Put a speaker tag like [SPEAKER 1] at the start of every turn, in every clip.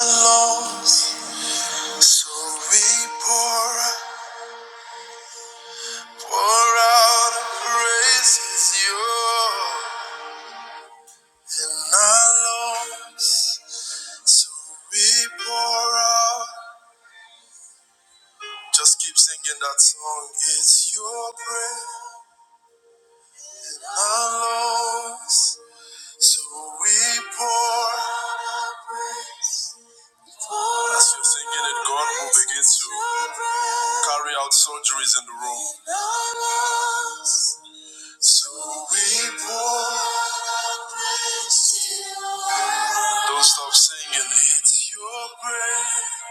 [SPEAKER 1] Lost. So we pour, pour out our praises, you're in our lungs. So we pour out. Just keep singing that song. It's your breath in our lungs. So we pour. As you're singing it, God will begin to carry out surgeries in the room. So we pour our praise to you. Don't stop singing. It's your praise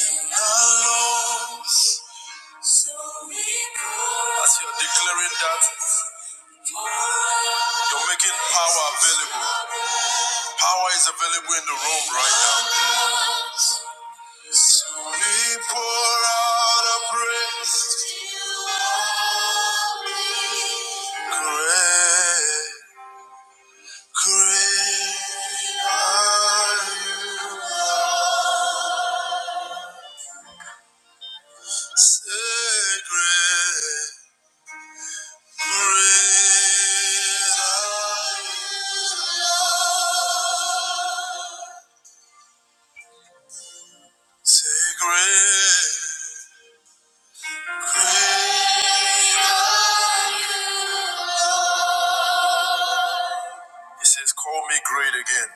[SPEAKER 1] in our lungs. So we pour As you're declaring that, you're making power available. Power is available in the room right now. So we pour out our praise. to our praise. Great, great are you. He says, Call me great again.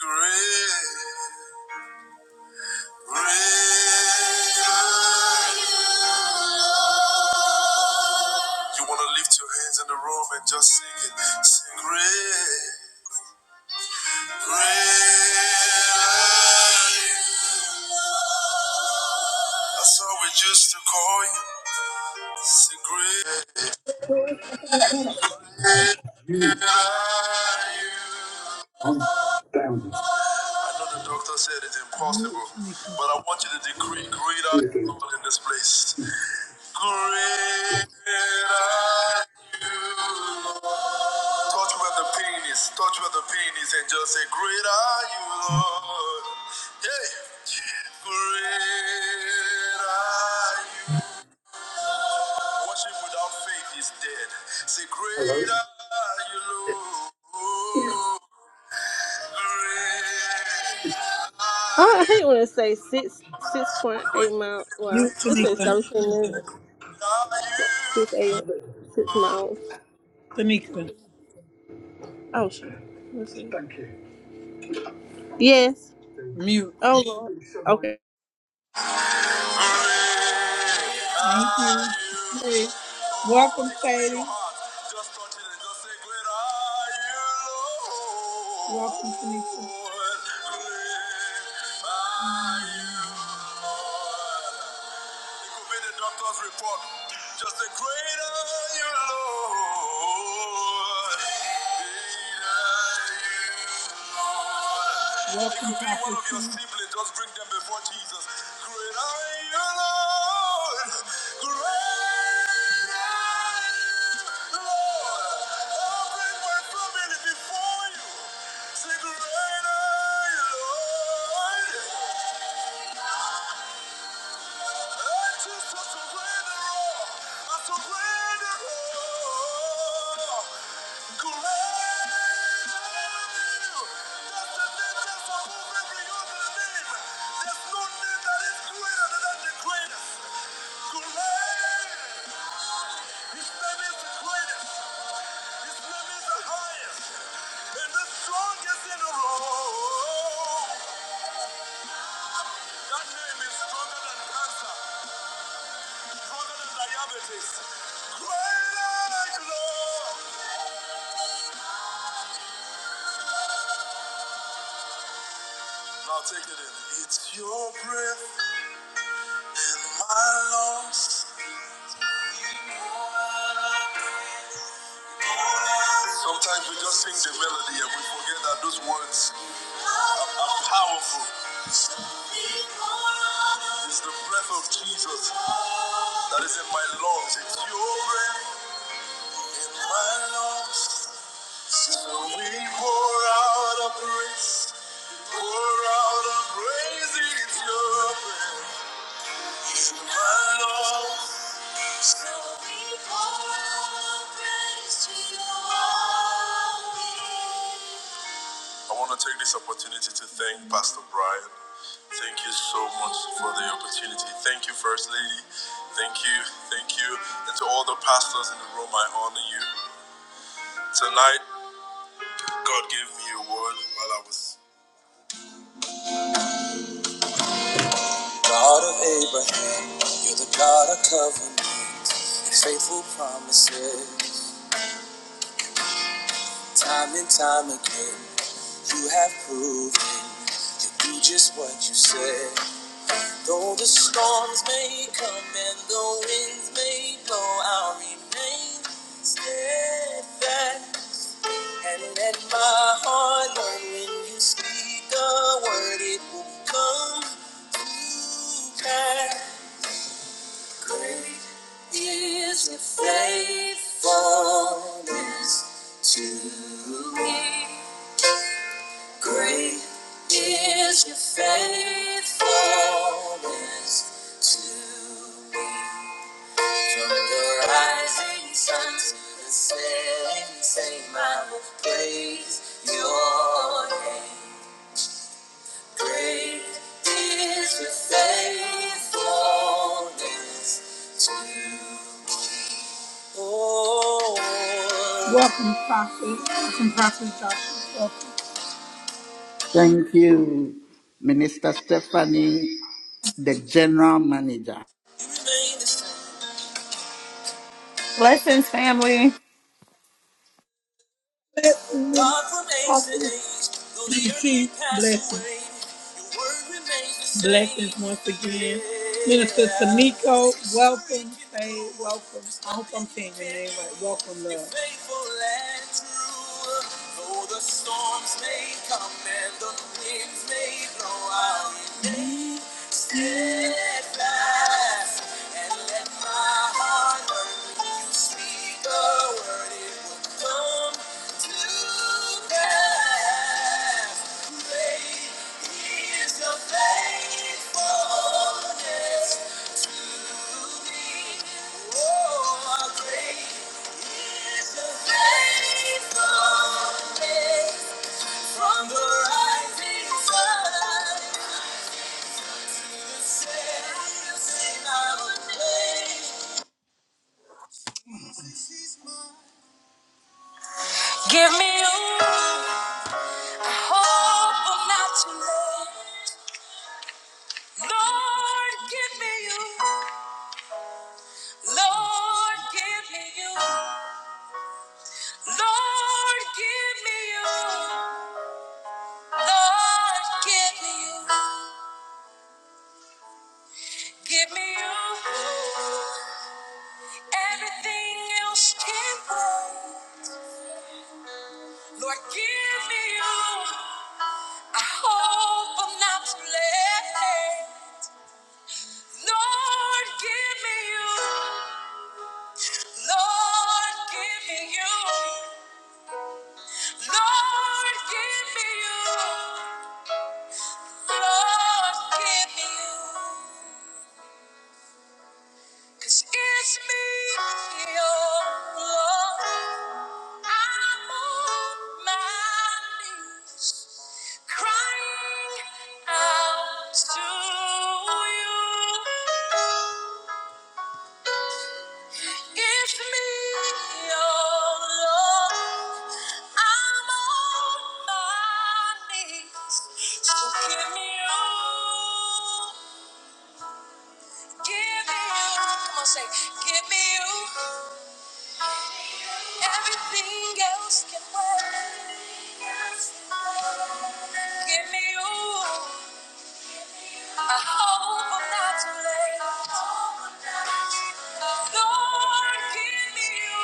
[SPEAKER 1] Great, are you. You want to lift your hands in the room and just sing it. That's how we used to call you. Say great.
[SPEAKER 2] Unity,
[SPEAKER 1] are you.
[SPEAKER 2] unbounded.
[SPEAKER 1] I know the doctor said it's impossible, but I want you to decree great are you, Lord, in this place. Great are you, Lord. Touch where the pain is, touch where the pain is, and just say, Great are you, Lord. Hey. Great are you. Worship without faith is dead. Say,
[SPEAKER 2] Hello?
[SPEAKER 1] Great are you, Lord.
[SPEAKER 2] Yeah.
[SPEAKER 1] Great are
[SPEAKER 2] I hate when it say six six point eight miles.
[SPEAKER 1] you.
[SPEAKER 2] Well,
[SPEAKER 1] Mute
[SPEAKER 2] it
[SPEAKER 1] Tamika.
[SPEAKER 2] says
[SPEAKER 1] Great
[SPEAKER 2] establishing minutes six eight six miles.
[SPEAKER 1] Tamika.
[SPEAKER 2] Oh shit. Thank you. Yes.
[SPEAKER 1] Mute.
[SPEAKER 2] Oh lord. Okay.
[SPEAKER 1] Thank you. Hey, welcome, Katie. Welcome, Tanisha. Obey the doctor's report. Just a greater you, Lord. Greater you, Lord. It Welcome, could be one Pastor of your siblings. Just bring them before Jesus. Great you, Lord. Great Strongest in the row. That name is stronger than cancer. Now take it in. It's your breath in my lungs. Sometimes we just sing the melody and we forget that those words are powerful. It's the breath of Jesus that is in my lungs. It's your breath in my lungs. So we pour out our praise. Pour out our praise. It's your breath in my lungs. I want to take this opportunity to thank Pastor Brian. Thank you so much for the opportunity. Thank you, First Lady. Thank you, thank you. And to all the pastors in the room, I honor you. Tonight, God gave me a word while I was. God of Abraham, you're the God of covenant, faithful promises. Time and time again, you have proven you do just what you said. Though the storms may come and the winds may blow, I'll remain steadfast. And let my heart know when you speak a word, it will come to pass. Great is your faithfulness to me. Great is your faithfulness to me. From the rising sun to the setting sun, I will praise your name. Great is your faithfulness to me. Oh, Welcome, Prophet. Welcome, Prophet Joshua. Welcome.
[SPEAKER 3] Thank you, Minister Stephanie, the General Manager.
[SPEAKER 1] You remain the same.
[SPEAKER 4] Blessings, family.
[SPEAKER 1] God from age to age, though the earth may pass blessings. away, your word remains the same. Blessings once again. Minister Tamiko, welcome. Hey, welcome. I hope I'm saying your name right. Welcome, love. You're faithful and true. Though the storms may come and the winds may blow out. From the rising sun Give me you. Hope I'm not too late. Lord, give me you. Lord, give me you. Lord, give me you. Lord, give me you. Give me you. Everything else can wait. Lord, give me you. I hope I'm not too late. Lord, give me you. Lord, give me you. Lord, give me you. Lord, give me you. 'Cause it's me, your Lord. I'm on my knees, crying out to you. It's me, oh Lord. I'm on my knees, so give me you, give me you. Come on, say, give me you. Everything else can wait. Give me you. I hope I'm not too late. Lord, give me you.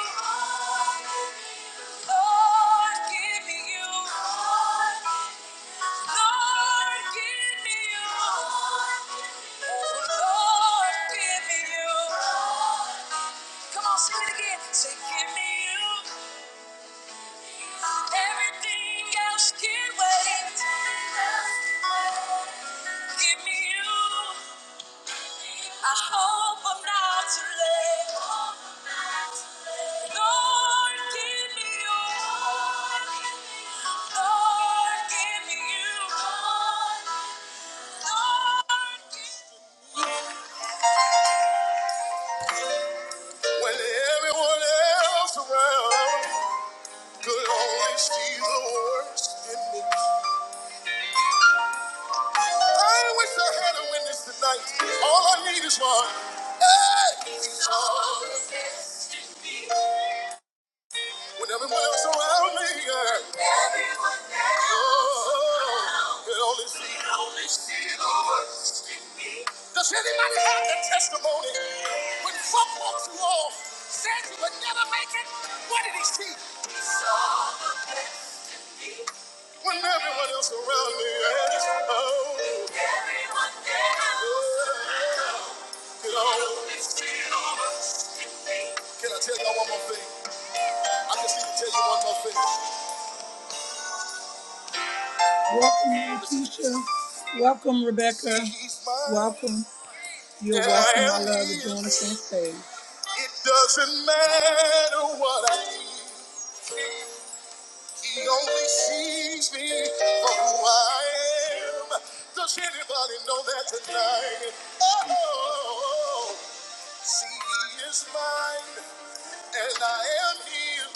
[SPEAKER 1] Lord, give me you. Lord, give me you. Oh, Lord, give me you. Come on, sing it again. Say, give me you. Everything else can wait. Give me you. I hope I'm not too late. Lord, give me you. Lord, give me you. Lord, give When everyone else around could only see the worst. I wish I had a witness tonight. All I need is one. Hey, he's all that is in me. When everyone else around me, yeah. Everyone else oh, they only see, they only see the worst in me. Does anybody have that testimony? When folks ain't gonna make it, he's all the best in me. When everyone else around me, yeah. Oh, everyone else. Oh. Can I tell y'all one more thing? I just need to tell you one more thing. Welcome, Mary Keisha. Welcome, Rebecca. Welcome. You're welcome. I love the join us on stage. It doesn't matter what I do. He only sees me for who I am. Does anybody know that tonight? Oh, see, he is mine, and I am his.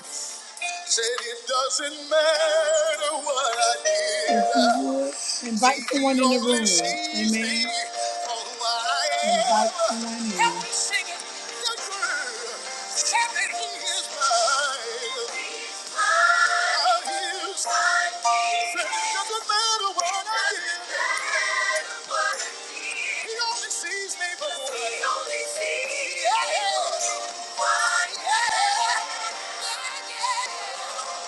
[SPEAKER 1] Said it doesn't matter what I did. If you would, invite someone in the room. Amen. Invite someone in. Help me sing it. Shout that he is mine. God is mine. Said it doesn't matter what I did. He only sees me for who I am. Yeah. Yeah. Yeah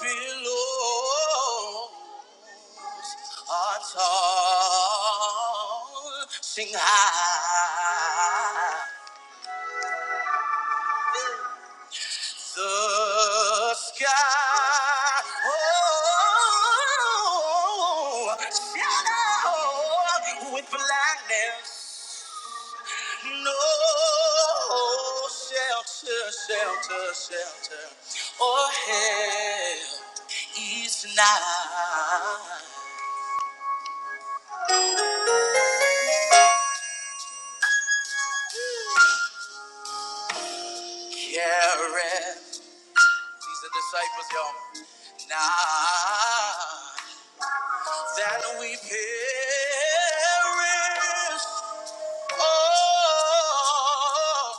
[SPEAKER 1] below our town, Sing high. The sky oh, shadow with blackness, no shelter, shelter, shelter, or help is not carried. These are disciples, y'all. Now that we perish. Oh,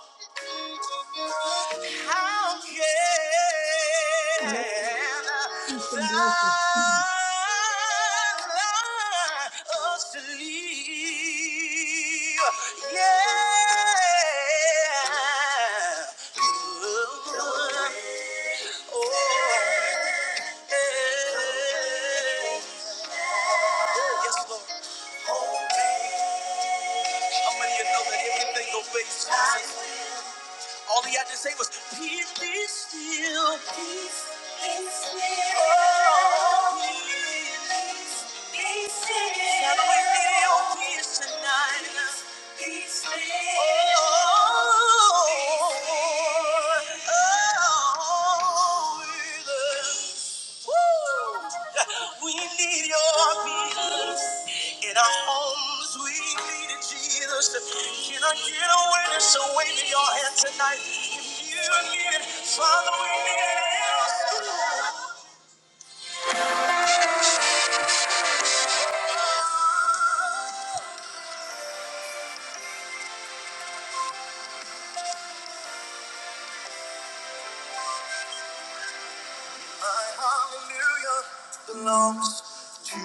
[SPEAKER 1] How can thou sleep? Yeah. Oh. Yes, Lord. How many of you know that everything obeys Jesus? All he had to say was, Peace be still. Peace be still. We need your hallelujah belongs to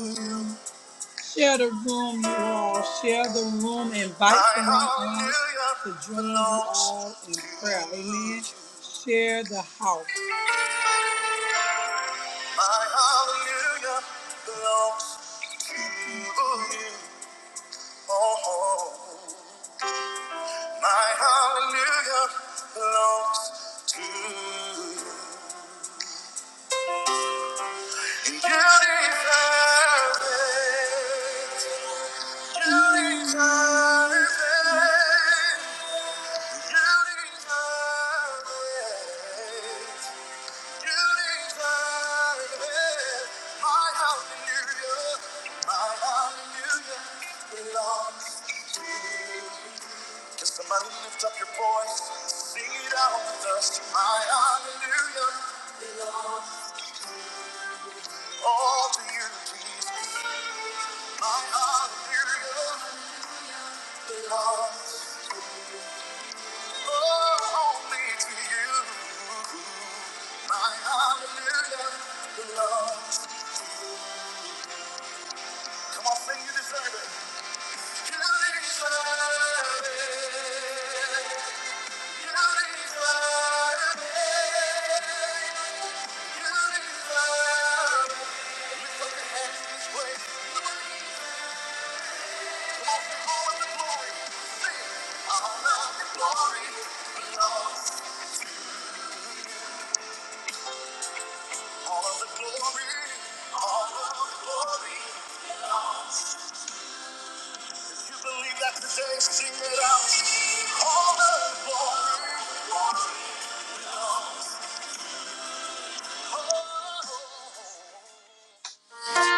[SPEAKER 1] you. Share the room, you all. Share the room. Invite someone on to join you all in prayer. Amen. Share the house. My hallelujah Oh, my hallelujah belongs to you. You deserve it. You deserve it. You deserve it. My hallelujah, my hallelujah belongs to you. Can somebody lift up your voice? Sing it out with us. My hallelujah. belongs All to you, My hallelujah belongs. Oh, to you. My hallelujah belongs. Come on, sing you deserve it. You deserve it. You deserve it. You deserve it. Lift your hands this way.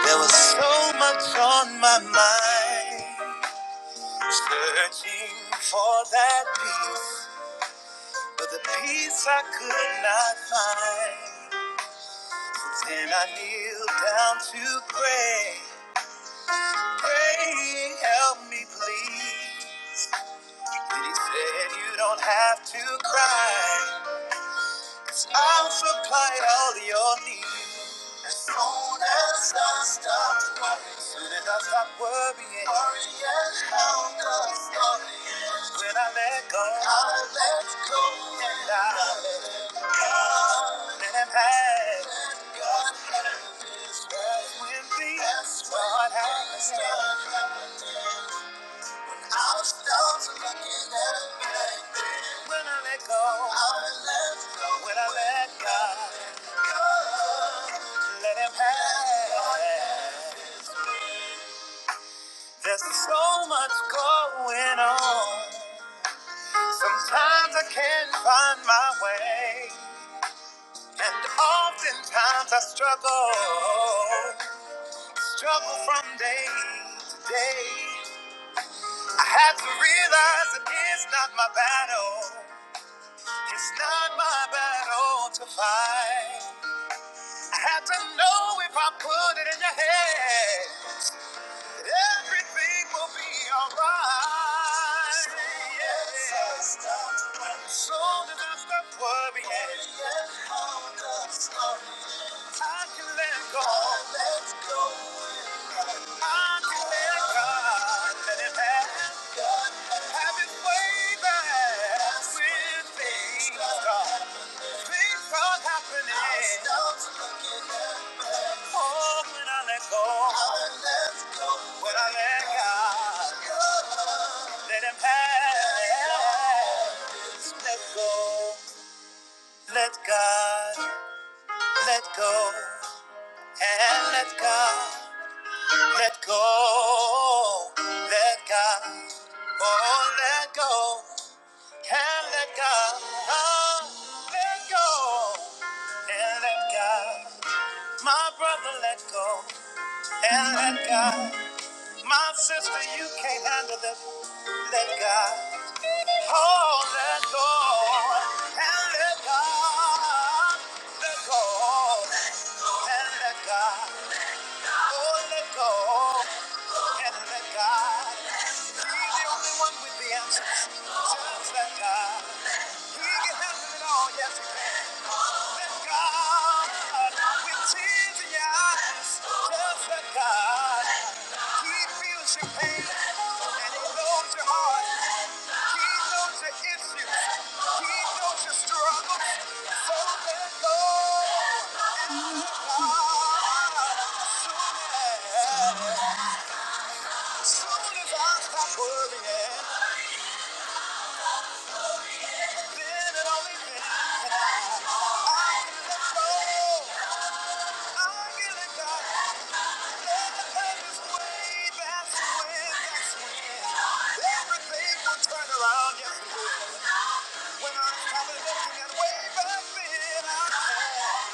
[SPEAKER 1] There was so much on my mind, searching for that peace, but the peace I could not find. Then I kneeled down to pray, praying, help me please. Then he said, You don't have to cry. I'll supply all your needs. As soon as I stop worrying, as soon as I stop worrying, worrying how the story ends. When I let go, I let go, and I let God let Him have. That's when things start happening. things Start start looking at me. When I let go, I let go. When I let God let Him have. There's so much going on. Times I can't find my way. And oftentimes I struggle. Struggle from day to day. I have to realize that it is not my battle. It's not my battle to fight. I have to know if I put it in your head. Everything will be alright. Yeah. Soon as I stop worrying, I can let go. I can let God let it have, have His way back with things God. Things are happening. Oh, when I let go. When I let go. Oh, oh, oh, oh, oh, God. My brother let go. and let God. My sister, you can't handle this. Let God go and let God. Let go and let God. Oh, let go and let God. He's the only one with the answers. Just let God. He can handle it all. Yes, he can. Let God. With tears in your eyes. Just let God. He feels your pain and he knows your heart. He knows your issues. He knows your struggles. So let go. Ah, Soon as I stop worrying, then it only means that I can let go. I can let go. Let the pain way. That's when, that's when everything will turn around. Yes, it will. When I started looking at way back then, I had.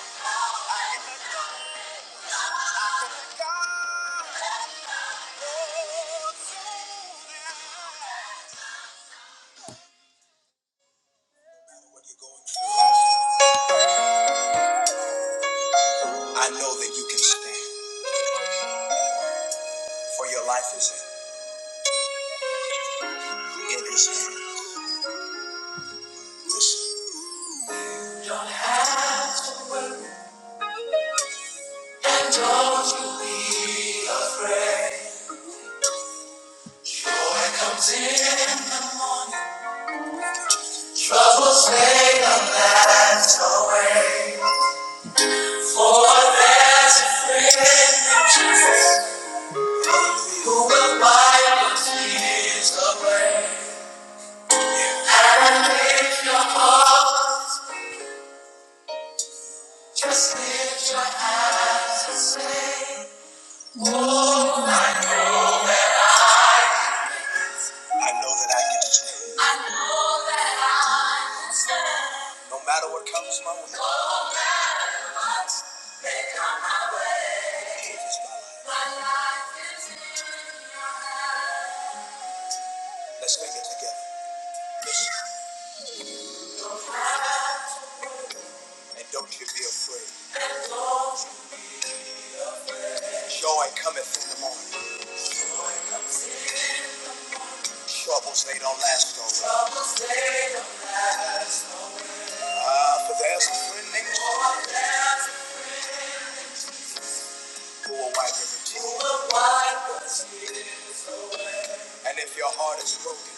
[SPEAKER 1] Troubles may not last away. for there's a friend who wipes your tears away. I I know that I can stand. I know that I can stand, no matter what comes my way. Let's sing it together. And don't you be afraid. Joy cometh in the morning. Troubles, they don't last always. Ah, for there's a friend named Jesus who will wipe every tear. And if your heart is broken,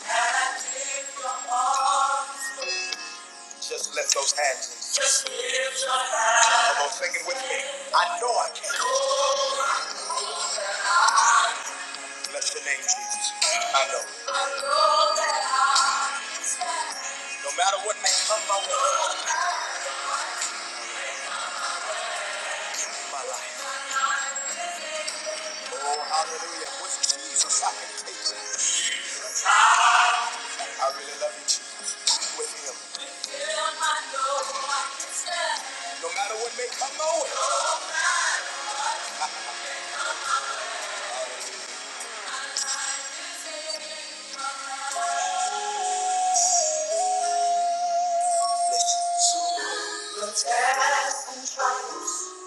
[SPEAKER 1] just lift those hands and sing. Come on, sing it with me. I know I can. Bless the name, Jesus. I know. No matter what may come my way, in my life. Oh, hallelujah. With Jesus, I can take that. I really love you, Jesus. With him. No matter what may come my way. Listen.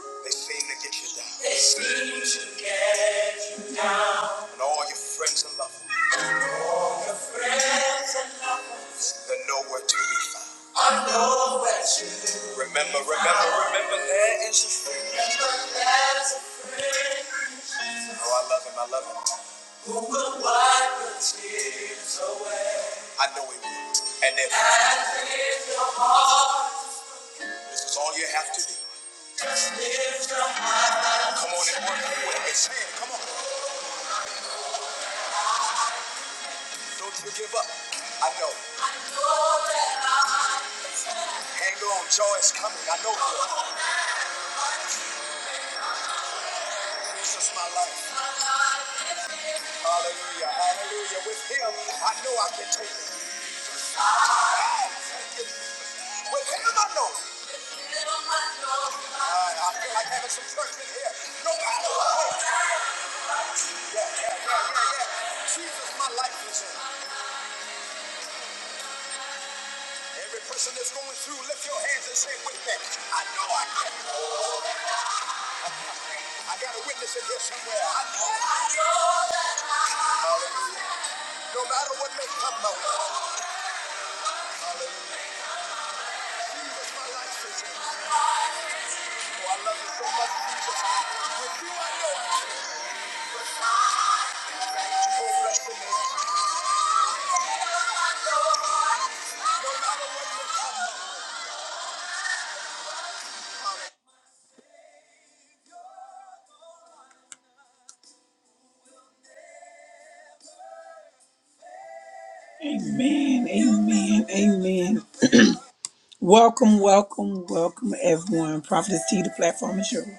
[SPEAKER 1] They seem to get you down. And all your friends and lovers, they're nowhere to be found. I know what you Remember, remember, remember, there is a friend. Remember, there's a friend. Oh, I love him. I love him. Who will wipe the tears away? I know he will. And if your heart this is all you have to do. lift your heart. Come on and work with him. It's saying, come on. Don't you give up. I know. Hang on. Joy is coming. I know. This is my life. Hallelujah. Hallelujah. With him, I know I can take it. With him, I know. I, I feel like having some church in here. No matter what. Yeah, yeah, yeah, yeah, yeah. Jesus, my life is in. Every person that's going through, lift your hands and say with me. I know I can. I got a witness in here somewhere. I know. I know that I can. Hallelujah. No matter what may come my way, Jesus, my life is in. Bless the name. Amen, amen, amen. Welcome, welcome, welcome, everyone. Prophetess T, the platform is yours.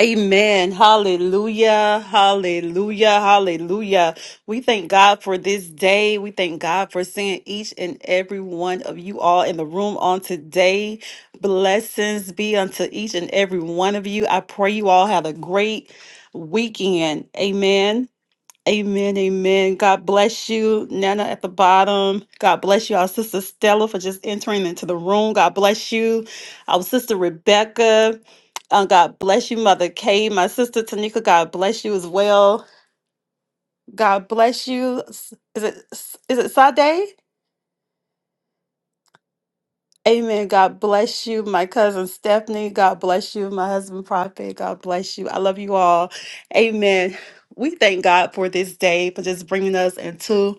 [SPEAKER 4] Amen. Hallelujah. Hallelujah. Hallelujah. We thank God for this day. We thank God for seeing each and every one of you all in the room on today. Blessings be unto each and every one of you. I pray you all had a great weekend. Amen. Amen, amen. God bless you, Nana at the bottom. God bless you, our sister Stella, for just entering into the room. God bless you, our sister Rebecca. Uh, God bless you, Mother Kay. My sister Tanika, God bless you as well. God bless you. S- Is it S- is it Sade? Amen. God bless you, my cousin Stephanie. God bless you, my husband Prophet. God bless you. I love you all. Amen. We thank God for this day, for just bringing us into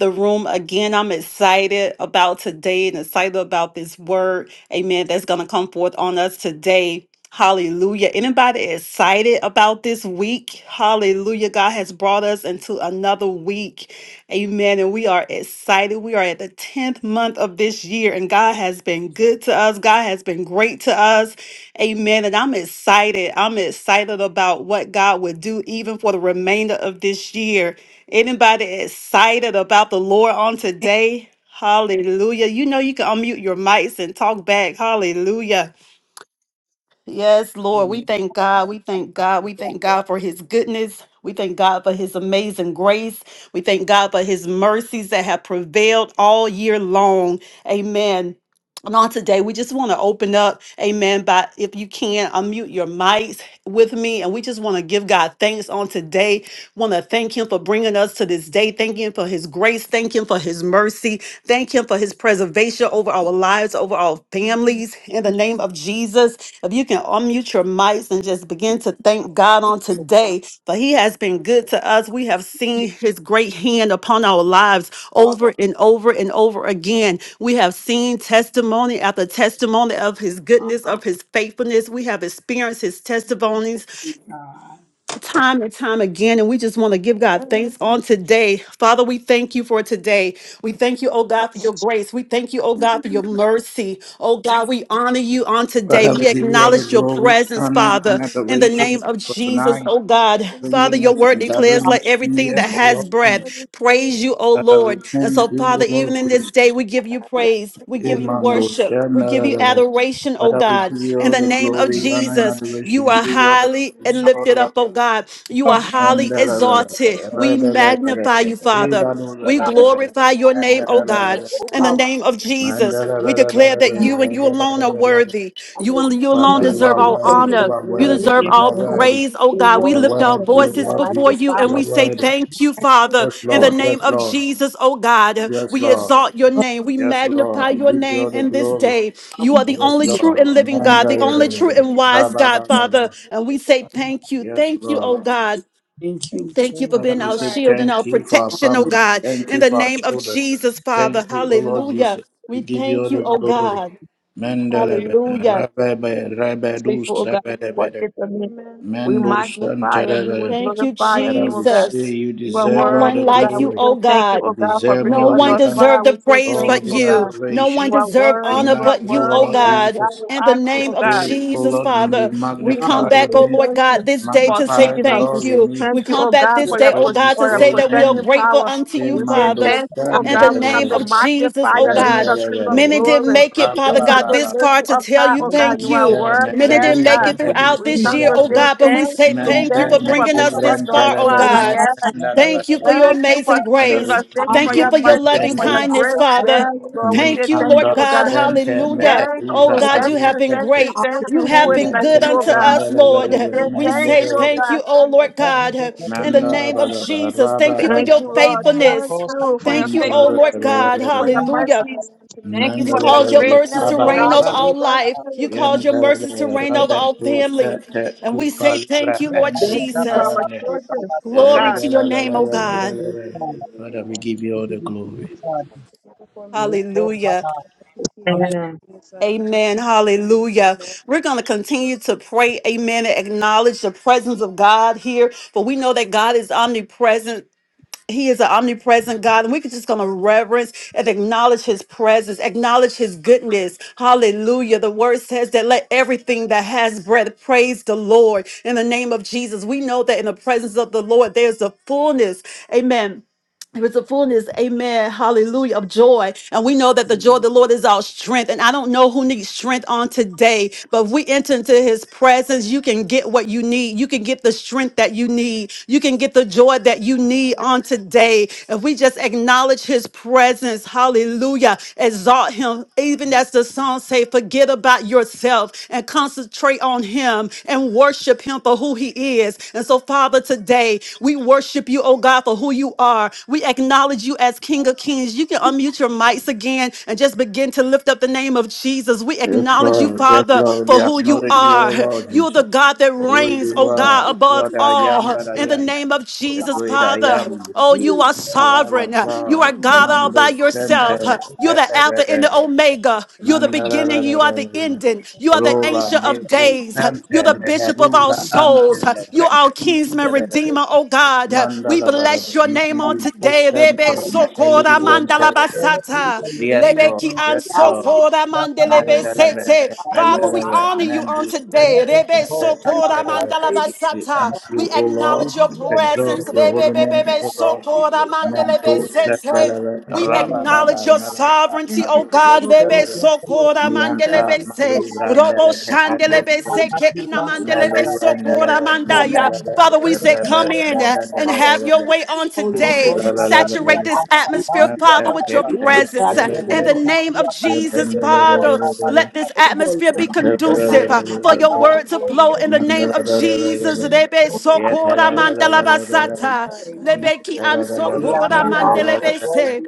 [SPEAKER 4] the room again. I'm excited about today and excited about this word. Amen. That's going to come forth on us today. Hallelujah. Anybody excited about this week? Hallelujah. God has brought us into another week. Amen. And we are excited. We are at the 10th month of this year, and God has been good to us. God has been great to us. Amen. And I'm excited. I'm excited about what God would do even for the remainder of this year. Anybody excited about the Lord on today? Hallelujah. You know, you can unmute your mics and talk back. Hallelujah. Yes, Lord,
[SPEAKER 5] Imetenga
[SPEAKER 4] we thank God. We thank God. We thank God for his goodness. We thank God for his amazing grace. We thank God for his mercies that have prevailed all year long. Amen. And on today, we just want to open up, amen. By if you can, unmute your mics with me. And we just want to give God thanks on today. Want to thank Him for bringing us to this day. Thank Him for His grace. Thank Him for His mercy. Thank Him for His preservation over our lives, over our families. In the name of Jesus. If you can unmute your mics and just begin to thank God on today, for He has been good to us. We have seen His great hand upon our lives over and over and over again. We have seen testimony after testimony of His goodness, of His faithfulness. We have experienced His testimonies
[SPEAKER 1] We are God.
[SPEAKER 4] time and time again. And we just want to give God
[SPEAKER 6] Amen.
[SPEAKER 4] thanks on today. Father, we thank you for today. We thank you, oh God, for your grace. We thank you, oh God, for your mercy. Oh God, we honor you on
[SPEAKER 6] Thank
[SPEAKER 4] today.
[SPEAKER 6] you,
[SPEAKER 3] Father, we
[SPEAKER 4] We
[SPEAKER 3] give you
[SPEAKER 6] Father.
[SPEAKER 3] all the
[SPEAKER 4] acknowledge your
[SPEAKER 6] God
[SPEAKER 3] glory,
[SPEAKER 6] bless
[SPEAKER 4] presence,
[SPEAKER 6] you. Thank
[SPEAKER 3] honor,
[SPEAKER 6] you
[SPEAKER 4] Father,
[SPEAKER 3] and
[SPEAKER 6] so
[SPEAKER 4] in the
[SPEAKER 6] much, Lord.
[SPEAKER 3] adoration
[SPEAKER 4] name of
[SPEAKER 6] Father,
[SPEAKER 3] for
[SPEAKER 6] Thank you
[SPEAKER 4] Jesus,
[SPEAKER 3] tonight,
[SPEAKER 4] oh
[SPEAKER 6] so much
[SPEAKER 4] God.
[SPEAKER 6] for everything.
[SPEAKER 4] Father,
[SPEAKER 3] bringing
[SPEAKER 4] your
[SPEAKER 6] Thank
[SPEAKER 3] us
[SPEAKER 4] word
[SPEAKER 3] and
[SPEAKER 4] declares,
[SPEAKER 3] gathering
[SPEAKER 4] let
[SPEAKER 3] us
[SPEAKER 6] you for
[SPEAKER 4] everything
[SPEAKER 3] here,
[SPEAKER 4] that
[SPEAKER 3] O
[SPEAKER 6] everything.
[SPEAKER 4] has
[SPEAKER 3] Lord
[SPEAKER 6] Thank you
[SPEAKER 3] Jesus.
[SPEAKER 6] for
[SPEAKER 4] breath
[SPEAKER 6] this day.
[SPEAKER 4] praise you,
[SPEAKER 6] Thank
[SPEAKER 4] oh
[SPEAKER 6] you
[SPEAKER 3] Father,
[SPEAKER 6] for
[SPEAKER 3] we
[SPEAKER 4] Lord. And
[SPEAKER 3] thank
[SPEAKER 4] so,
[SPEAKER 6] being
[SPEAKER 3] you, O
[SPEAKER 4] Father,
[SPEAKER 6] the
[SPEAKER 3] Lord
[SPEAKER 4] even in
[SPEAKER 6] day,
[SPEAKER 4] this
[SPEAKER 3] Jesus.
[SPEAKER 4] day, we
[SPEAKER 6] Lord
[SPEAKER 4] give you
[SPEAKER 6] God.
[SPEAKER 4] praise.
[SPEAKER 6] Thank
[SPEAKER 4] We
[SPEAKER 6] you
[SPEAKER 1] Hallelujah.
[SPEAKER 6] for
[SPEAKER 4] give
[SPEAKER 6] the
[SPEAKER 4] you
[SPEAKER 3] Amen. Lord.
[SPEAKER 6] present,
[SPEAKER 4] worship. We give you
[SPEAKER 6] Father
[SPEAKER 3] Shandarara.
[SPEAKER 6] God.
[SPEAKER 4] adoration, oh
[SPEAKER 3] Father, we give
[SPEAKER 4] God,
[SPEAKER 6] Thank
[SPEAKER 3] you
[SPEAKER 6] you
[SPEAKER 4] in
[SPEAKER 3] all
[SPEAKER 4] the
[SPEAKER 6] for
[SPEAKER 3] the
[SPEAKER 4] name of
[SPEAKER 3] glory, honor, and
[SPEAKER 4] Jesus.
[SPEAKER 6] thank
[SPEAKER 4] You
[SPEAKER 6] you
[SPEAKER 3] adoration. We
[SPEAKER 4] are
[SPEAKER 3] give
[SPEAKER 6] for
[SPEAKER 3] you all the
[SPEAKER 6] everything
[SPEAKER 4] highly
[SPEAKER 6] you
[SPEAKER 4] and
[SPEAKER 3] praise,
[SPEAKER 6] have done.
[SPEAKER 3] all
[SPEAKER 4] lifted
[SPEAKER 3] the honor.
[SPEAKER 4] up, oh
[SPEAKER 6] Thank you
[SPEAKER 4] God.
[SPEAKER 6] for
[SPEAKER 4] You
[SPEAKER 1] Cover
[SPEAKER 4] are highly
[SPEAKER 3] Mandarara.
[SPEAKER 4] exalted. We
[SPEAKER 6] everything
[SPEAKER 3] Radarara.
[SPEAKER 6] that you
[SPEAKER 4] magnify
[SPEAKER 6] have
[SPEAKER 4] you,
[SPEAKER 6] put
[SPEAKER 4] Father.
[SPEAKER 6] on store
[SPEAKER 4] We
[SPEAKER 6] for me, Father
[SPEAKER 4] glorify your
[SPEAKER 6] God.
[SPEAKER 4] name,
[SPEAKER 6] I
[SPEAKER 4] oh
[SPEAKER 6] know that
[SPEAKER 3] Ribadarara.
[SPEAKER 4] God.
[SPEAKER 6] you have
[SPEAKER 4] In the
[SPEAKER 1] our,
[SPEAKER 6] more
[SPEAKER 4] name of
[SPEAKER 6] blessings to come
[SPEAKER 4] Jesus,
[SPEAKER 6] for
[SPEAKER 4] we
[SPEAKER 6] me,
[SPEAKER 3] Father,
[SPEAKER 4] declare
[SPEAKER 6] Father
[SPEAKER 4] that you
[SPEAKER 6] God.
[SPEAKER 4] and you alone are worthy. You and you
[SPEAKER 7] We
[SPEAKER 4] alone
[SPEAKER 7] bless
[SPEAKER 3] you
[SPEAKER 4] deserve
[SPEAKER 3] are
[SPEAKER 7] you, we
[SPEAKER 4] all
[SPEAKER 7] give you
[SPEAKER 3] worthy,
[SPEAKER 7] the
[SPEAKER 3] you are worthy, you
[SPEAKER 4] honor.
[SPEAKER 3] are
[SPEAKER 4] You
[SPEAKER 7] glory, we
[SPEAKER 3] worthy,
[SPEAKER 4] deserve
[SPEAKER 7] give
[SPEAKER 3] you
[SPEAKER 7] you
[SPEAKER 4] all
[SPEAKER 3] are
[SPEAKER 7] honor.
[SPEAKER 3] worthy,
[SPEAKER 4] praise, oh
[SPEAKER 7] We
[SPEAKER 4] God.
[SPEAKER 3] you
[SPEAKER 4] We
[SPEAKER 3] are
[SPEAKER 4] lift
[SPEAKER 7] worship
[SPEAKER 4] our
[SPEAKER 7] your name, we
[SPEAKER 4] voices
[SPEAKER 3] worthy,
[SPEAKER 4] before you
[SPEAKER 7] magnify
[SPEAKER 4] and
[SPEAKER 3] you are
[SPEAKER 4] we say
[SPEAKER 3] worthy.
[SPEAKER 4] thank you, Father,
[SPEAKER 6] Thank
[SPEAKER 3] Yes,
[SPEAKER 4] in
[SPEAKER 6] you.
[SPEAKER 4] the
[SPEAKER 1] oh
[SPEAKER 3] Lord, yes,
[SPEAKER 4] name of
[SPEAKER 3] Lord,
[SPEAKER 4] Jesus, oh
[SPEAKER 6] Thank
[SPEAKER 4] God.
[SPEAKER 6] you,
[SPEAKER 3] yes,
[SPEAKER 4] We
[SPEAKER 3] Lord,
[SPEAKER 6] Father.
[SPEAKER 4] exalt your name. We
[SPEAKER 3] yes, Lord,
[SPEAKER 4] magnify
[SPEAKER 3] we
[SPEAKER 4] your
[SPEAKER 3] give you
[SPEAKER 4] name
[SPEAKER 3] all the
[SPEAKER 4] in this
[SPEAKER 3] glory.
[SPEAKER 4] day. You are the
[SPEAKER 3] Yes,
[SPEAKER 4] only true
[SPEAKER 3] Lord.
[SPEAKER 4] and
[SPEAKER 6] Father
[SPEAKER 4] living
[SPEAKER 6] God,
[SPEAKER 4] God, the only
[SPEAKER 6] favor
[SPEAKER 4] true
[SPEAKER 3] Manda,
[SPEAKER 6] me.
[SPEAKER 4] and wise God, Father.
[SPEAKER 6] Thank
[SPEAKER 4] And
[SPEAKER 6] you
[SPEAKER 4] we
[SPEAKER 6] for
[SPEAKER 4] say thank you.
[SPEAKER 3] Yes,
[SPEAKER 4] Thank you,
[SPEAKER 3] Lord.
[SPEAKER 4] oh
[SPEAKER 6] us.
[SPEAKER 4] God.
[SPEAKER 1] Thank
[SPEAKER 6] Thank
[SPEAKER 1] you,
[SPEAKER 6] you
[SPEAKER 4] Thank you
[SPEAKER 6] for
[SPEAKER 4] for
[SPEAKER 6] the
[SPEAKER 3] Father,
[SPEAKER 4] being
[SPEAKER 3] we
[SPEAKER 4] our
[SPEAKER 3] say
[SPEAKER 6] prayer.
[SPEAKER 4] shield and our
[SPEAKER 3] thank you for our
[SPEAKER 4] protection, oh
[SPEAKER 1] Lord
[SPEAKER 3] family.
[SPEAKER 4] God.
[SPEAKER 3] Thank
[SPEAKER 6] Yes,
[SPEAKER 4] In
[SPEAKER 3] you
[SPEAKER 4] the
[SPEAKER 3] for our
[SPEAKER 4] name of
[SPEAKER 3] children.
[SPEAKER 4] Jesus, Father.
[SPEAKER 3] Thank you, O Lord
[SPEAKER 4] Hallelujah.
[SPEAKER 3] Jesus. We
[SPEAKER 4] We
[SPEAKER 3] give you all
[SPEAKER 4] thank
[SPEAKER 3] the
[SPEAKER 4] you, oh
[SPEAKER 3] glory.
[SPEAKER 4] God.
[SPEAKER 6] Lord.
[SPEAKER 3] Mendelebe,
[SPEAKER 4] Hallelujah.
[SPEAKER 3] Rabebe,
[SPEAKER 7] you,
[SPEAKER 3] Rebedus,
[SPEAKER 7] faithful O God. We
[SPEAKER 3] Rebedebe,
[SPEAKER 7] worship your name,
[SPEAKER 6] Amen.
[SPEAKER 7] we
[SPEAKER 6] Amen.
[SPEAKER 3] Mendus, and
[SPEAKER 7] magnify your name, we
[SPEAKER 3] Terebe.
[SPEAKER 4] Thank you,
[SPEAKER 7] glorify your
[SPEAKER 3] Father,
[SPEAKER 7] name, O
[SPEAKER 3] we
[SPEAKER 7] God.
[SPEAKER 3] say
[SPEAKER 4] Jesus.
[SPEAKER 3] you
[SPEAKER 7] You are
[SPEAKER 4] No
[SPEAKER 3] deserve all
[SPEAKER 7] worthy,
[SPEAKER 4] one
[SPEAKER 3] the
[SPEAKER 7] O
[SPEAKER 4] like
[SPEAKER 6] Thank
[SPEAKER 7] God.
[SPEAKER 4] you,
[SPEAKER 7] We
[SPEAKER 3] glory.
[SPEAKER 7] say
[SPEAKER 6] you.
[SPEAKER 4] oh
[SPEAKER 7] thank
[SPEAKER 4] God.
[SPEAKER 7] you,
[SPEAKER 3] You
[SPEAKER 7] O God,
[SPEAKER 6] Thank
[SPEAKER 7] for
[SPEAKER 6] you,
[SPEAKER 3] deserve
[SPEAKER 7] bringing
[SPEAKER 4] No
[SPEAKER 3] all
[SPEAKER 6] dear
[SPEAKER 7] us
[SPEAKER 4] one
[SPEAKER 3] the
[SPEAKER 7] thus
[SPEAKER 6] son.
[SPEAKER 3] honor,
[SPEAKER 7] far.
[SPEAKER 4] deserved the
[SPEAKER 7] We say
[SPEAKER 4] praise
[SPEAKER 7] thank
[SPEAKER 3] all
[SPEAKER 4] but
[SPEAKER 7] you, O
[SPEAKER 3] the
[SPEAKER 4] you.
[SPEAKER 7] God.
[SPEAKER 4] No
[SPEAKER 3] adoration.
[SPEAKER 4] one
[SPEAKER 7] You are
[SPEAKER 4] deserved
[SPEAKER 7] worthy,
[SPEAKER 4] honor
[SPEAKER 7] you
[SPEAKER 3] Tonight,
[SPEAKER 7] are
[SPEAKER 4] but
[SPEAKER 3] O
[SPEAKER 4] you, oh
[SPEAKER 7] worthy,
[SPEAKER 3] Lord
[SPEAKER 7] yes,
[SPEAKER 4] God.
[SPEAKER 7] God,
[SPEAKER 3] Jesus,
[SPEAKER 7] we
[SPEAKER 4] In the
[SPEAKER 7] ask
[SPEAKER 3] we
[SPEAKER 7] you,
[SPEAKER 4] name
[SPEAKER 7] O
[SPEAKER 4] of
[SPEAKER 7] God.
[SPEAKER 3] say, O
[SPEAKER 4] Jesus,
[SPEAKER 3] Lord, we
[SPEAKER 4] Father, we
[SPEAKER 7] Thank
[SPEAKER 1] God.
[SPEAKER 4] come
[SPEAKER 7] you.
[SPEAKER 3] magnify
[SPEAKER 7] We
[SPEAKER 3] your
[SPEAKER 4] back,
[SPEAKER 7] say
[SPEAKER 4] oh
[SPEAKER 3] name.
[SPEAKER 4] Lord
[SPEAKER 7] Thank you
[SPEAKER 4] God, this day
[SPEAKER 7] for
[SPEAKER 4] to say
[SPEAKER 3] Magnify
[SPEAKER 7] keeping
[SPEAKER 3] the
[SPEAKER 7] us. We
[SPEAKER 4] thank
[SPEAKER 3] Lord
[SPEAKER 7] say
[SPEAKER 3] in
[SPEAKER 4] you.
[SPEAKER 3] me
[SPEAKER 7] thank
[SPEAKER 4] We
[SPEAKER 7] you,
[SPEAKER 4] come
[SPEAKER 7] oh
[SPEAKER 4] back
[SPEAKER 7] God,
[SPEAKER 4] this
[SPEAKER 3] and
[SPEAKER 7] for your
[SPEAKER 4] day, oh
[SPEAKER 3] Praise
[SPEAKER 7] pro-
[SPEAKER 4] God,
[SPEAKER 3] His
[SPEAKER 7] for
[SPEAKER 4] to
[SPEAKER 7] your
[SPEAKER 1] Thank
[SPEAKER 4] say
[SPEAKER 3] holy
[SPEAKER 4] that we are
[SPEAKER 3] name.
[SPEAKER 7] protecting
[SPEAKER 4] grateful
[SPEAKER 7] power.
[SPEAKER 4] unto you,
[SPEAKER 7] We say
[SPEAKER 3] Emando
[SPEAKER 4] Father.
[SPEAKER 7] thank you,
[SPEAKER 1] God,
[SPEAKER 7] oh
[SPEAKER 4] In the
[SPEAKER 7] God. We come
[SPEAKER 4] name
[SPEAKER 7] to
[SPEAKER 3] shandalalalala.
[SPEAKER 4] of Jesus,
[SPEAKER 7] magnify
[SPEAKER 4] oh
[SPEAKER 7] your need
[SPEAKER 4] God.
[SPEAKER 7] the King of
[SPEAKER 3] Randalalala.
[SPEAKER 4] Many didn't
[SPEAKER 7] glory.
[SPEAKER 4] make it,
[SPEAKER 7] We
[SPEAKER 4] Father
[SPEAKER 7] come to
[SPEAKER 4] God, this
[SPEAKER 3] Rababababa.
[SPEAKER 7] lift
[SPEAKER 4] far
[SPEAKER 7] you
[SPEAKER 4] to
[SPEAKER 7] up
[SPEAKER 4] tell
[SPEAKER 7] high,
[SPEAKER 4] you
[SPEAKER 7] oh God.
[SPEAKER 4] thank
[SPEAKER 7] You are
[SPEAKER 3] Manta
[SPEAKER 4] you.
[SPEAKER 7] worthy,
[SPEAKER 4] Many
[SPEAKER 7] yes,
[SPEAKER 4] didn't make
[SPEAKER 3] meluza
[SPEAKER 7] God.
[SPEAKER 4] it throughout
[SPEAKER 7] We
[SPEAKER 3] eluske
[SPEAKER 4] this
[SPEAKER 7] come
[SPEAKER 4] year,
[SPEAKER 7] to
[SPEAKER 4] oh
[SPEAKER 7] say
[SPEAKER 3] vehebe.
[SPEAKER 4] God, but we
[SPEAKER 7] thank
[SPEAKER 4] say
[SPEAKER 7] you.
[SPEAKER 4] thank
[SPEAKER 3] Manta
[SPEAKER 4] you
[SPEAKER 7] Thank
[SPEAKER 4] for
[SPEAKER 7] you for
[SPEAKER 4] bringing
[SPEAKER 7] picking
[SPEAKER 4] us
[SPEAKER 3] meluzan
[SPEAKER 7] us
[SPEAKER 4] this
[SPEAKER 7] up,
[SPEAKER 4] far, oh
[SPEAKER 3] telebe.
[SPEAKER 7] Father,
[SPEAKER 4] God.
[SPEAKER 7] yes.
[SPEAKER 4] Thank you
[SPEAKER 3] Matandalabalaba.
[SPEAKER 4] for your
[SPEAKER 7] Thank you for
[SPEAKER 4] amazing
[SPEAKER 3] Father,
[SPEAKER 7] keeping
[SPEAKER 4] grace.
[SPEAKER 3] we
[SPEAKER 7] us. Thank you
[SPEAKER 3] thank
[SPEAKER 7] for
[SPEAKER 4] Thank you
[SPEAKER 7] your
[SPEAKER 3] you,
[SPEAKER 4] for your
[SPEAKER 3] we
[SPEAKER 7] mercy,
[SPEAKER 4] loving
[SPEAKER 7] for
[SPEAKER 3] thank
[SPEAKER 7] your
[SPEAKER 3] you.
[SPEAKER 4] kindness,
[SPEAKER 7] grace,
[SPEAKER 6] Thank
[SPEAKER 4] Father.
[SPEAKER 7] yes,
[SPEAKER 6] you.
[SPEAKER 7] Lord. We
[SPEAKER 3] Me
[SPEAKER 4] Thank
[SPEAKER 7] say
[SPEAKER 4] you,
[SPEAKER 7] thank
[SPEAKER 4] Lord
[SPEAKER 7] you, oh
[SPEAKER 4] God.
[SPEAKER 7] God.
[SPEAKER 3] understand me
[SPEAKER 4] Hallelujah.
[SPEAKER 7] Thank
[SPEAKER 4] Oh
[SPEAKER 3] eluza
[SPEAKER 7] you,
[SPEAKER 4] God,
[SPEAKER 7] thank
[SPEAKER 4] you have
[SPEAKER 7] you,
[SPEAKER 4] been
[SPEAKER 7] thank
[SPEAKER 3] alusete.
[SPEAKER 7] you,
[SPEAKER 4] great.
[SPEAKER 7] thank
[SPEAKER 4] You
[SPEAKER 7] you. Who
[SPEAKER 4] have
[SPEAKER 6] Thank
[SPEAKER 7] is
[SPEAKER 4] been
[SPEAKER 6] you
[SPEAKER 7] like
[SPEAKER 6] in
[SPEAKER 3] Meke
[SPEAKER 4] good
[SPEAKER 7] you, oh
[SPEAKER 4] unto
[SPEAKER 6] advance,
[SPEAKER 7] God?
[SPEAKER 4] us,
[SPEAKER 6] Father.
[SPEAKER 4] Lord.
[SPEAKER 7] We
[SPEAKER 3] tandalabalaba.
[SPEAKER 7] say
[SPEAKER 6] Thank
[SPEAKER 4] We
[SPEAKER 6] you
[SPEAKER 7] thank
[SPEAKER 4] say
[SPEAKER 7] you, oh
[SPEAKER 3] Mandalabalaba.
[SPEAKER 4] thank
[SPEAKER 7] God.
[SPEAKER 4] you, oh
[SPEAKER 6] In
[SPEAKER 7] Thank
[SPEAKER 4] Lord
[SPEAKER 7] you.
[SPEAKER 6] advance,
[SPEAKER 4] God,
[SPEAKER 6] thank
[SPEAKER 4] in
[SPEAKER 6] you
[SPEAKER 4] the
[SPEAKER 6] for
[SPEAKER 4] name of
[SPEAKER 6] everything
[SPEAKER 3] Mandalabalaba.
[SPEAKER 6] in
[SPEAKER 4] Jesus. Thank you for
[SPEAKER 6] advance.
[SPEAKER 7] Thank
[SPEAKER 4] your
[SPEAKER 3] Rababalaba.
[SPEAKER 7] you, Lord.
[SPEAKER 6] I thank you
[SPEAKER 7] Thank
[SPEAKER 4] faithfulness.
[SPEAKER 6] for
[SPEAKER 5] kosa
[SPEAKER 7] you
[SPEAKER 3] Father,
[SPEAKER 7] for
[SPEAKER 6] everything
[SPEAKER 7] your
[SPEAKER 6] that
[SPEAKER 4] Thank
[SPEAKER 3] we
[SPEAKER 4] you,
[SPEAKER 6] I
[SPEAKER 4] oh
[SPEAKER 7] faithfulness.
[SPEAKER 4] Lord
[SPEAKER 6] create,
[SPEAKER 7] Thank
[SPEAKER 4] God.
[SPEAKER 7] you
[SPEAKER 6] for
[SPEAKER 7] for your
[SPEAKER 6] everything that
[SPEAKER 4] Hallelujah.
[SPEAKER 6] I
[SPEAKER 7] mercies.
[SPEAKER 6] want to
[SPEAKER 7] Thank you
[SPEAKER 4] You
[SPEAKER 6] manifest.
[SPEAKER 7] for your
[SPEAKER 6] Thank
[SPEAKER 4] cause
[SPEAKER 6] you
[SPEAKER 4] your
[SPEAKER 6] for all
[SPEAKER 4] mercies
[SPEAKER 7] greatness,
[SPEAKER 6] of
[SPEAKER 4] to
[SPEAKER 7] oh
[SPEAKER 6] that,
[SPEAKER 4] reign
[SPEAKER 7] God.
[SPEAKER 4] over
[SPEAKER 5] liboza
[SPEAKER 6] Father
[SPEAKER 7] We say
[SPEAKER 4] our
[SPEAKER 6] God.
[SPEAKER 5] lipa
[SPEAKER 7] thank
[SPEAKER 4] life.
[SPEAKER 7] you.
[SPEAKER 4] You
[SPEAKER 6] Because I
[SPEAKER 4] cause your
[SPEAKER 6] know
[SPEAKER 4] mercies to reign
[SPEAKER 6] with
[SPEAKER 4] over our
[SPEAKER 6] you,
[SPEAKER 4] family.
[SPEAKER 6] I will
[SPEAKER 4] And
[SPEAKER 6] do
[SPEAKER 4] we say
[SPEAKER 6] the
[SPEAKER 4] thank you, Lord
[SPEAKER 5] yoba
[SPEAKER 7] Thank you
[SPEAKER 5] baba
[SPEAKER 7] for
[SPEAKER 6] things
[SPEAKER 4] Jesus.
[SPEAKER 7] our
[SPEAKER 5] baba
[SPEAKER 6] that I
[SPEAKER 5] lipa
[SPEAKER 7] children,
[SPEAKER 6] want.
[SPEAKER 5] la
[SPEAKER 7] oh
[SPEAKER 4] Glory
[SPEAKER 6] to
[SPEAKER 4] to your
[SPEAKER 6] accomplish.
[SPEAKER 4] name, oh
[SPEAKER 5] kutili
[SPEAKER 4] God.
[SPEAKER 5] kosa
[SPEAKER 6] Will
[SPEAKER 5] la
[SPEAKER 6] you, Father
[SPEAKER 3] give you
[SPEAKER 6] God,
[SPEAKER 3] all
[SPEAKER 6] let
[SPEAKER 3] the
[SPEAKER 5] kutili
[SPEAKER 6] the
[SPEAKER 3] glory.
[SPEAKER 6] words
[SPEAKER 5] kwa
[SPEAKER 6] come together for me? Thank you,
[SPEAKER 5] lipo
[SPEAKER 6] my
[SPEAKER 4] Hallelujah.
[SPEAKER 6] Amen.
[SPEAKER 5] baba
[SPEAKER 6] I appreciate you,
[SPEAKER 7] God.
[SPEAKER 6] your Son,
[SPEAKER 4] Amen.
[SPEAKER 6] Jesus Christ's name.
[SPEAKER 4] Hallelujah.
[SPEAKER 6] Amen.
[SPEAKER 4] We're going to continue to pray. Amen. And acknowledge the presence of God here. For we know that God is omnipresent. He is an omnipresent God, and we're just going to reverence and acknowledge His presence, acknowledge His goodness. Hallelujah. The word says that let everything that has breath praise the Lord in the name of Jesus. We know that in the presence of the Lord, there's a fullness. Amen there is a fullness, amen, hallelujah, of joy. And we know that the joy of the
[SPEAKER 5] imetenga
[SPEAKER 4] Lord is our strength. And I don't know who needs strength on today, but if we enter into his presence, you can get what you need. You can get the strength that you need. You can get the joy that you need
[SPEAKER 6] Amen.
[SPEAKER 4] on today. If we just acknowledge his presence, hallelujah, exalt him, even as the song say, forget about yourself and concentrate on him and worship him for who he is. And so, Father, Father, today. We worship you, oh God, for who you are. We acknowledge you as King of Kings. You can unmute your mics again and just begin to lift up the name of Jesus. We
[SPEAKER 3] Yes,
[SPEAKER 4] acknowledge you,
[SPEAKER 3] Lord. Yes,
[SPEAKER 4] Father,
[SPEAKER 3] Lord. We
[SPEAKER 4] for who you
[SPEAKER 3] acknowledge you, O
[SPEAKER 4] are.
[SPEAKER 3] Lord
[SPEAKER 4] You're the
[SPEAKER 3] Jesus.
[SPEAKER 4] God that
[SPEAKER 3] For who
[SPEAKER 4] reigns,
[SPEAKER 3] you
[SPEAKER 4] oh
[SPEAKER 3] are.
[SPEAKER 4] God,
[SPEAKER 3] You
[SPEAKER 4] above
[SPEAKER 3] are the I am
[SPEAKER 4] all.
[SPEAKER 3] that
[SPEAKER 4] In
[SPEAKER 3] I
[SPEAKER 4] the
[SPEAKER 3] am.
[SPEAKER 4] name of
[SPEAKER 3] The
[SPEAKER 4] Jesus,
[SPEAKER 3] great I
[SPEAKER 4] Father.
[SPEAKER 3] am.
[SPEAKER 4] Oh, you are
[SPEAKER 3] You are our
[SPEAKER 4] sovereign. You are
[SPEAKER 3] God.
[SPEAKER 4] God all by
[SPEAKER 3] Mando
[SPEAKER 4] yourself.
[SPEAKER 3] Center.
[SPEAKER 4] You're the Alpha and the Omega. You're the beginning. You are the
[SPEAKER 3] Mandararararara.
[SPEAKER 4] ending. You are the
[SPEAKER 3] Roba
[SPEAKER 4] ancient of
[SPEAKER 3] Mirko
[SPEAKER 4] days praise.
[SPEAKER 3] Santa
[SPEAKER 4] You're the bishop of our
[SPEAKER 3] Mehaluha Ante
[SPEAKER 4] souls.
[SPEAKER 3] Lebre
[SPEAKER 4] You're our kinsman
[SPEAKER 3] Ustabere
[SPEAKER 4] redeemer, oh God. We
[SPEAKER 3] Mandala Barade
[SPEAKER 4] bless your name
[SPEAKER 3] Mandi
[SPEAKER 4] on today.
[SPEAKER 3] Kusante
[SPEAKER 4] Lebe
[SPEAKER 3] Mehalu
[SPEAKER 4] sokora mandala
[SPEAKER 6] I
[SPEAKER 4] basata.
[SPEAKER 6] pray
[SPEAKER 5] kosa
[SPEAKER 6] you from
[SPEAKER 3] Yes
[SPEAKER 6] the
[SPEAKER 4] Lebe
[SPEAKER 3] Lord,
[SPEAKER 4] ki
[SPEAKER 5] lipo
[SPEAKER 6] tip
[SPEAKER 4] an
[SPEAKER 6] of
[SPEAKER 3] yes
[SPEAKER 6] my
[SPEAKER 1] Yahweh,
[SPEAKER 3] Lord,
[SPEAKER 6] soul,
[SPEAKER 4] sokora
[SPEAKER 5] baba
[SPEAKER 6] the
[SPEAKER 4] mandelebe
[SPEAKER 6] crown of
[SPEAKER 5] baba
[SPEAKER 6] my
[SPEAKER 3] Mandalaba,
[SPEAKER 5] lipa
[SPEAKER 4] sete.
[SPEAKER 6] head,
[SPEAKER 1] God,
[SPEAKER 4] Father,
[SPEAKER 1] Lord,
[SPEAKER 5] kama
[SPEAKER 4] we
[SPEAKER 1] my
[SPEAKER 3] Kapandalaba,
[SPEAKER 6] to the
[SPEAKER 4] honor you
[SPEAKER 6] sole
[SPEAKER 3] Mandu,
[SPEAKER 4] on
[SPEAKER 6] of my
[SPEAKER 4] today.
[SPEAKER 6] feet.
[SPEAKER 5] mrepo
[SPEAKER 4] Lebe
[SPEAKER 5] kibo
[SPEAKER 6] Father
[SPEAKER 5] kama
[SPEAKER 6] God,
[SPEAKER 4] sokora
[SPEAKER 3] Kaparaba.
[SPEAKER 4] mandala
[SPEAKER 5] hapo
[SPEAKER 1] Savior,
[SPEAKER 3] We
[SPEAKER 4] basata.
[SPEAKER 3] honor
[SPEAKER 4] We
[SPEAKER 3] you, O
[SPEAKER 6] I trust
[SPEAKER 3] Lord.
[SPEAKER 4] acknowledge
[SPEAKER 6] in
[SPEAKER 4] your
[SPEAKER 5] ndivyo
[SPEAKER 3] We
[SPEAKER 6] you, I
[SPEAKER 3] exalt
[SPEAKER 5] yesu
[SPEAKER 6] believe
[SPEAKER 4] presence.
[SPEAKER 6] in
[SPEAKER 3] your
[SPEAKER 5] kristo
[SPEAKER 6] you,
[SPEAKER 4] Lebe
[SPEAKER 3] holy
[SPEAKER 6] and
[SPEAKER 3] name,
[SPEAKER 6] your
[SPEAKER 4] bebe
[SPEAKER 3] O
[SPEAKER 5] ana
[SPEAKER 3] Lord.
[SPEAKER 6] timing and
[SPEAKER 5] kutili
[SPEAKER 4] sokora
[SPEAKER 6] your
[SPEAKER 5] kwa
[SPEAKER 3] Mantu,
[SPEAKER 4] mandelebe
[SPEAKER 5] hapo
[SPEAKER 4] sete.
[SPEAKER 6] resurrection
[SPEAKER 3] Sadalaba,
[SPEAKER 6] from the
[SPEAKER 4] We
[SPEAKER 6] flood
[SPEAKER 5] kijana
[SPEAKER 6] of the
[SPEAKER 5] kama
[SPEAKER 3] Rabababa,
[SPEAKER 4] acknowledge your
[SPEAKER 6] human blood
[SPEAKER 3] Nalapa,
[SPEAKER 6] that is
[SPEAKER 4] sovereignty,
[SPEAKER 1] in the
[SPEAKER 3] Adu,
[SPEAKER 4] oh
[SPEAKER 1] name
[SPEAKER 6] in
[SPEAKER 4] God
[SPEAKER 1] of
[SPEAKER 6] me.
[SPEAKER 5] kweli
[SPEAKER 3] Santalaba,
[SPEAKER 5] kosa
[SPEAKER 1] Lord,
[SPEAKER 4] sokora
[SPEAKER 5] lipo
[SPEAKER 6] Forgive
[SPEAKER 3] Mianta,
[SPEAKER 6] me
[SPEAKER 5] kosa
[SPEAKER 4] mandelebe
[SPEAKER 6] for my
[SPEAKER 3] Malu,
[SPEAKER 4] se.
[SPEAKER 5] kwa
[SPEAKER 6] sins,
[SPEAKER 4] Robo
[SPEAKER 3] Randala,
[SPEAKER 6] forgive me,
[SPEAKER 1] God,
[SPEAKER 6] Father
[SPEAKER 3] Kapandu,
[SPEAKER 6] God,
[SPEAKER 4] shandelebe
[SPEAKER 5] na
[SPEAKER 1] always
[SPEAKER 4] se
[SPEAKER 3] Santa,
[SPEAKER 4] ke
[SPEAKER 6] Father
[SPEAKER 1] you
[SPEAKER 4] ina
[SPEAKER 5] katika
[SPEAKER 1] so
[SPEAKER 3] Malu,
[SPEAKER 4] mandelebe
[SPEAKER 6] heal
[SPEAKER 5] baba
[SPEAKER 6] me,
[SPEAKER 1] much
[SPEAKER 6] Father
[SPEAKER 4] sokora
[SPEAKER 6] God,
[SPEAKER 3] Randalaba,
[SPEAKER 5] na
[SPEAKER 6] teach
[SPEAKER 1] of the
[SPEAKER 6] to
[SPEAKER 4] mandaya.
[SPEAKER 5] lamba
[SPEAKER 3] Mandalaba,
[SPEAKER 1] earth.
[SPEAKER 4] Father,
[SPEAKER 6] forgive,
[SPEAKER 4] we
[SPEAKER 5] kwa
[SPEAKER 4] say, come in uh,
[SPEAKER 3] Rabababa,
[SPEAKER 4] and
[SPEAKER 5] baba
[SPEAKER 4] have your
[SPEAKER 6] Father
[SPEAKER 1] Hallelujah.
[SPEAKER 4] way
[SPEAKER 6] God.
[SPEAKER 4] on
[SPEAKER 1] Holy
[SPEAKER 5] Yo
[SPEAKER 4] today.
[SPEAKER 5] voy
[SPEAKER 1] Spirit,
[SPEAKER 5] a
[SPEAKER 3] Mandalaba,
[SPEAKER 5] salir a
[SPEAKER 4] Saturate
[SPEAKER 1] we
[SPEAKER 4] this
[SPEAKER 1] you
[SPEAKER 5] trabajar
[SPEAKER 4] atmosphere,
[SPEAKER 5] y a
[SPEAKER 4] Father, with your
[SPEAKER 5] trabajar.
[SPEAKER 4] presence.
[SPEAKER 1] have
[SPEAKER 4] uh,
[SPEAKER 1] your
[SPEAKER 5] Yo
[SPEAKER 4] In
[SPEAKER 3] Mandalaba,
[SPEAKER 5] voy a
[SPEAKER 4] the
[SPEAKER 1] way
[SPEAKER 4] name
[SPEAKER 5] salir
[SPEAKER 4] of
[SPEAKER 5] a
[SPEAKER 3] Yes,
[SPEAKER 5] trabajar y
[SPEAKER 4] Jesus,
[SPEAKER 5] a
[SPEAKER 4] Father,
[SPEAKER 5] trabajar.
[SPEAKER 4] let this
[SPEAKER 1] over,
[SPEAKER 4] atmosphere
[SPEAKER 1] Lord,
[SPEAKER 4] be
[SPEAKER 1] God,
[SPEAKER 5] Yo voy a
[SPEAKER 4] conducive uh,
[SPEAKER 5] salir a
[SPEAKER 4] for your
[SPEAKER 5] trabajar y
[SPEAKER 4] word
[SPEAKER 5] a
[SPEAKER 4] to
[SPEAKER 6] Humble me,
[SPEAKER 4] flow in the
[SPEAKER 5] trabajar.
[SPEAKER 6] Father.
[SPEAKER 4] name of Jesus.
[SPEAKER 5] Yo
[SPEAKER 4] Rebe
[SPEAKER 5] voy
[SPEAKER 6] Humble me to
[SPEAKER 4] sokora
[SPEAKER 6] wait for your
[SPEAKER 4] mandelebasata,
[SPEAKER 1] in the name
[SPEAKER 6] timing.
[SPEAKER 1] of Jesus.
[SPEAKER 4] Lebe ki
[SPEAKER 6] Because your
[SPEAKER 4] an
[SPEAKER 1] I will
[SPEAKER 6] timing is
[SPEAKER 4] sokora
[SPEAKER 1] submit
[SPEAKER 6] great,
[SPEAKER 1] all of this,
[SPEAKER 6] Father
[SPEAKER 4] mandelebe
[SPEAKER 6] God.
[SPEAKER 4] se.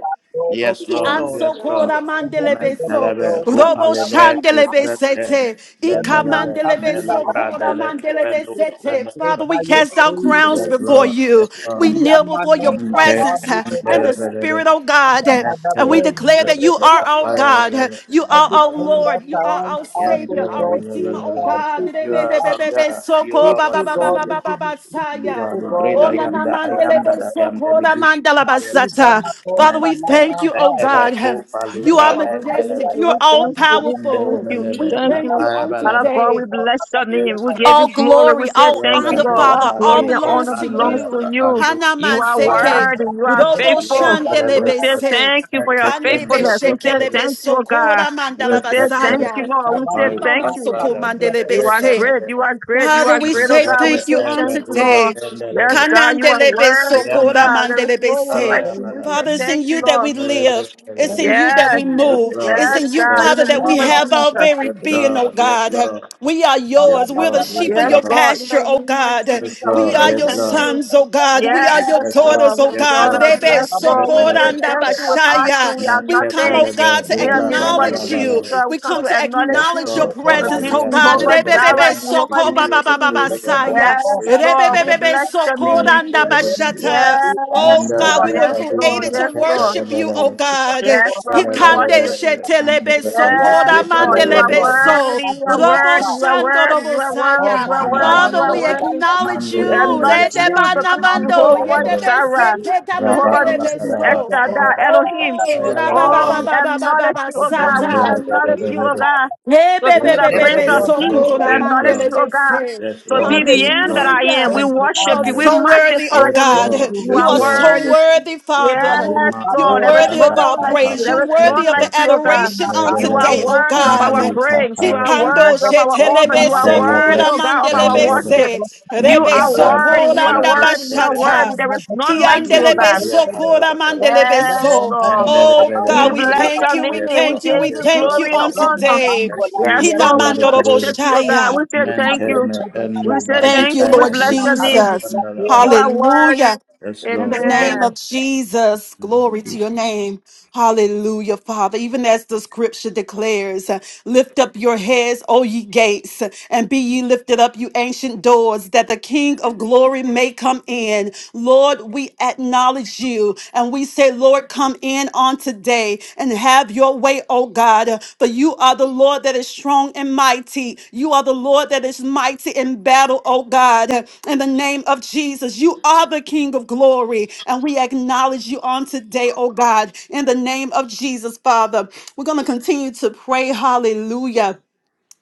[SPEAKER 1] Lord,
[SPEAKER 4] Ki
[SPEAKER 1] so
[SPEAKER 3] Lord.
[SPEAKER 6] Because
[SPEAKER 4] anso
[SPEAKER 3] Yes,
[SPEAKER 6] your
[SPEAKER 3] Lord.
[SPEAKER 4] kora
[SPEAKER 6] way are
[SPEAKER 4] mandelebe
[SPEAKER 6] your
[SPEAKER 4] so
[SPEAKER 6] way
[SPEAKER 3] Mentalebe,
[SPEAKER 6] is the
[SPEAKER 4] robo
[SPEAKER 6] best way,
[SPEAKER 3] Hopalebre,
[SPEAKER 6] the
[SPEAKER 4] shandelebe
[SPEAKER 6] right way.
[SPEAKER 3] Sente,
[SPEAKER 4] sete ika
[SPEAKER 3] Bendelebe,
[SPEAKER 6] There
[SPEAKER 4] mandelebe
[SPEAKER 6] is no
[SPEAKER 4] so
[SPEAKER 3] Melu,
[SPEAKER 6] way
[SPEAKER 4] kora
[SPEAKER 3] Radele,
[SPEAKER 6] without
[SPEAKER 4] mandelebe
[SPEAKER 3] Kependo,
[SPEAKER 1] we
[SPEAKER 4] sete.
[SPEAKER 5] a
[SPEAKER 4] Father,
[SPEAKER 3] Sendelebe.
[SPEAKER 4] we
[SPEAKER 1] can
[SPEAKER 4] cast
[SPEAKER 1] always
[SPEAKER 4] down
[SPEAKER 1] do it.
[SPEAKER 4] crowns
[SPEAKER 5] salir
[SPEAKER 3] Yes,
[SPEAKER 6] accepting
[SPEAKER 5] a
[SPEAKER 6] the
[SPEAKER 4] before
[SPEAKER 3] Lord.
[SPEAKER 6] people.
[SPEAKER 4] you.
[SPEAKER 3] Yes,
[SPEAKER 4] We
[SPEAKER 3] Lord.
[SPEAKER 4] kneel before your
[SPEAKER 5] Yamano
[SPEAKER 3] Mente,
[SPEAKER 4] presence
[SPEAKER 6] from the
[SPEAKER 5] Savali,
[SPEAKER 6] Cleanse
[SPEAKER 4] uh, in
[SPEAKER 6] me,
[SPEAKER 4] the
[SPEAKER 6] Father
[SPEAKER 4] spirit,
[SPEAKER 3] Mendelebe,
[SPEAKER 6] God.
[SPEAKER 4] oh God, uh, and we
[SPEAKER 3] Mentelebe,
[SPEAKER 4] declare
[SPEAKER 6] Everything,
[SPEAKER 4] that you are
[SPEAKER 5] Yabadabo,
[SPEAKER 4] our God. Uh,
[SPEAKER 6] anything
[SPEAKER 4] You
[SPEAKER 5] At
[SPEAKER 4] are
[SPEAKER 5] the
[SPEAKER 4] our oh
[SPEAKER 5] time
[SPEAKER 3] Papayabelebe,
[SPEAKER 6] in
[SPEAKER 5] that
[SPEAKER 4] Lord. You are
[SPEAKER 6] Jesus
[SPEAKER 5] surrounds
[SPEAKER 4] our
[SPEAKER 3] you
[SPEAKER 5] our
[SPEAKER 6] Christ,
[SPEAKER 4] Savior,
[SPEAKER 5] fellow
[SPEAKER 4] our
[SPEAKER 5] God
[SPEAKER 6] I
[SPEAKER 5] shows
[SPEAKER 4] Redeemer,
[SPEAKER 6] love
[SPEAKER 4] oh
[SPEAKER 5] how
[SPEAKER 3] are
[SPEAKER 6] and
[SPEAKER 4] God.
[SPEAKER 5] faithful
[SPEAKER 6] son
[SPEAKER 5] we
[SPEAKER 3] our
[SPEAKER 5] are.
[SPEAKER 4] Re-be-be-be-be-be,
[SPEAKER 3] God. You
[SPEAKER 4] soko,
[SPEAKER 3] are
[SPEAKER 4] ba,
[SPEAKER 3] our
[SPEAKER 4] ba,
[SPEAKER 5] Faithful
[SPEAKER 4] ba, ba,
[SPEAKER 5] God,
[SPEAKER 4] ba,
[SPEAKER 5] we
[SPEAKER 4] ba,
[SPEAKER 3] Savior.
[SPEAKER 4] ba,
[SPEAKER 5] give
[SPEAKER 4] ba,
[SPEAKER 5] you praise.
[SPEAKER 3] You
[SPEAKER 4] saya.
[SPEAKER 3] are
[SPEAKER 5] Faithful
[SPEAKER 3] the great
[SPEAKER 5] God,
[SPEAKER 4] Oh,
[SPEAKER 3] I
[SPEAKER 5] we
[SPEAKER 4] na,
[SPEAKER 3] am,
[SPEAKER 5] give
[SPEAKER 4] na,
[SPEAKER 3] the
[SPEAKER 5] you
[SPEAKER 3] I
[SPEAKER 5] all the
[SPEAKER 4] mandele,
[SPEAKER 3] am
[SPEAKER 4] be,
[SPEAKER 3] that
[SPEAKER 5] praise.
[SPEAKER 3] I am, the
[SPEAKER 4] soko, na,
[SPEAKER 3] beginning
[SPEAKER 4] mandala,
[SPEAKER 3] and the end.
[SPEAKER 5] Matthew,
[SPEAKER 4] basata.
[SPEAKER 5] Bana, Paul,
[SPEAKER 4] Father,
[SPEAKER 3] Amen.
[SPEAKER 4] we
[SPEAKER 3] The
[SPEAKER 4] thank
[SPEAKER 5] Salata,
[SPEAKER 4] you,
[SPEAKER 3] the
[SPEAKER 4] oh
[SPEAKER 5] Vaz.
[SPEAKER 3] ever
[SPEAKER 4] God.
[SPEAKER 3] who
[SPEAKER 5] Yes,
[SPEAKER 4] You
[SPEAKER 3] Palura
[SPEAKER 4] are
[SPEAKER 5] Lord,
[SPEAKER 7] Lord, we
[SPEAKER 3] and the
[SPEAKER 7] thank
[SPEAKER 5] Matthew,
[SPEAKER 4] majestic.
[SPEAKER 7] you,
[SPEAKER 3] level.
[SPEAKER 4] You're
[SPEAKER 5] Bana,
[SPEAKER 7] we
[SPEAKER 5] Bana,
[SPEAKER 4] all
[SPEAKER 7] thank you,
[SPEAKER 5] Bana.
[SPEAKER 7] we thank
[SPEAKER 4] powerful.
[SPEAKER 7] you, we
[SPEAKER 3] Mendelebelebe,
[SPEAKER 4] We
[SPEAKER 5] We
[SPEAKER 7] thank
[SPEAKER 4] thank
[SPEAKER 5] have
[SPEAKER 7] you.
[SPEAKER 4] you
[SPEAKER 5] seen
[SPEAKER 4] on
[SPEAKER 5] that
[SPEAKER 7] Father
[SPEAKER 5] the
[SPEAKER 3] Ayabalabala,
[SPEAKER 7] God,
[SPEAKER 4] today.
[SPEAKER 7] we
[SPEAKER 5] temple of
[SPEAKER 7] bless your
[SPEAKER 5] Samaria
[SPEAKER 7] name. We
[SPEAKER 5] was a
[SPEAKER 7] give
[SPEAKER 3] Yentelebe,
[SPEAKER 4] All
[SPEAKER 7] you glory. We
[SPEAKER 4] glory,
[SPEAKER 7] say
[SPEAKER 4] all
[SPEAKER 7] thank
[SPEAKER 3] Yebe
[SPEAKER 7] you,
[SPEAKER 4] honor,
[SPEAKER 5] temple
[SPEAKER 7] Lord.
[SPEAKER 5] of
[SPEAKER 7] All
[SPEAKER 4] Father,
[SPEAKER 5] the
[SPEAKER 7] glory
[SPEAKER 4] all
[SPEAKER 3] Kupandi,
[SPEAKER 7] and
[SPEAKER 5] Lord.
[SPEAKER 4] belongs
[SPEAKER 7] honor
[SPEAKER 4] to
[SPEAKER 6] name.
[SPEAKER 7] belongs
[SPEAKER 4] you.
[SPEAKER 7] to
[SPEAKER 3] Ebandelebe,
[SPEAKER 7] you.
[SPEAKER 3] Andu,
[SPEAKER 7] You are
[SPEAKER 3] Yentelebe,
[SPEAKER 4] Hanamaseke,
[SPEAKER 5] Malam,
[SPEAKER 7] word and you are
[SPEAKER 5] Matthew,
[SPEAKER 4] Robo
[SPEAKER 5] Bana, Paul,
[SPEAKER 7] faithful.
[SPEAKER 5] Salata,
[SPEAKER 3] Yentelebe,
[SPEAKER 7] We say
[SPEAKER 5] Vaz.
[SPEAKER 4] Shandelebese,
[SPEAKER 7] thank you for your
[SPEAKER 3] Mekekendu,
[SPEAKER 4] Kandebe
[SPEAKER 5] Jesus,
[SPEAKER 7] faithfulness.
[SPEAKER 5] the
[SPEAKER 7] We
[SPEAKER 5] Lord,
[SPEAKER 7] say
[SPEAKER 5] the Lord.
[SPEAKER 3] Yentelebe,
[SPEAKER 4] Shekelebe,
[SPEAKER 7] thank you, oh God.
[SPEAKER 4] Sokora
[SPEAKER 3] Yes,
[SPEAKER 7] We
[SPEAKER 3] Lord,
[SPEAKER 7] say
[SPEAKER 3] yes, Lord, yes,
[SPEAKER 7] thank you,
[SPEAKER 4] Mandalabasaya,
[SPEAKER 7] Lord.
[SPEAKER 5] Rabbi,
[SPEAKER 7] We
[SPEAKER 3] Lord, yes, Lord, yes, Lord, yes,
[SPEAKER 7] say
[SPEAKER 5] Matthew,
[SPEAKER 3] Lord,
[SPEAKER 5] Bana,
[SPEAKER 7] thank
[SPEAKER 4] Imama
[SPEAKER 7] you.
[SPEAKER 5] Paul, Salata, Vaz.
[SPEAKER 4] Soko
[SPEAKER 5] Thank
[SPEAKER 3] yes,
[SPEAKER 7] You are
[SPEAKER 4] Mandelebese.
[SPEAKER 7] great. You are great. You
[SPEAKER 4] Father,
[SPEAKER 7] are
[SPEAKER 4] we
[SPEAKER 7] great, oh
[SPEAKER 4] say
[SPEAKER 3] Lord, yes, Lord, yes, Lord,
[SPEAKER 7] God. We
[SPEAKER 4] thank
[SPEAKER 7] say
[SPEAKER 4] you
[SPEAKER 6] Thank
[SPEAKER 4] on
[SPEAKER 7] thank
[SPEAKER 6] you.
[SPEAKER 7] you, Lord.
[SPEAKER 4] today.
[SPEAKER 7] Yes, God, you are
[SPEAKER 4] Kanandelebe
[SPEAKER 7] worthy, oh
[SPEAKER 4] sokora
[SPEAKER 7] God. There is
[SPEAKER 4] mandelebe
[SPEAKER 7] no one
[SPEAKER 4] se.
[SPEAKER 7] like you. We
[SPEAKER 5] you,
[SPEAKER 7] say
[SPEAKER 4] Father, it's
[SPEAKER 5] Jesus.
[SPEAKER 4] in
[SPEAKER 7] thank you,
[SPEAKER 4] you that
[SPEAKER 7] Lord.
[SPEAKER 4] we
[SPEAKER 6] Thank you
[SPEAKER 4] live.
[SPEAKER 6] so
[SPEAKER 4] It's
[SPEAKER 6] much,
[SPEAKER 5] Thank
[SPEAKER 4] in you that
[SPEAKER 7] Yes,
[SPEAKER 4] we
[SPEAKER 5] you,
[SPEAKER 4] move. It's
[SPEAKER 7] yes,
[SPEAKER 4] in you,
[SPEAKER 7] God, in
[SPEAKER 4] Father,
[SPEAKER 7] the
[SPEAKER 4] that
[SPEAKER 7] name
[SPEAKER 4] we
[SPEAKER 7] of
[SPEAKER 4] have
[SPEAKER 5] Jesus.
[SPEAKER 4] our very
[SPEAKER 7] Jesus.
[SPEAKER 4] being, oh God. We are yours.
[SPEAKER 5] Yes,
[SPEAKER 4] We're the sheep of
[SPEAKER 7] Yes,
[SPEAKER 4] your
[SPEAKER 7] God, in
[SPEAKER 4] pasture,
[SPEAKER 7] the
[SPEAKER 4] oh
[SPEAKER 7] name of
[SPEAKER 4] God.
[SPEAKER 3] yes,
[SPEAKER 7] Jesus. We
[SPEAKER 4] We
[SPEAKER 7] say
[SPEAKER 4] are your
[SPEAKER 7] thank you.
[SPEAKER 4] sons, oh God. We are your
[SPEAKER 7] Yes,
[SPEAKER 4] daughters,
[SPEAKER 7] Lord,
[SPEAKER 4] oh God.
[SPEAKER 7] restore us.
[SPEAKER 4] Rebe
[SPEAKER 7] Yes, Lord, we
[SPEAKER 3] Lord,
[SPEAKER 7] say
[SPEAKER 3] yes,
[SPEAKER 4] sokoranda
[SPEAKER 7] thank you. Without you,
[SPEAKER 4] bashaya.
[SPEAKER 7] we are
[SPEAKER 4] We come,
[SPEAKER 7] nothing.
[SPEAKER 4] oh God,
[SPEAKER 7] In
[SPEAKER 4] to
[SPEAKER 3] Lord.
[SPEAKER 7] the name of
[SPEAKER 4] acknowledge
[SPEAKER 3] Yes,
[SPEAKER 7] Jesus,
[SPEAKER 4] you.
[SPEAKER 3] Lord.
[SPEAKER 7] we
[SPEAKER 4] We
[SPEAKER 7] come
[SPEAKER 4] come
[SPEAKER 7] to
[SPEAKER 4] to
[SPEAKER 7] acknowledge
[SPEAKER 3] Yes,
[SPEAKER 7] you.
[SPEAKER 4] acknowledge your
[SPEAKER 3] Lord.
[SPEAKER 7] To
[SPEAKER 4] presence,
[SPEAKER 3] Father,
[SPEAKER 7] be
[SPEAKER 3] we
[SPEAKER 4] oh God
[SPEAKER 3] acknowledge
[SPEAKER 7] Jehovah
[SPEAKER 3] your
[SPEAKER 7] Jireh,
[SPEAKER 4] bebe
[SPEAKER 3] presence. We
[SPEAKER 7] Jehovah
[SPEAKER 4] soko
[SPEAKER 3] give
[SPEAKER 4] ba
[SPEAKER 3] you all
[SPEAKER 4] Baba
[SPEAKER 3] the
[SPEAKER 4] ba ba
[SPEAKER 7] Nissi.
[SPEAKER 4] ba
[SPEAKER 3] glory, honor, and
[SPEAKER 4] saya.
[SPEAKER 7] Yes,
[SPEAKER 3] adoration
[SPEAKER 7] Lord,
[SPEAKER 3] this
[SPEAKER 7] we
[SPEAKER 4] Rebebebebe
[SPEAKER 7] bless your
[SPEAKER 4] soko
[SPEAKER 3] evening,
[SPEAKER 7] name.
[SPEAKER 3] O
[SPEAKER 4] randa
[SPEAKER 3] Lord Jesus.
[SPEAKER 4] bashata.
[SPEAKER 3] And
[SPEAKER 4] Oh
[SPEAKER 7] Yes,
[SPEAKER 3] uh,
[SPEAKER 4] God,
[SPEAKER 7] Lord,
[SPEAKER 4] we
[SPEAKER 3] let
[SPEAKER 4] were
[SPEAKER 7] yes,
[SPEAKER 3] every
[SPEAKER 7] Lord,
[SPEAKER 4] created to
[SPEAKER 7] yes,
[SPEAKER 3] breath of
[SPEAKER 7] Lord.
[SPEAKER 4] worship you, oh God.
[SPEAKER 7] Yes, Lord, we
[SPEAKER 4] Hikande
[SPEAKER 7] worship you.
[SPEAKER 4] shetelebe soko
[SPEAKER 7] Yes, Lord, you are
[SPEAKER 4] ramandelebe so.
[SPEAKER 7] worthy, you are
[SPEAKER 4] Robo
[SPEAKER 7] worthy, you are
[SPEAKER 4] shando
[SPEAKER 7] worthy,
[SPEAKER 4] robo
[SPEAKER 7] you are worthy, you
[SPEAKER 4] saya.
[SPEAKER 7] are worthy, you
[SPEAKER 4] Father,
[SPEAKER 7] are
[SPEAKER 4] we
[SPEAKER 7] worthy.
[SPEAKER 4] acknowledge
[SPEAKER 7] We
[SPEAKER 4] you.
[SPEAKER 7] acknowledge you,
[SPEAKER 4] Redeba
[SPEAKER 7] the big
[SPEAKER 4] Namando,
[SPEAKER 7] Jehovah
[SPEAKER 4] yedebe
[SPEAKER 7] Jireh, Jehovah
[SPEAKER 4] sekedamandelebe
[SPEAKER 7] Nissi,
[SPEAKER 4] so.
[SPEAKER 7] Eshada, Elohim.
[SPEAKER 4] Oh,
[SPEAKER 3] our
[SPEAKER 4] ba ba ba
[SPEAKER 7] Oh,
[SPEAKER 4] ba
[SPEAKER 7] we
[SPEAKER 4] ba ba ba ba
[SPEAKER 7] acknowledge
[SPEAKER 4] ba
[SPEAKER 7] you,
[SPEAKER 5] Thank
[SPEAKER 7] oh
[SPEAKER 5] you,
[SPEAKER 7] God,
[SPEAKER 5] Jesus.
[SPEAKER 7] we
[SPEAKER 4] sata.
[SPEAKER 5] Thank
[SPEAKER 7] acknowledge
[SPEAKER 5] you,
[SPEAKER 7] you, oh
[SPEAKER 3] lungs,
[SPEAKER 7] God,
[SPEAKER 4] Hey,
[SPEAKER 7] to be
[SPEAKER 4] baby,
[SPEAKER 3] Yes,
[SPEAKER 7] the
[SPEAKER 4] baby,
[SPEAKER 3] Lord.
[SPEAKER 7] Prince
[SPEAKER 4] baby,
[SPEAKER 7] of
[SPEAKER 3] Yes,
[SPEAKER 4] so
[SPEAKER 7] Peace.
[SPEAKER 3] Lord.
[SPEAKER 4] cold.
[SPEAKER 7] We
[SPEAKER 4] I'm
[SPEAKER 3] Yes,
[SPEAKER 4] on
[SPEAKER 7] acknowledge
[SPEAKER 4] daily
[SPEAKER 3] Lord.
[SPEAKER 7] you, oh God,
[SPEAKER 4] basis.
[SPEAKER 3] Yes,
[SPEAKER 7] to be
[SPEAKER 3] Lord.
[SPEAKER 7] the
[SPEAKER 3] Yes,
[SPEAKER 7] end that
[SPEAKER 3] Lord.
[SPEAKER 7] I am.
[SPEAKER 4] Hallelujah.
[SPEAKER 7] We
[SPEAKER 4] You
[SPEAKER 7] worship
[SPEAKER 4] are
[SPEAKER 5] Abba.
[SPEAKER 7] you, we
[SPEAKER 3] Yes,
[SPEAKER 4] so worthy, oh
[SPEAKER 3] yes,
[SPEAKER 7] magnify your
[SPEAKER 4] God.
[SPEAKER 7] name.
[SPEAKER 5] Thank
[SPEAKER 3] Lord.
[SPEAKER 5] you,
[SPEAKER 7] You
[SPEAKER 3] Yes,
[SPEAKER 4] You
[SPEAKER 7] are
[SPEAKER 5] Holy
[SPEAKER 4] are so
[SPEAKER 3] Lord.
[SPEAKER 7] worthy,
[SPEAKER 5] Spirit.
[SPEAKER 4] worthy, Father.
[SPEAKER 5] Manu
[SPEAKER 7] Yes,
[SPEAKER 4] You're
[SPEAKER 7] Lord.
[SPEAKER 3] Imanta
[SPEAKER 7] There
[SPEAKER 5] Kabera
[SPEAKER 7] is
[SPEAKER 4] worthy
[SPEAKER 5] de
[SPEAKER 4] of
[SPEAKER 7] none
[SPEAKER 5] da
[SPEAKER 3] labra
[SPEAKER 4] our
[SPEAKER 7] like
[SPEAKER 3] kata
[SPEAKER 7] you.
[SPEAKER 4] praise. You're
[SPEAKER 7] There is
[SPEAKER 4] worthy
[SPEAKER 7] none
[SPEAKER 4] of
[SPEAKER 7] like
[SPEAKER 3] bisente.
[SPEAKER 4] the
[SPEAKER 7] you, O God.
[SPEAKER 4] adoration
[SPEAKER 5] Abdemona
[SPEAKER 4] on
[SPEAKER 7] You
[SPEAKER 5] Kambra
[SPEAKER 7] are
[SPEAKER 4] today,
[SPEAKER 3] Rebelebele.
[SPEAKER 4] oh
[SPEAKER 7] worthy
[SPEAKER 5] Dito,
[SPEAKER 7] of
[SPEAKER 4] God.
[SPEAKER 7] our
[SPEAKER 3] Mandi
[SPEAKER 7] praise. You are
[SPEAKER 3] kapalebe.
[SPEAKER 7] worthy
[SPEAKER 4] Ikando
[SPEAKER 7] of our
[SPEAKER 5] Rebeto
[SPEAKER 7] honor.
[SPEAKER 4] shetelebe
[SPEAKER 7] You are
[SPEAKER 5] Kabana
[SPEAKER 3] Mantelebre.
[SPEAKER 7] worthy,
[SPEAKER 5] Balia,
[SPEAKER 4] sokora
[SPEAKER 7] O God, of our
[SPEAKER 4] mandelebe
[SPEAKER 3] Tendelebe.
[SPEAKER 7] worship.
[SPEAKER 4] se.
[SPEAKER 5] Lebron
[SPEAKER 7] You
[SPEAKER 4] Rebe
[SPEAKER 5] Kabia
[SPEAKER 7] are
[SPEAKER 3] Miganta
[SPEAKER 5] Brante,
[SPEAKER 7] worthy. You
[SPEAKER 4] sokora
[SPEAKER 7] are
[SPEAKER 3] malubra
[SPEAKER 7] worthy. You are
[SPEAKER 3] dentebelebe.
[SPEAKER 7] worthy.
[SPEAKER 4] ndabashata.
[SPEAKER 5] Abana
[SPEAKER 7] There is
[SPEAKER 5] de
[SPEAKER 7] none like
[SPEAKER 3] Mandi
[SPEAKER 5] Kabia
[SPEAKER 7] you, O
[SPEAKER 4] Kiandelebe
[SPEAKER 7] God.
[SPEAKER 3] libya
[SPEAKER 5] Abrete de
[SPEAKER 4] sokora
[SPEAKER 3] parabelebe.
[SPEAKER 4] mandelebe
[SPEAKER 7] Yes,
[SPEAKER 5] Lebron
[SPEAKER 4] so.
[SPEAKER 5] de
[SPEAKER 7] Lord.
[SPEAKER 4] Oh
[SPEAKER 5] Aban
[SPEAKER 7] We
[SPEAKER 4] God, we
[SPEAKER 7] bless
[SPEAKER 3] Mendelebelebelebe.
[SPEAKER 4] thank
[SPEAKER 7] your
[SPEAKER 5] Kilabada,
[SPEAKER 4] you, we
[SPEAKER 3] Yes,
[SPEAKER 7] name. We
[SPEAKER 4] thank
[SPEAKER 3] Lord.
[SPEAKER 4] you, we
[SPEAKER 7] give you
[SPEAKER 3] Yes,
[SPEAKER 4] thank
[SPEAKER 3] Lord.
[SPEAKER 4] you
[SPEAKER 7] glory
[SPEAKER 5] Ezekete
[SPEAKER 4] on
[SPEAKER 7] and
[SPEAKER 5] Loma
[SPEAKER 7] honor.
[SPEAKER 4] today.
[SPEAKER 3] Thank
[SPEAKER 5] Bangola
[SPEAKER 3] you
[SPEAKER 7] Yes,
[SPEAKER 5] Tia
[SPEAKER 3] to
[SPEAKER 5] de
[SPEAKER 7] Lord. We
[SPEAKER 5] da
[SPEAKER 3] the glory.
[SPEAKER 7] worship you, O God.
[SPEAKER 4] Hinamandoroboshaya.
[SPEAKER 7] We say
[SPEAKER 5] Lotri
[SPEAKER 7] thank you.
[SPEAKER 3] Maintain
[SPEAKER 5] Abrete de da
[SPEAKER 3] and
[SPEAKER 7] We
[SPEAKER 3] do
[SPEAKER 7] say
[SPEAKER 4] Thank
[SPEAKER 7] thank
[SPEAKER 4] you,
[SPEAKER 7] you. We
[SPEAKER 3] Balibra
[SPEAKER 4] Lord
[SPEAKER 3] and
[SPEAKER 7] bless
[SPEAKER 3] do
[SPEAKER 5] Babana
[SPEAKER 7] your name.
[SPEAKER 5] Pati
[SPEAKER 4] Jesus.
[SPEAKER 5] Lakera,
[SPEAKER 7] You
[SPEAKER 3] Santanala.
[SPEAKER 7] are worthy.
[SPEAKER 4] Hallelujah.
[SPEAKER 3] Yes,
[SPEAKER 4] In
[SPEAKER 3] Lord.
[SPEAKER 4] the
[SPEAKER 5] Level
[SPEAKER 4] name
[SPEAKER 7] Amen.
[SPEAKER 4] of Jesus,
[SPEAKER 3] In the name of
[SPEAKER 4] glory to your
[SPEAKER 3] Jesus.
[SPEAKER 4] name. Hallelujah, Father. Even as the scripture declares, uh, lift up your heads, O ye gates, and be ye lifted up, you ancient doors, that the King of glory may come in. Lord, we acknowledge you and we say, Lord, come in on today way and have your way, oh God. For you are the Lord that is strong and mighty. You are the Lord that is mighty in battle, oh God. In the name of Jesus, you are the King of glory. And we acknowledge you on today, oh God. In the name of Jesus, Father, we're going to continue to pray. Hallelujah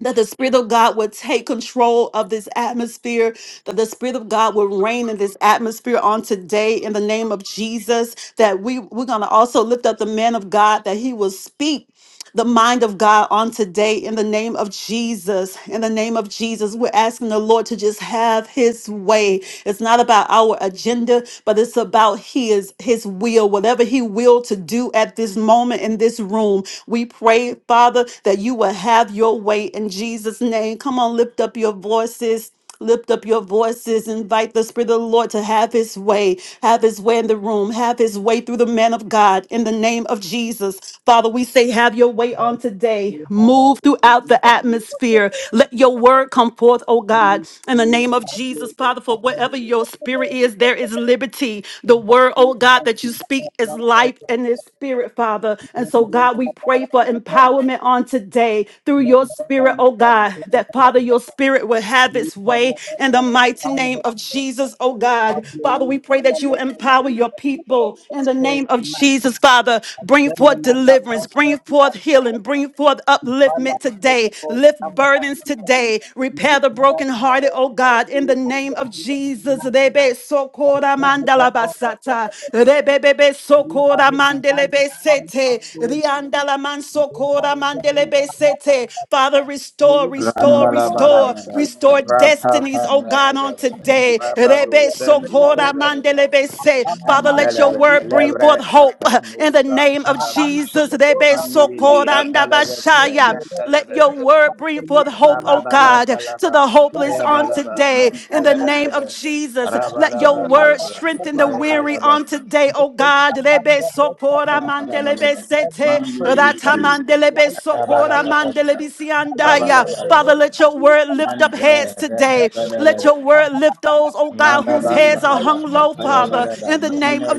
[SPEAKER 4] that the Spirit of God would take control of this atmosphere, that the Spirit of God would reign in this atmosphere on today in the name of Jesus. That we, we're going to also lift up the man of God, that he will speak the mind of God on today in the name of Jesus. In the name of Jesus, we're asking the Lord to just have his way. It's not about our agenda, but it's about his his will. Whatever he will to do at this moment in this room. We pray, Father, that you will have your way in Jesus name. Come on, lift up your voices. Lift up your voices. Invite the Spirit of the Lord to have his way. Have his way in the room. Have his way through the man of God in the name of Jesus. Father, we say, have your way on today. Move
[SPEAKER 5] Thank
[SPEAKER 4] throughout the atmosphere. Let your word come forth, oh God, in the name of Jesus. Father, for whatever your spirit is, there is liberty. The word, oh God, that you speak is life and is spirit, Father. And so, God, we pray for empowerment on today through your spirit, oh God, that Father, your spirit will have have its way in the mighty name of Jesus, oh God. Father, we pray that you empower your people in the name of Jesus, Father. Bring forth deliverance, bring forth healing, bring forth upliftment today, lift burdens today, repair the brokenhearted, oh God, in the name of Jesus. Rebe sokora mandala basata.
[SPEAKER 5] you.
[SPEAKER 4] Rebebebe
[SPEAKER 5] We have
[SPEAKER 4] sokora
[SPEAKER 5] a divine
[SPEAKER 4] mandelebe
[SPEAKER 5] power
[SPEAKER 4] sete.
[SPEAKER 5] of soul.
[SPEAKER 4] Riandala man
[SPEAKER 5] We
[SPEAKER 4] sokora
[SPEAKER 5] have heaven
[SPEAKER 4] mandelebe
[SPEAKER 5] and not the
[SPEAKER 4] sete.
[SPEAKER 5] earth.
[SPEAKER 4] Father,
[SPEAKER 5] May
[SPEAKER 4] restore,
[SPEAKER 5] we be
[SPEAKER 4] restore,
[SPEAKER 5] transformed by
[SPEAKER 4] restore.
[SPEAKER 5] every
[SPEAKER 3] Randalabadabada.
[SPEAKER 4] Restore
[SPEAKER 5] touching
[SPEAKER 4] destinies, oh God, on
[SPEAKER 5] and
[SPEAKER 3] Rapapandadabada.
[SPEAKER 5] the
[SPEAKER 4] today.
[SPEAKER 5] gift of
[SPEAKER 3] Rabadu
[SPEAKER 4] Rebe
[SPEAKER 5] your praise, O
[SPEAKER 4] sokora
[SPEAKER 5] God.
[SPEAKER 3] Santalabada.
[SPEAKER 4] mandelebe se. Father,
[SPEAKER 5] Amana
[SPEAKER 4] let your
[SPEAKER 3] Mantalaba.
[SPEAKER 4] word
[SPEAKER 5] Padilla,
[SPEAKER 4] bring forth
[SPEAKER 3] Levre
[SPEAKER 4] hope in the
[SPEAKER 3] Epanusan
[SPEAKER 4] name of
[SPEAKER 3] Talaba.
[SPEAKER 5] Madame the
[SPEAKER 4] Jesus. Rebe
[SPEAKER 5] Padilla,
[SPEAKER 4] sokora
[SPEAKER 3] Mandiribria Talabada.
[SPEAKER 5] let
[SPEAKER 4] ndabashaya.
[SPEAKER 5] your love
[SPEAKER 4] Let
[SPEAKER 3] Mantalaba.
[SPEAKER 5] and
[SPEAKER 4] your
[SPEAKER 5] the
[SPEAKER 4] word bring forth
[SPEAKER 5] consolation
[SPEAKER 4] hope, oh
[SPEAKER 5] nothing.
[SPEAKER 4] God, to
[SPEAKER 3] Rabababandalaba.
[SPEAKER 4] the
[SPEAKER 5] Let
[SPEAKER 4] hopeless
[SPEAKER 5] our
[SPEAKER 4] on
[SPEAKER 5] lives be
[SPEAKER 3] Payabalaba.
[SPEAKER 4] today. In
[SPEAKER 5] transformed
[SPEAKER 4] the
[SPEAKER 5] by
[SPEAKER 4] name
[SPEAKER 5] you.
[SPEAKER 4] of
[SPEAKER 3] Mantalaba.
[SPEAKER 4] Jesus, let your word
[SPEAKER 5] Omenapa,
[SPEAKER 3] Rabalabalaba.
[SPEAKER 4] strengthen the
[SPEAKER 5] Omenapa,
[SPEAKER 4] weary
[SPEAKER 3] Payabalaba.
[SPEAKER 4] on today,
[SPEAKER 5] the
[SPEAKER 4] oh
[SPEAKER 5] hope
[SPEAKER 4] God.
[SPEAKER 5] of
[SPEAKER 4] Rebe
[SPEAKER 5] the rest of the
[SPEAKER 4] sokora
[SPEAKER 3] Mandela
[SPEAKER 5] Lord.
[SPEAKER 4] mandelebe
[SPEAKER 5] Let the
[SPEAKER 4] sete.
[SPEAKER 5] spirit
[SPEAKER 4] Rata
[SPEAKER 5] communicate
[SPEAKER 4] mandelebe
[SPEAKER 5] life to us,
[SPEAKER 4] sokora
[SPEAKER 5] O God.
[SPEAKER 4] mandelebe
[SPEAKER 5] I am
[SPEAKER 4] siandaya.
[SPEAKER 5] the
[SPEAKER 4] Father,
[SPEAKER 5] Lord,
[SPEAKER 4] let
[SPEAKER 5] and
[SPEAKER 4] your word
[SPEAKER 5] We
[SPEAKER 4] word
[SPEAKER 5] devil,
[SPEAKER 4] lift up heads
[SPEAKER 5] We
[SPEAKER 4] today. Let your word lift those, oh God, whose heads are
[SPEAKER 5] invite
[SPEAKER 4] hung
[SPEAKER 5] you,
[SPEAKER 4] low,
[SPEAKER 5] dear Holy
[SPEAKER 4] Father, in the
[SPEAKER 5] Spirit.
[SPEAKER 4] name of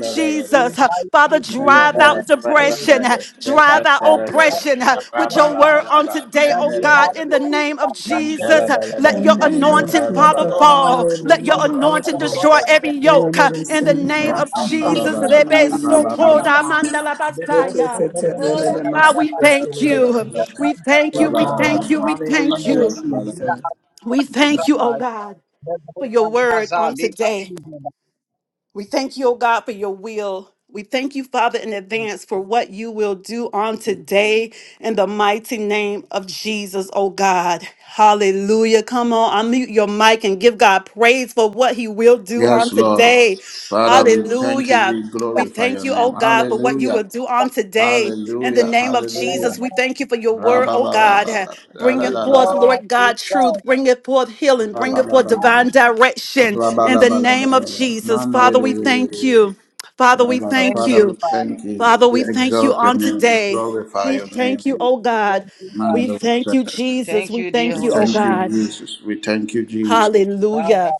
[SPEAKER 5] We
[SPEAKER 4] Jesus. Uh,
[SPEAKER 5] invite
[SPEAKER 4] Father,
[SPEAKER 5] you, dear
[SPEAKER 4] drive
[SPEAKER 5] Holy
[SPEAKER 4] out
[SPEAKER 5] Spirit.
[SPEAKER 4] depression, uh, drive out
[SPEAKER 5] Bhagwan, we thank
[SPEAKER 4] oppression
[SPEAKER 5] you,
[SPEAKER 4] uh, with your word on today,
[SPEAKER 5] that
[SPEAKER 4] oh
[SPEAKER 5] you
[SPEAKER 4] God,
[SPEAKER 5] have
[SPEAKER 4] in
[SPEAKER 5] to
[SPEAKER 4] the
[SPEAKER 5] way.
[SPEAKER 4] name of
[SPEAKER 5] Bhagwan,
[SPEAKER 4] Jesus. Uh,
[SPEAKER 5] that
[SPEAKER 4] Let your
[SPEAKER 1] In the name
[SPEAKER 5] you
[SPEAKER 1] of
[SPEAKER 4] anointing,
[SPEAKER 5] have your way.
[SPEAKER 4] Father,
[SPEAKER 1] Jesus,
[SPEAKER 4] fall. Let your
[SPEAKER 5] Lord,
[SPEAKER 1] hallelujah, oh
[SPEAKER 5] that you have your way. Lord, we thank you, Lord,
[SPEAKER 4] anointing
[SPEAKER 1] God.
[SPEAKER 4] destroy
[SPEAKER 5] that
[SPEAKER 4] every yoke
[SPEAKER 1] Whenever
[SPEAKER 4] uh,
[SPEAKER 1] they
[SPEAKER 4] in the
[SPEAKER 1] send in the
[SPEAKER 4] name
[SPEAKER 3] Aya
[SPEAKER 1] heart,
[SPEAKER 4] of
[SPEAKER 3] kamna la
[SPEAKER 1] Father,
[SPEAKER 4] Jesus.
[SPEAKER 1] we
[SPEAKER 3] ba la ba,
[SPEAKER 1] send
[SPEAKER 4] Rebe
[SPEAKER 1] in the
[SPEAKER 3] ara
[SPEAKER 1] name
[SPEAKER 5] you
[SPEAKER 3] ba
[SPEAKER 1] of
[SPEAKER 3] ba
[SPEAKER 5] have
[SPEAKER 1] the
[SPEAKER 3] ba,
[SPEAKER 5] your
[SPEAKER 4] sokoda
[SPEAKER 5] way.
[SPEAKER 1] heart.
[SPEAKER 4] mandala
[SPEAKER 5] The
[SPEAKER 1] Yes,
[SPEAKER 5] host
[SPEAKER 1] yes,
[SPEAKER 5] of
[SPEAKER 1] yes,
[SPEAKER 4] basaya.
[SPEAKER 5] the
[SPEAKER 1] yes,
[SPEAKER 5] Lord, that you
[SPEAKER 3] yanta
[SPEAKER 1] yes, yes,
[SPEAKER 4] Oh
[SPEAKER 5] have
[SPEAKER 4] God,
[SPEAKER 3] la
[SPEAKER 1] yes,
[SPEAKER 4] we
[SPEAKER 1] yes,
[SPEAKER 3] la
[SPEAKER 4] thank
[SPEAKER 1] yes,
[SPEAKER 3] la
[SPEAKER 1] yes,
[SPEAKER 3] la
[SPEAKER 1] yes.
[SPEAKER 4] you.
[SPEAKER 5] The God, that you have your The Lamb of God, that
[SPEAKER 3] la,
[SPEAKER 4] We
[SPEAKER 5] you have your The God,
[SPEAKER 4] thank
[SPEAKER 3] ba
[SPEAKER 4] you.
[SPEAKER 1] Oh
[SPEAKER 3] ba
[SPEAKER 4] We
[SPEAKER 3] la ba la
[SPEAKER 1] God,
[SPEAKER 4] thank you.
[SPEAKER 3] ba,
[SPEAKER 4] We thank
[SPEAKER 3] ara
[SPEAKER 1] hallelujah,
[SPEAKER 3] ba
[SPEAKER 4] you.
[SPEAKER 3] la ba la ba.
[SPEAKER 1] Jesus.
[SPEAKER 4] We thank you, oh God, for your word on today. We thank you, oh God, for your will. We thank you, Father, in advance for what you will do on today in the mighty name of Jesus, oh God. Hallelujah. Come on, unmute your mic and give God praise for what he will do on
[SPEAKER 3] Yes, Lord.
[SPEAKER 4] today.
[SPEAKER 3] Father, we thank you.
[SPEAKER 4] Hallelujah.
[SPEAKER 3] We
[SPEAKER 4] We
[SPEAKER 3] glorify
[SPEAKER 4] thank
[SPEAKER 3] your
[SPEAKER 4] you,
[SPEAKER 3] name.
[SPEAKER 4] oh God, for what you will
[SPEAKER 3] Hallelujah.
[SPEAKER 4] do on today. In the
[SPEAKER 3] Hallelujah.
[SPEAKER 4] name of
[SPEAKER 3] Hallelujah.
[SPEAKER 4] Jesus, we thank you for your word, oh God.
[SPEAKER 3] Rabba-ba-ba-ba-ba.
[SPEAKER 4] Bringing
[SPEAKER 5] Praise
[SPEAKER 4] forth,
[SPEAKER 3] Da-da-da-da-da-da.
[SPEAKER 5] God,
[SPEAKER 4] Lord
[SPEAKER 5] praise
[SPEAKER 4] God,
[SPEAKER 5] God.
[SPEAKER 4] truth. Bringing forth healing. Bringing forth
[SPEAKER 3] Rabba-ba-ba-ba-ba.
[SPEAKER 5] And
[SPEAKER 4] divine direction. In the name of
[SPEAKER 3] Rabba-ba-ba-ba-ba-ba.
[SPEAKER 4] Jesus, Father,
[SPEAKER 5] thank
[SPEAKER 4] we
[SPEAKER 5] you,
[SPEAKER 4] thank
[SPEAKER 3] Mandi-di-di-di-di-di.
[SPEAKER 4] you. Father, we
[SPEAKER 3] Rabba-ba.
[SPEAKER 5] thank
[SPEAKER 4] thank
[SPEAKER 3] Father,
[SPEAKER 5] you,
[SPEAKER 4] you.
[SPEAKER 3] we
[SPEAKER 5] Father.
[SPEAKER 3] thank you.
[SPEAKER 4] Father,
[SPEAKER 3] We
[SPEAKER 4] we thank you
[SPEAKER 3] exalt your
[SPEAKER 4] on
[SPEAKER 3] name. We
[SPEAKER 4] today.
[SPEAKER 3] glorify
[SPEAKER 4] We
[SPEAKER 5] Thank
[SPEAKER 3] your
[SPEAKER 5] you,
[SPEAKER 3] name.
[SPEAKER 4] thank you,
[SPEAKER 5] Jesus.
[SPEAKER 4] oh God.
[SPEAKER 5] thank you, Father.
[SPEAKER 4] We
[SPEAKER 3] Mando
[SPEAKER 4] thank
[SPEAKER 3] said,
[SPEAKER 4] you, Jesus. We thank
[SPEAKER 3] We
[SPEAKER 4] you, oh
[SPEAKER 3] thank you,
[SPEAKER 4] God.
[SPEAKER 3] Jesus. We thank you, Jesus.
[SPEAKER 5] Father,
[SPEAKER 4] Hallelujah.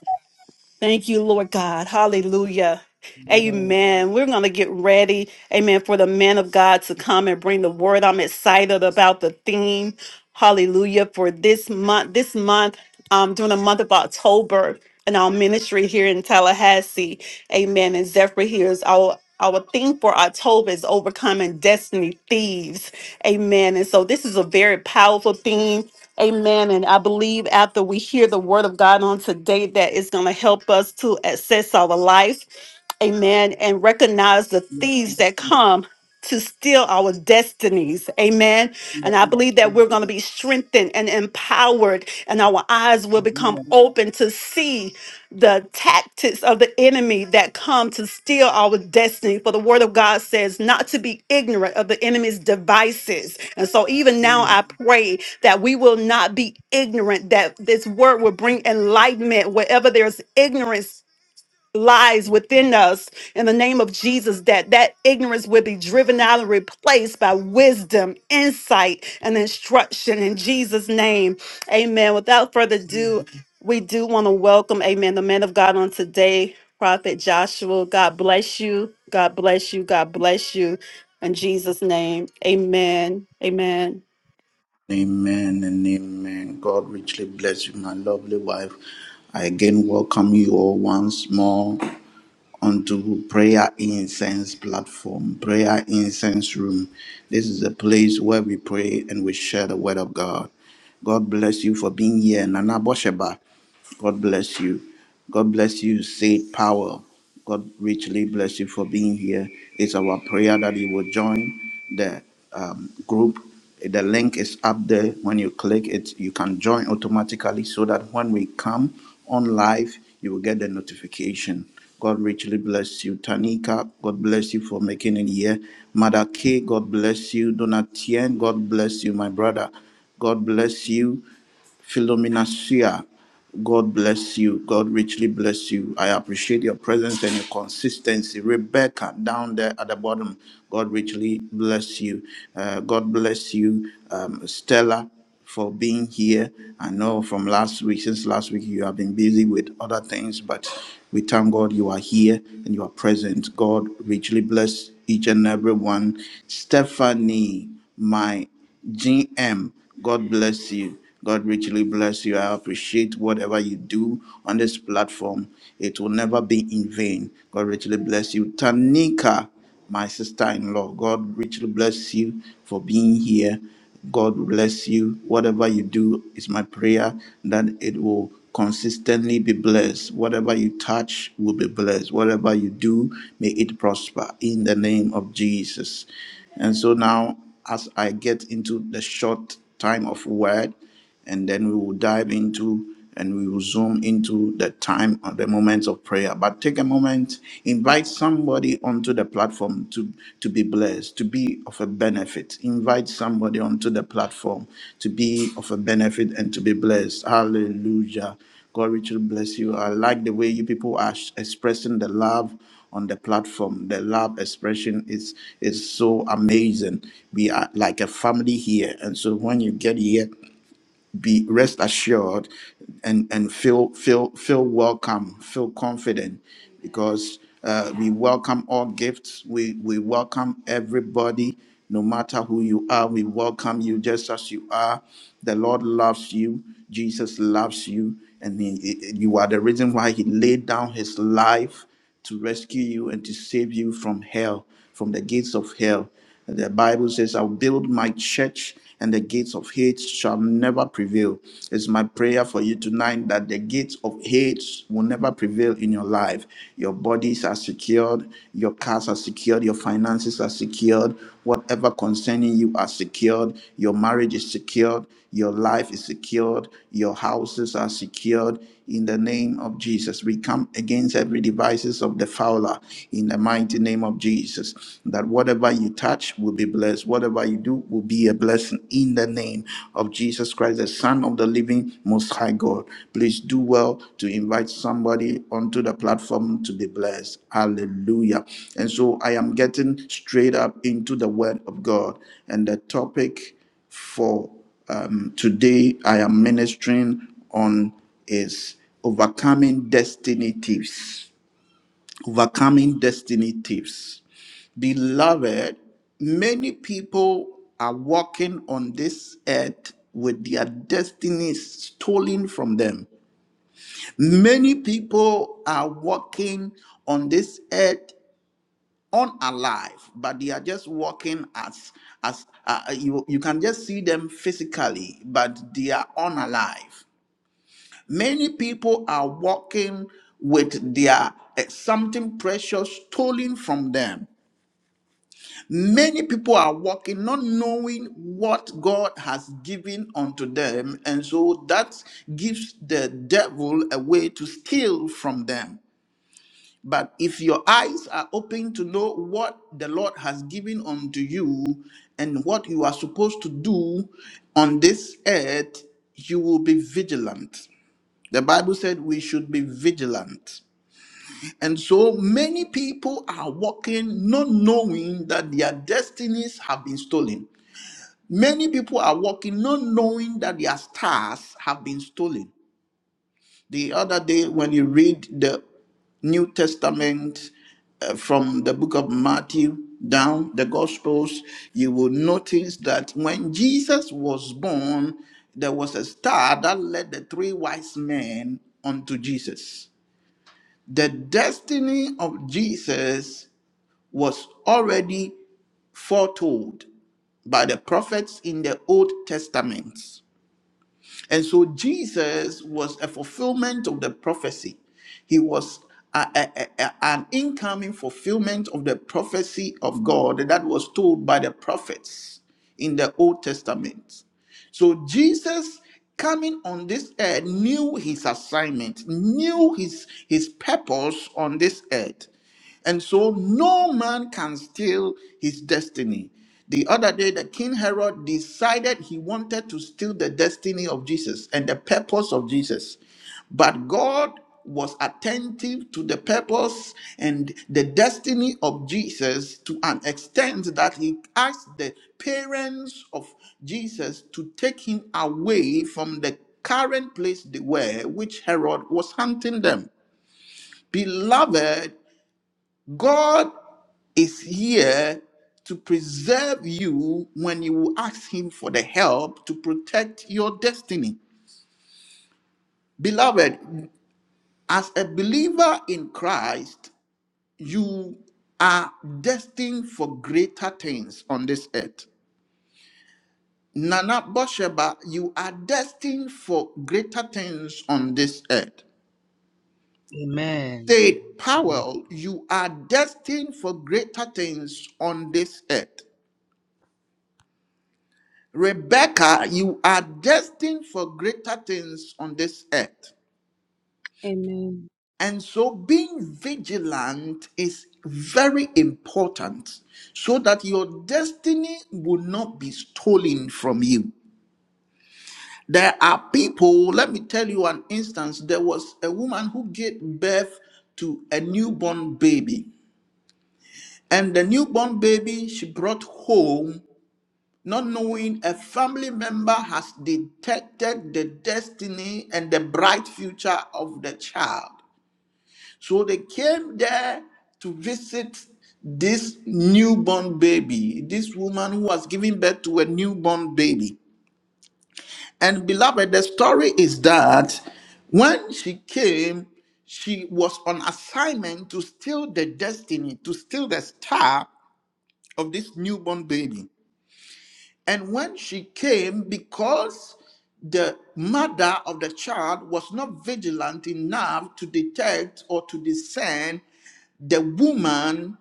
[SPEAKER 4] Thank you, Lord God. Hallelujah.
[SPEAKER 5] Amen.
[SPEAKER 4] Amen. We're going to get ready, amen, for the man of God to come and bring the word. I'm excited about the theme. Hallelujah. For this month, this month, um, during the month of October in our ministry here in Tallahassee. Amen. And Zephyr here is our our theme for October is overcoming destiny thieves. Amen. And so this is a very powerful theme. Amen. And I believe after we hear the word of God on today, that is going to help us to assess our life. Amen. And recognize the
[SPEAKER 5] Yes,
[SPEAKER 4] thieves
[SPEAKER 5] yes,
[SPEAKER 4] that come to steal our destinies. Amen.
[SPEAKER 5] yes,
[SPEAKER 4] And I believe that
[SPEAKER 5] yes.
[SPEAKER 4] we're going to be strengthened and empowered, and our eyes will become
[SPEAKER 5] Amen.
[SPEAKER 4] open to see the tactics of the enemy that come to steal our destiny. For the word of God says not to be ignorant of the enemy's devices. And so even now I pray that we will not be ignorant, that this word will bring enlightenment wherever there's ignorance lies within us in the name of Jesus that that ignorance would be driven out and replaced by wisdom, insight, and instruction in Jesus' name. Amen. Without further
[SPEAKER 5] Amen.
[SPEAKER 4] ado, we do want to welcome, amen, the man of God on today, Prophet Joshua. God bless you. God bless you. God bless you. In Jesus' name, amen. Amen.
[SPEAKER 3] Amen and amen. God richly bless you, my lovely wife. I again welcome you all once more onto Prayer Incense platform, Prayer Incense Room. This is a place where we pray and we share the word of God. God bless you for being here, Nana Bosheba. God bless you. God bless you, Saint Power. God richly bless you for being here. It's our prayer that you will join the um, group. The link is up there. When you click it, you can join automatically so that when we come on live, you will get the notification. God richly bless you. Tanika, God bless you for making it here. Mother K, God bless you. Donatien, God bless you, my brother. God bless you. Philomena Sia, God bless you. God richly bless you. I appreciate your presence and your consistency. Rebecca, down there at the bottom, God richly bless you. Uh, God bless you, um, Stella, for being here. I know from last week, since last week, you have been busy with other things, but we thank God you are here and you are present. God richly bless each and every one. Stephanie, my GM, God bless you. God richly bless you. I appreciate whatever you do on this platform. It will never be in vain. God richly bless you. Tanika, my sister in law, God richly bless you for being here. God bless you. Whatever you do is my prayer that it will consistently be blessed. Whatever you touch will be blessed. Whatever you do, may it prosper in the name of Jesus. And so now as I get into the short time of word, and then we will dive into and we will zoom into the time of the moments of prayer. But take a moment, invite somebody onto the platform to, to be blessed, to be of a benefit. Invite somebody onto the platform to be of a benefit and to be blessed. Hallelujah. God richly bless you. I like the way you people are sh- expressing the love on the platform. The love expression is is so amazing. We are like a family here, and so when you get here be rest assured and and feel feel feel welcome feel confident because uh, we welcome all gifts we we welcome everybody no matter who you are we welcome you just as you are the lord loves you jesus loves you and he, you are the reason why he laid down his life to rescue you and to save you from hell, from the gates of hell. And the Bible says, I'll build my church and the gates of hate shall never prevail. It's my prayer for you tonight that the gates of hate will never prevail in your life. Your bodies are secured, your cars are secured, your finances are secured, whatever concerning you are secured, your marriage is secured, your life is secured, your houses are secured, in the name of Jesus. We come against every devices of the fowler in the mighty name of Jesus. That whatever you touch will be blessed. Whatever you do will be a blessing in the name of Jesus Christ, the Son of the living most high God. Please do well to invite somebody onto the platform to be blessed. Hallelujah. And so I am getting straight up into the word of God. And the topic for um, today I am ministering on is overcoming destiny tips. Overcoming destiny tips. Beloved, many people are walking on this earth with their destinies stolen from them. Many people are walking on this earth unalive but they are just walking as as uh, uh, you you can just see them physically but they are unalive many people are born uh, precious stolen from them many people are walking not knowing what god has given unto them and so that gives the devil a way to steal from them But if your eyes are open to know what the Lord has given unto you and what you are supposed to do on this earth, you will be vigilant. The Bible said we should be vigilant. And so many people are walking not knowing that their destinies have been stolen. Many people are walking not knowing that their stars have been stolen. The other day, when you read the New Testament uh, from the book of Matthew down the Gospels, you will notice that when Jesus was born, there was a star that led the three wise men unto Jesus. The destiny of Jesus was already foretold by the prophets in the Old Testament. And so Jesus was a fulfillment of the prophecy. He was a- a- a- an incoming fulfillment of the prophecy of God that was told by the prophets in the Old Testament. So Jesus coming on this earth knew his assignment, knew his, his purpose on this earth. And so no man can steal his destiny. The other day, the King Herod decided he wanted to steal the destiny of Jesus and the purpose of Jesus. But God was attentive to the purpose and the destiny of Jesus to an extent that he asked the parents of Jesus to take him away from the current place they were, which Herod was hand them. Beloved, God is here to preserve you when you will ask Him for the help to protect your destiny. Beloved, as a believer in Christ, you are destined for greater things on this earth. Nana Bosheba, you are destined for greater things on this earth.
[SPEAKER 5] Amen.
[SPEAKER 3] Said Powell, you are destined for greater things on this earth. Rebecca, you are destined for greater things on this earth.
[SPEAKER 8] Amen.
[SPEAKER 3] And so being vigilant is very important so that your destiny will not be stolen from you. There are people, let me tell you an instance. There was a woman who gave birth to a newborn baby. And the newborn baby she brought home Not knowing a family member has detected the destiny and the bright future of the child. So they came there to visit this newborn baby, this woman who was giving birth to a newborn baby. And beloved, the story is that when she came, she was on assignment to steal the destiny, to steal the star of this newborn baby. And when she came, because the mother of the child was not vigilant enough to detect or to discern the woman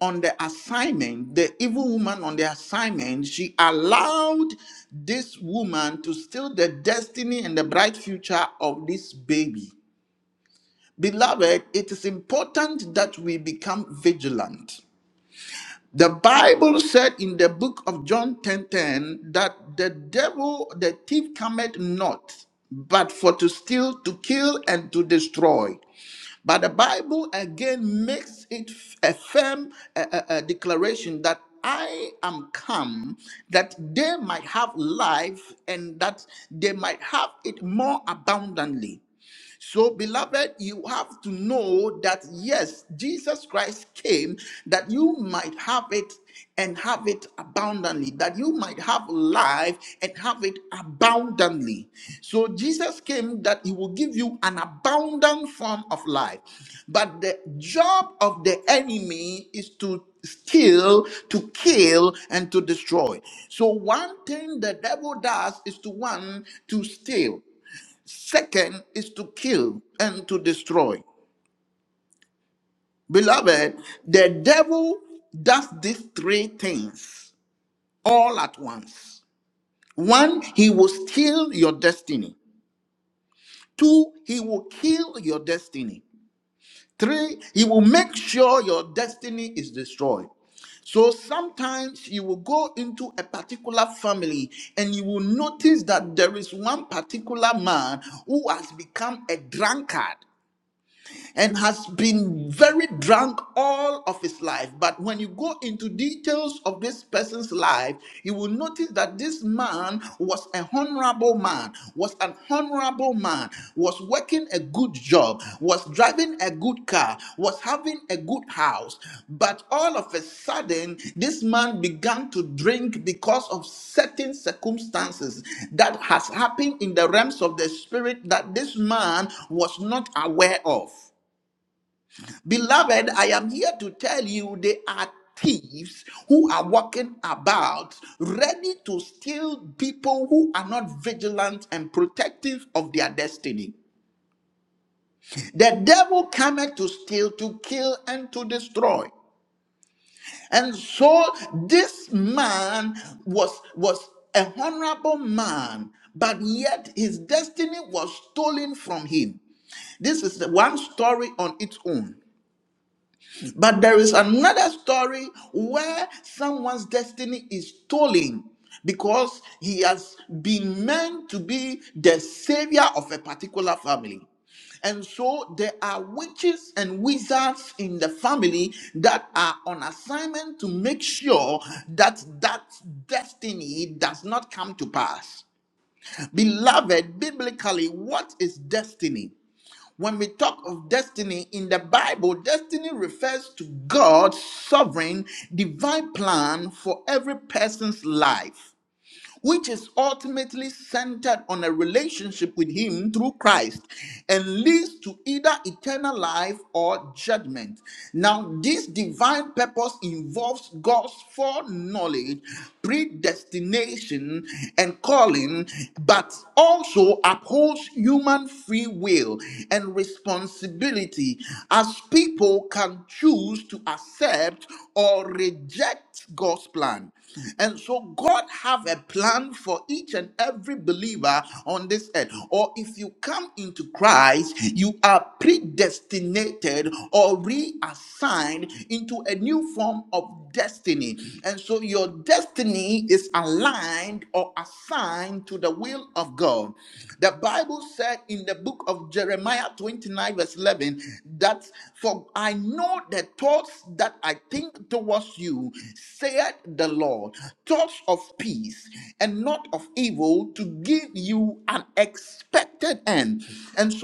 [SPEAKER 3] on the assignment, the evil woman on the assignment, she allowed this woman to steal the destiny and the bright future of this baby. Beloved, it is important that we become vigilant the Bible said in the book of John 10:10 that the devil, the thief cometh not, but for to steal, to kill, and to destroy. But the Bible again makes it f- a firm uh, uh, uh, declaration that I am come that they might have life and that they might have it more abundantly. So, beloved, you have to know that yes, Jesus Christ came that you might have it and have it abundantly, that you might have life and have it abundantly. So, Jesus came that he will give you an abundant form of life. But the job of the enemy is to steal, to kill, and to destroy. So, one thing the devil does is to one, to steal. Second is to kill and to destroy. Beloved, the devil does these three things all at once. One, he will steal your destiny. Two, he will kill your destiny. Three, he will make sure your destiny is destroyed. So sometimes you will go into a particular family and you will notice that there is one particular man who has become a drunkard and has been very drunk all of his life. But when you go into details of this person's life, you will notice that this man was a honorable man, was an honorable man, was working a good job, was driving a good car, was having a good house. But all of a sudden, this man began to drink because of certain circumstances that has happened in the realms of the spirit that this man was not aware of. Beloved, I am here to tell you they are thieves who are walking about ready to steal people who are not vigilant and protective of their destiny. The devil cometh to steal, to kill, and to destroy. And so this man was, was a honorable man, but yet his destiny was stolen from him. This is the one story on its own. But there is another story where someone's destiny is stolen because he has been meant to be the savior of a particular family. And so there are witches and wizards in the family that are on assignment to make sure that that destiny does not come to pass. Beloved, biblically, what is destiny? When we talk of destiny in the Bible, destiny refers to God's sovereign, divine plan for every person's life which is ultimately centered on a relationship with Him through Christ and leads to either eternal life or judgment. Now, this divine purpose involves God's foreknowledge, predestination, and calling, but also upholds human free will and responsibility. As people people can choose to accept or reject God's plan. And so God have a plan for each and every believer on this earth. Or if you come into Christ, you are predestinated or reassigned into a new form of destiny. And so your destiny is aligned or assigned to the will of God. The Bible said in the book of Jeremiah 29 verse 11 that for I know the thoughts that I think towards you, saith the Lord, thoughts of peace and not of evil to give you an expected end. And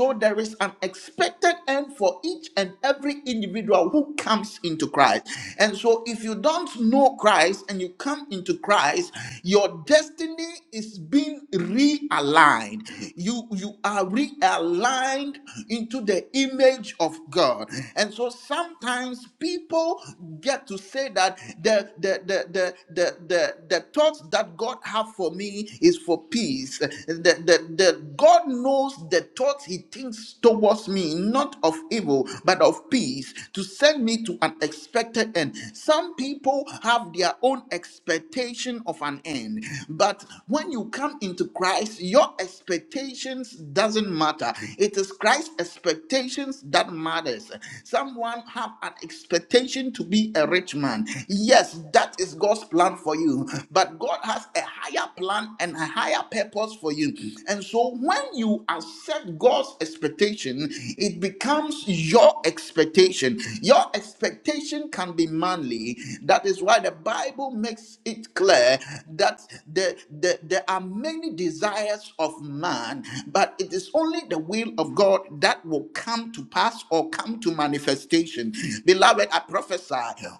[SPEAKER 3] for each and every individual who comes into Christ. And so, if you don't know Christ and you come into Christ, your destiny is being realigned. You, you are realigned into the image of God. And so, sometimes people get to say that the, the, the, the, the, the, the thoughts that God have for me is for peace. The, the, the, God knows the the thoughts he thinks towards me, not of evil, but of peace, to send me to an expected end. Some people have their own expectation of an end, but when you come into Christ, your expectations doesn't matter. It is Christ's expectations that matters. Someone have an expectation to be a rich man. Yes, that is God's plan for you, but God has a higher plan and a higher purpose purpose for you. And so when you accept God's expectation, it becomes your expectation. Your expectation can be manly. That is why the Bible makes it clear that the, the, there are many desires of man, but it is only the will of God that will come to pass or come to manifestation. Beloved, I prophesy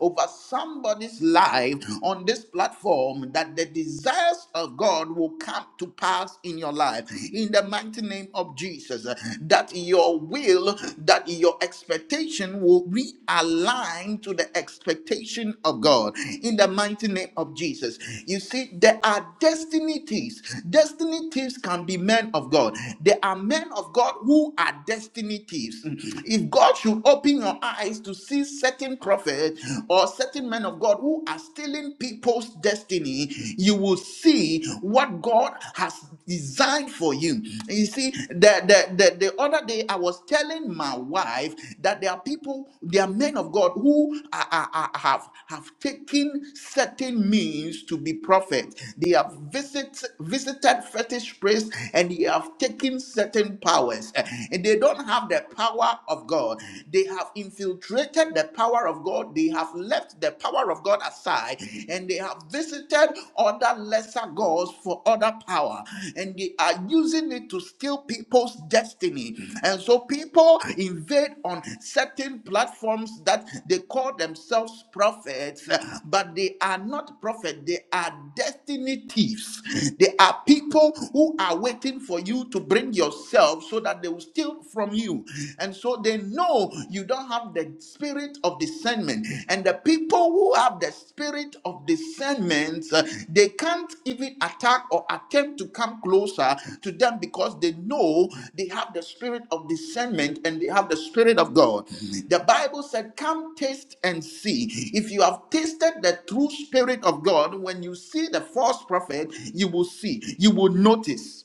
[SPEAKER 3] over somebody's life on this platform form that the desires of God will come to pass in your life. In the mighty name of Jesus, uh, that your will, that your expectation will realign to the expectation of God. In the mighty name of Jesus. You see, there are destiny thieves. Destiny thieves can be men of God. There are men of God who are destiny thieves. If God should open your eyes to see certain prophets, or certain men of God who are stealing people's destiny, you will see what God has designed for you. You see, the, the, the, the other day I was telling my wife that there are people, there are men of God who are, are- are- have, have taken certain means to be prophets. They have visit, visited fetish priests and they have taken certain powers. Eh, And they don't have the power of God. They have have infiltrated the power of God, they have left the power of God aside, and they have visited other lesser gods for other power, and they are using it to steal people's destiny. And so people invade on certain platforms that they call themselves prophets, but they are not prophets, they are destiny thieves. They are people who are waiting for you to bring yourself so that they will steal steal from you. And so they know you don't have the spirit of discernment. And the people who have the spirit of discernment, uh, they can't even attack or attempt to come closer to them because they know they have the spirit of discernment and they have the spirit of God. The Bible said, Come taste and see. If you have tasted the true spirit of God, when you see the false prophet, you will see, you will notice.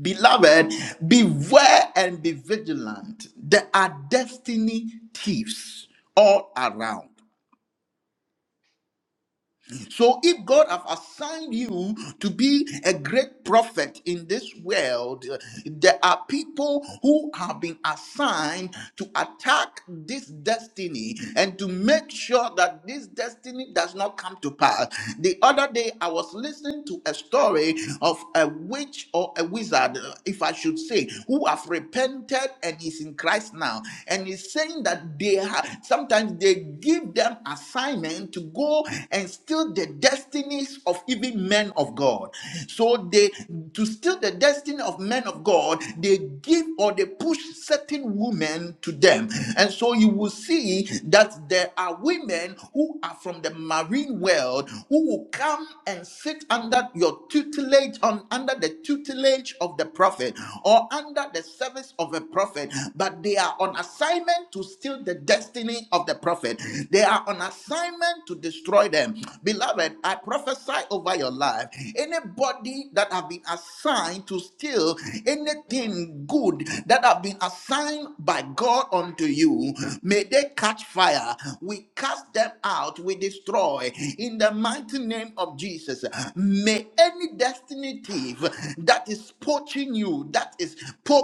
[SPEAKER 3] Beloved, beware and be vigilant. There are destiny thieves all around. So if God have assigned you to be a great prophet in this world, there are people who have been assigned to attack this destiny and to make sure that this destiny does not come to pass. The other day I was listening to a story of a witch or a wizard, if I should say, who have repented and is in Christ now. And he's saying that they have sometimes they give them assignment to go and steal the destinies of even men of God. So they to steal the destiny of men of God, they give or they push certain women to them. And so you will see that there are women who are from the marine world who will come and sit under your tutelage on under the tutelage of the prophet or under the service of a prophet, but they are on assignment to steal the destiny destiny of the prophet. They are on assignment to destroy them. Beloved, I prophesy over your life. Anybody that have been assigned to steal anything good that have been assigned by God unto you, may they catch fire. We cast them out, we destroy in the mighty name of Jesus. May any destiny thief that is poaching you, that is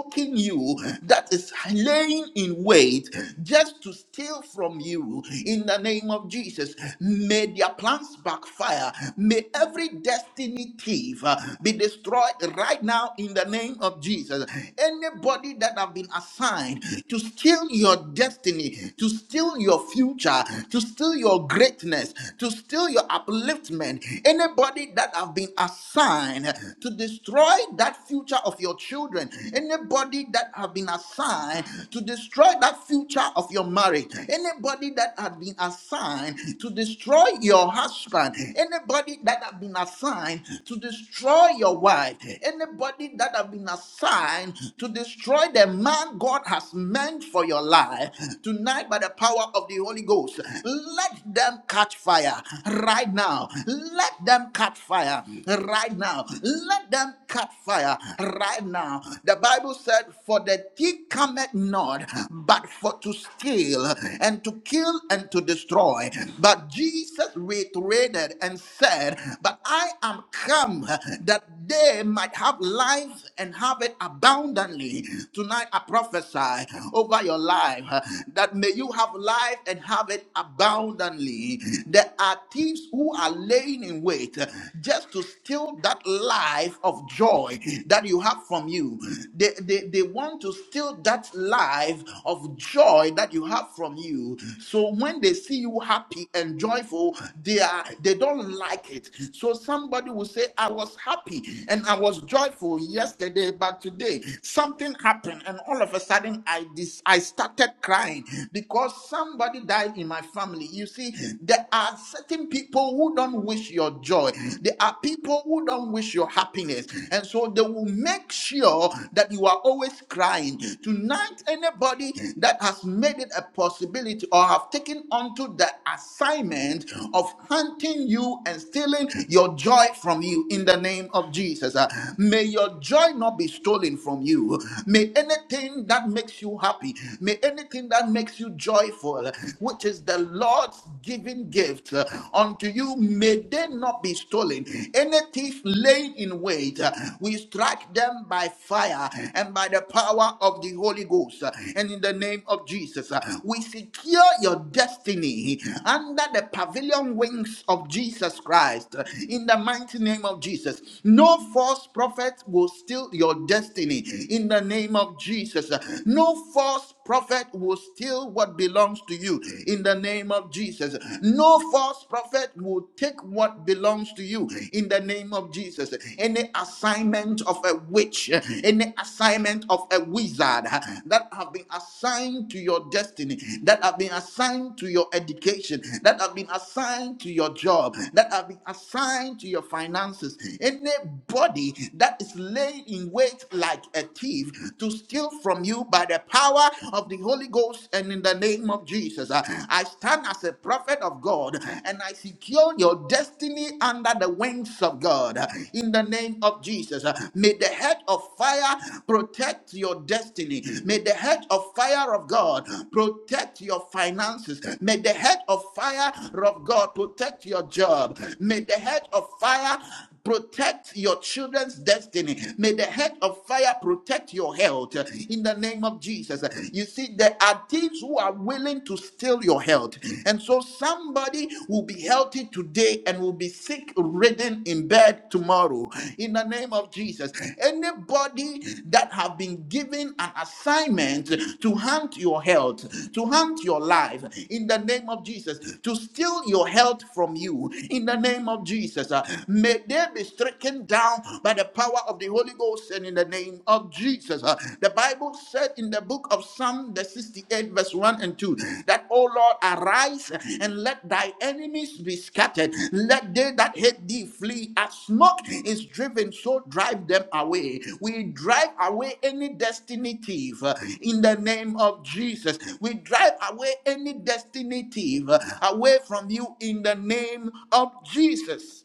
[SPEAKER 3] poking you, that is laying in wait just to steal from you in the name of Jesus. May their plans backfire. May every destiny thief uh, be destroyed right now in the name of Jesus. Anybody that have been assigned to steal your destiny, to steal your future, to steal your greatness, to steal your upliftment, anybody that have been assigned to destroy that future of your children, anybody that have been assigned to destroy that future of your marriage, anybody that have been assigned to destroy your husband, anybody that have been assigned to destroy your wife, anybody that have been assigned to destroy the man God has meant for your life, tonight by the power of the Holy Ghost, let them catch fire right now. Let them catch fire right now. Let them Christian caught fire right now. The Bible said, For the thief cometh not, but for to steal and to kill and to destroy. But Jesus reiterated and said, But I am come that they might have life and have it abundantly. Tonight I prophesy over your life uh, that may you have life and have it abundantly. There are thieves who are laying in wait. uh, just to steal that life of joy that you have from you. They, they, they want to steal that life of joy that you have from you. So when they see you happy and joyful, they are they don't like it. So somebody will say, I was happy and I was joyful yesterday, but today something happened, and all of a sudden I dis- I started crying because somebody died in my family. You see, there are certain people people who don't wish your joy. There are people who don't wish your happiness. And so they will make sure that you are always crying. Tonight, anybody that has made it a possibility or have taken onto the assignment of hunting you and stealing your joy from you in the name of Jesus, uh, may your joy not be stolen from you. May anything that makes you happy, may anything that makes you joyful, which is the Lord's given gift uh, unto you, may they not be stolen. Any thief laid in wait, uh, we strike them by fire and by the power of the Holy Ghost. uh, And in the name of Jesus, uh, we secure your destiny under the pavilion wings of Jesus Christ. uh, In the mighty name of Jesus, no false prophet will steal your destiny. In the name of Jesus, uh, no false false prophet will steal what belongs to you in the name of Jesus. No false prophet will take what belongs to you in the name of Jesus. Any assignment of a witch, any assignment of a wizard that have been assigned to your destiny, that have been assigned to your education, that have been assigned to your job, that have been assigned to your finances, anybody that is laying in wait like a thief to steal from you by the power of the Holy Ghost and in the name of Jesus. Uh, I stand as a prophet of God and I secure your destiny under the wings of God uh, in the name of Jesus. Uh, May the head of fire protect your destiny. May the head of fire of God protect your finances. May the head of fire of God protect your job. May the head of fire Protect your children's destiny. May the head of fire protect your health uh, in the name of Jesus. You see, there are thieves who are willing to steal your health. And so somebody will be healthy today and will be sick ridden in bed tomorrow. In the name of Jesus. Anybody that have been given an assignment to hunt your health, to hunt your life, in the name of Jesus, to steal your health from you, in the name of Jesus. uh, May they be stricken down by the power of the Holy Ghost and in the name of Jesus. Uh, The Bible said in the book of Psalm, the 68, verse 1 and 2, that, O Lord, arise and let thy enemies be scattered. Let they that hate thee flee. As smoke is driven, so drive them away. We drive away any destiny thief uh, in the name of Jesus. We drive away any destiny thief uh, away from you in the name of Jesus.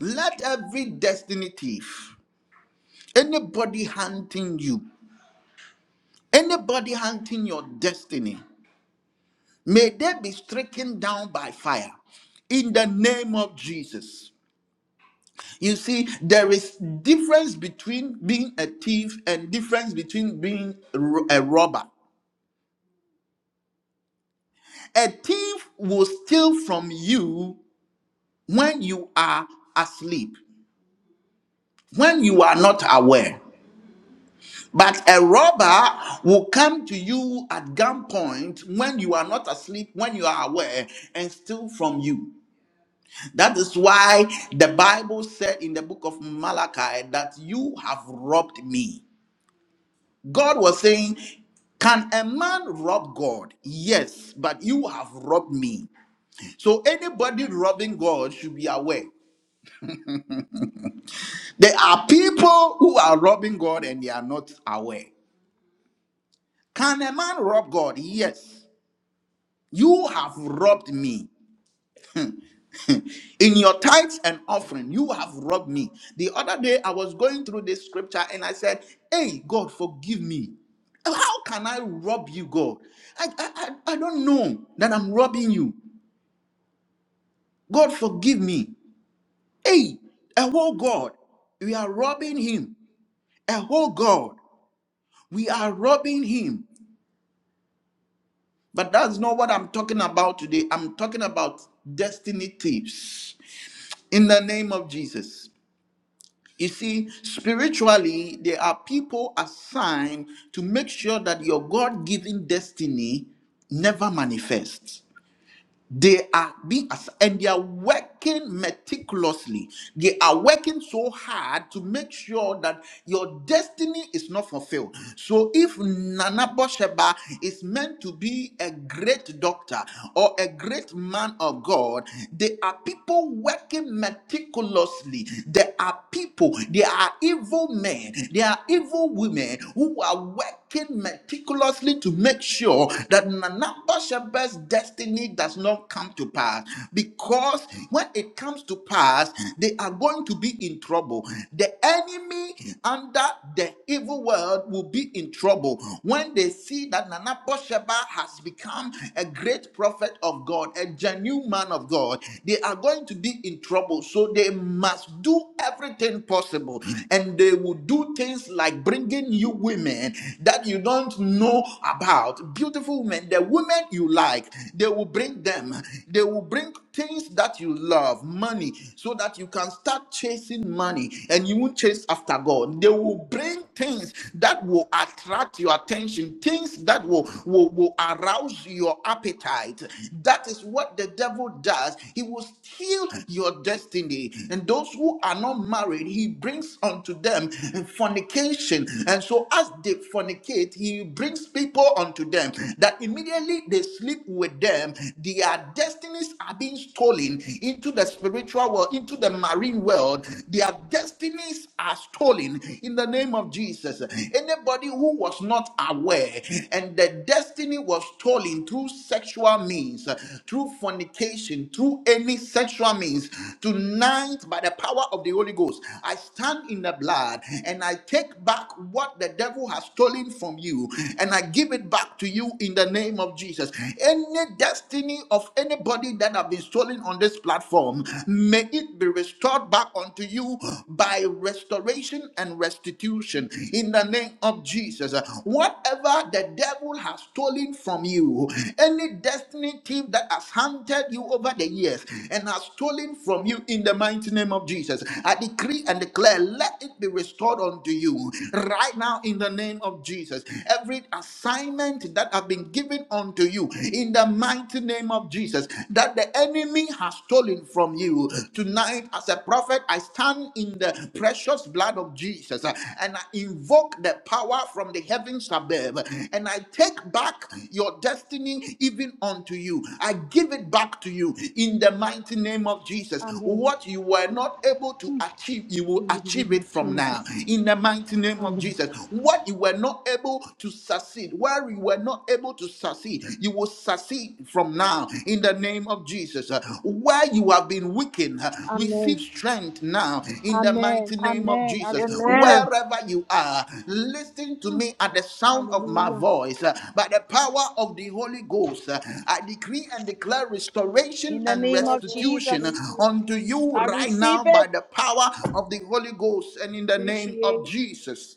[SPEAKER 3] Let every destiny thief, anybody hunting you, anybody hunting your destiny, may they be stricken down by fire in the name of Jesus. You see, there is difference between being a thief and difference between being ro- a robber. A thief will steal from you when you are asleep, when you are not aware. But a robber will come to you at gunpoint when you are not asleep, when you are aware, and steal from you. That is why the Bible said in the book of Malachi that you have robbed me. God was saying, Can a man rob God? Yes, but you have robbed me. So anybody robbing God should be aware. There are people who are robbing God and they are not aware. Can a man rob God? Yes. You have robbed me. In your tithes and offering, you have robbed me. The other day, I was going through this scripture and I said, Hey, God, forgive me. How can I rob you, God? I, I, I I don't know that I'm robbing you. God, forgive me. Hey, a whole God, we are robbing him. A whole God, we are robbing him. But that's not what I'm talking about today. I'm talking about destiny thieves in the name of Jesus. You see, spiritually, there are people assigned to make sure that your God given destiny never manifests. They are being ass- and they are working meticulously. They are working so hard to make sure that your destiny is not fulfilled. So, if Nana Bosheba is meant to be a great doctor or a great man of God, there are people working meticulously. There are people, there are evil men, there are evil women who are working meticulously to make sure that Nana Bosheba's destiny does not come to pass. Because when it comes to pass, they are going to be in trouble. The enemy under the evil world will be in trouble when they see that Nana Bosheba has become a great prophet of God, a genuine man of God. They are going to be in trouble. So they must do everything possible. And they will do things like bringing you women that you don't know about. Beautiful women. The women women you like. They will bring them. They will bring things that you love, money, so that you can start chasing money and you won't chase after God. They will bring things that will attract your attention, things that will, will, will arouse your appetite. That is what the devil does. He will steal your destiny. And those who are not married, he brings unto them fornication. And so as they fornicate, he brings people unto them that immediately they sleep with them, their destinies are being stolen into the spiritual world, into the marine world. Their destinies are stolen in the name of Jesus. Anybody who was not aware and the destiny was stolen through sexual means, through fornication, through any sexual means, tonight by the power of the Holy Ghost, I stand in the blood and I take back what the devil has stolen from you and I give give it back to you in the name of Jesus. Any destiny of anybody that have been stolen on this platform, may it be restored back unto you by restoration and restitution in the name of Jesus. Whatever the devil has stolen from you, any destiny thief that has hunted you over the years and has stolen from you in the mighty name of Jesus, I decree and declare, let it be restored unto you right now in the name of Jesus every assignment that have been given unto you in the mighty name of Jesus that the enemy has stolen from you. Tonight, as a prophet, I stand in the precious blood of Jesus uh, and I invoke the power from the heavens above and I take back your destiny even unto you. I give it back to you in the mighty name of Jesus.
[SPEAKER 9] Amen.
[SPEAKER 3] What you were not able to
[SPEAKER 9] Hmm.
[SPEAKER 3] achieve, you will
[SPEAKER 9] In the
[SPEAKER 3] achieve
[SPEAKER 9] name
[SPEAKER 3] it
[SPEAKER 9] of
[SPEAKER 3] from now
[SPEAKER 9] Jesus.
[SPEAKER 3] in the mighty name of
[SPEAKER 9] Amen.
[SPEAKER 3] Jesus. What you you were not able to succeed, where you were not able to succeed, you will succeed from now in the name of Jesus. Uh, Where you have been weakened, uh,
[SPEAKER 9] Amen.
[SPEAKER 3] receive strength now in the
[SPEAKER 9] Amen.
[SPEAKER 3] mighty name of
[SPEAKER 9] Amen. I
[SPEAKER 3] Jesus.
[SPEAKER 9] receive it.
[SPEAKER 7] Amen.
[SPEAKER 3] Wherever you are, listen to
[SPEAKER 9] Hmm.
[SPEAKER 3] me at the sound of my
[SPEAKER 9] Hallelujah.
[SPEAKER 3] voice. Uh, By the power of the Holy Ghost, uh, I decree and declare restoration
[SPEAKER 9] In the
[SPEAKER 3] and
[SPEAKER 9] name of
[SPEAKER 6] Father.
[SPEAKER 3] restitution
[SPEAKER 6] Thank
[SPEAKER 9] Jesus.
[SPEAKER 6] you.
[SPEAKER 3] unto you
[SPEAKER 9] I
[SPEAKER 3] right
[SPEAKER 9] receive
[SPEAKER 3] now by
[SPEAKER 9] it.
[SPEAKER 3] the power of the Holy Ghost and in the name
[SPEAKER 6] Appreciate.
[SPEAKER 3] of Jesus.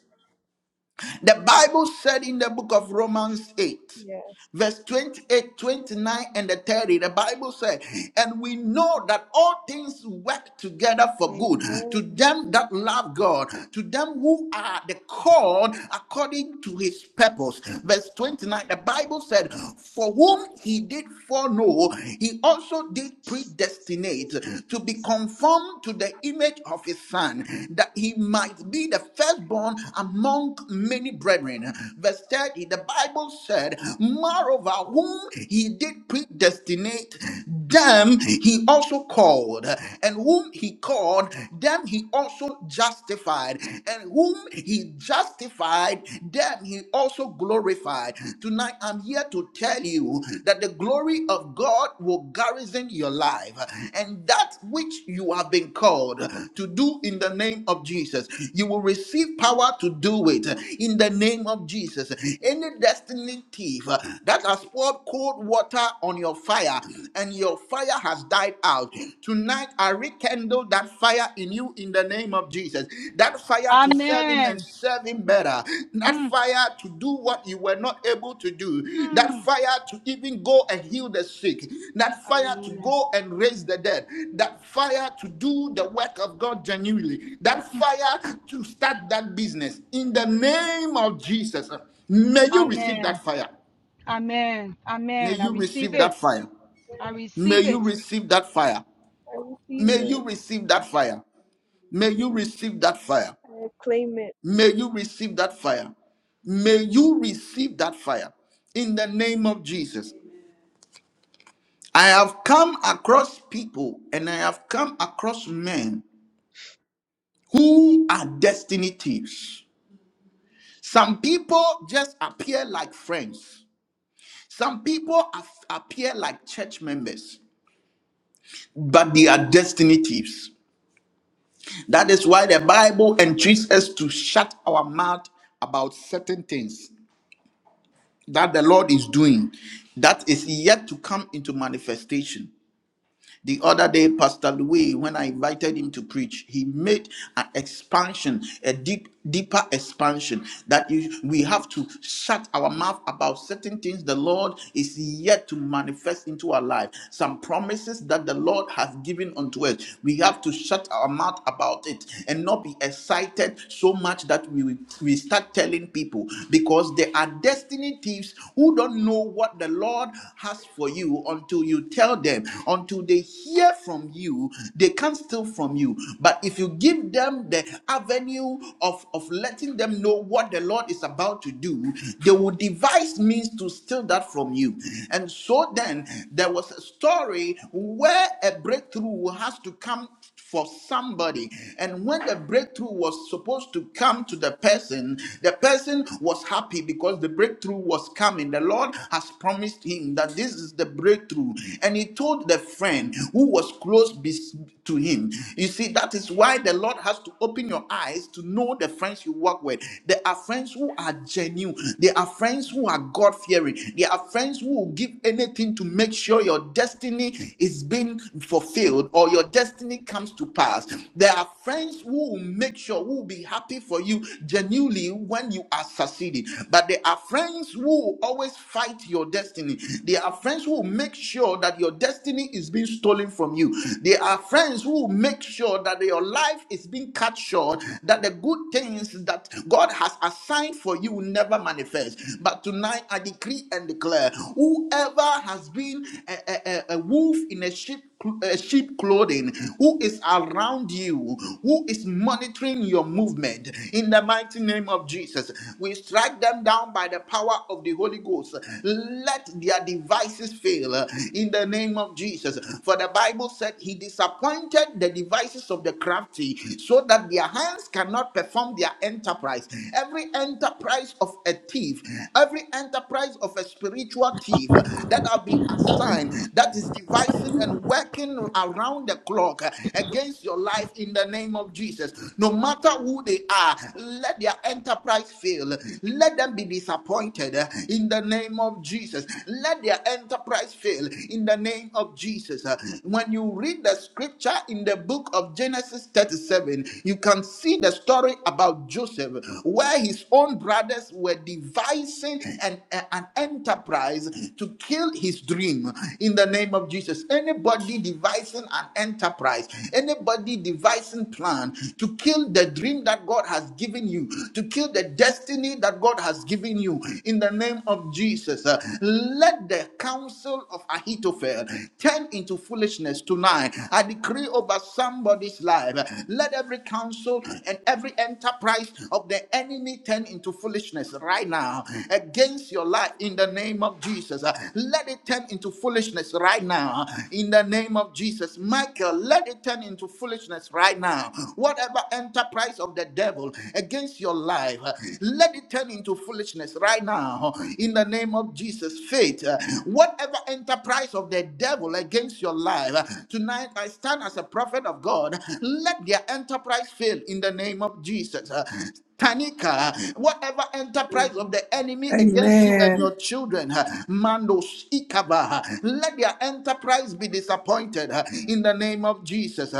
[SPEAKER 3] The Bible said in the book of Romans 8
[SPEAKER 6] Yes.
[SPEAKER 3] verse 28, 29, and the 30, the Bible says, And we know that all things work together for good to
[SPEAKER 6] Amen.
[SPEAKER 3] them that love God, to them who are the called according to his purpose. Verse 29, the Bible said, For whom he did foreknow, he also did predestinate to be conformed to the image of his son, that he might be the firstborn among many brethren. Verse 30, the Bible said, Moreover, whom he did predestinate, them he also called. And whom he called, them he also justified. And whom he justified, them he also glorified. Tonight, I'm here to tell you that the glory of God will garrison your life. And that which you have been called to do in the name of Jesus, you will receive power to do it in the name of Jesus. Any destiny thief uh, that has poured cold water on your fire and your fire has died out. Tonight, I rekindle that fire in you in the name of Jesus. That fire to serve Him and
[SPEAKER 9] Amen.
[SPEAKER 3] serve Him better. That
[SPEAKER 9] Hmm.
[SPEAKER 3] fire to do what you were not able to do. That
[SPEAKER 9] Hmm.
[SPEAKER 3] fire to even go and heal the sick. That fire to
[SPEAKER 9] Hallelujah.
[SPEAKER 3] go and raise the dead. That fire to do the work of God genuinely. That fire to start that business in the name of Jesus. May you receive
[SPEAKER 9] Amen.
[SPEAKER 3] that fire.
[SPEAKER 9] Amen.
[SPEAKER 3] May
[SPEAKER 9] Amen. I
[SPEAKER 3] you
[SPEAKER 9] receive
[SPEAKER 3] receive
[SPEAKER 9] it.
[SPEAKER 3] that fire.
[SPEAKER 9] I
[SPEAKER 3] May
[SPEAKER 9] receive
[SPEAKER 3] you
[SPEAKER 9] it.
[SPEAKER 3] receive that fire.
[SPEAKER 6] I receive
[SPEAKER 3] May
[SPEAKER 6] it.
[SPEAKER 3] you receive that fire. May you receive that fire.
[SPEAKER 6] I claim it.
[SPEAKER 3] May you receive that fire. May you receive that fire in the name of Jesus. I have come across people and I have come across men who are destiny thieves. Some people just appear like friends. Some people af- appear like church members, but they are destiny thieves. That is why the Bible entreats us to shut our mouth about certain things that the Lord is doing that is yet to come into manifestation. The other day, Pastor Louis, when I invited him to preach, he made an expansion, a deep, deeper expansion that you, we have to shut our mouth about certain things the Lord is yet to manifest into our life. Some promises that the Lord has given unto us, we have to shut our mouth about it and not be excited so much that we we start telling people because there are destiny thieves who don't know what the Lord has for you until you tell them, until they they hear from you, they can't steal from you. But if you give them the avenue of, of letting them know what the Lord is about to do, they will devise means to steal that from you. And so then there was a story where a breakthrough has to come for somebody. And when the breakthrough was supposed to come to the person, the person was happy because the breakthrough was coming. The Lord has promised him that this is the breakthrough. And he told the friend who was close bes- to him. You see, that is why the Lord has to open your eyes to know the friends you work with. There are friends who are genuine, there are friends who are God fearing, there are friends who will give anything to make sure your destiny is being fulfilled fulfilled or your destiny comes to pass. There are friends who will make sure, who will be happy for you genuinely when you are succeeding. But there are friends who will always fight your destiny. There are friends who will make sure that your destiny is being stolen from you. There are friends who will make sure that your life is being cut short, that the good things that God has assigned for you will never manifest. But tonight I decree and declare whoever has been a, move in a sheep, a sheep clothing, who is around you, who is monitoring your movement. In the mighty name of Jesus, we strike them down by the power of the Holy Ghost. Let their devices fail uh, in the name of Jesus. For the Bible said he disappointed the devices of the crafty so that their hands cannot perform their enterprise. Every enterprise of a thief, every enterprise of a spiritual thief that have been assigned that is devising and working around the clock uh, against your life in the name of Jesus. No matter who they are, let their enterprise fail. Let them be disappointed uh, in the name of Jesus. Let their enterprise fail in the name of Jesus. Uh, When you read the scripture in the book of Genesis 37, you can see the story about Joseph, where his own brothers were devising an, an enterprise lies to kill his dream in the name of Jesus. Anybody devising an enterprise, anybody devising plan to kill the dream that God has given you, to kill the destiny that God has given you in the name of Jesus. uh, Let the counsel of Ahithophel turn into foolishness tonight. I decree over somebody's life. uh, Let every counsel and every enterprise of the enemy turn into foolishness right now against against your life in the name of Jesus. Uh, Let it turn into foolishness right now in the name of Jesus. Michael, let it turn into foolishness right now. Whatever enterprise of the devil against your life, uh, let it turn into foolishness right now in the name of Jesus. Faith, uh, whatever enterprise of the devil against your life, uh, tonight I stand as a prophet of God. Let their enterprise fail in the name of Jesus. Uh, Tanika, whatever enterprise enterprise of the enemy against you and your
[SPEAKER 1] Amen.
[SPEAKER 3] children. Mandos ikaba. Let their enterprise be disappointed in the name of Jesus.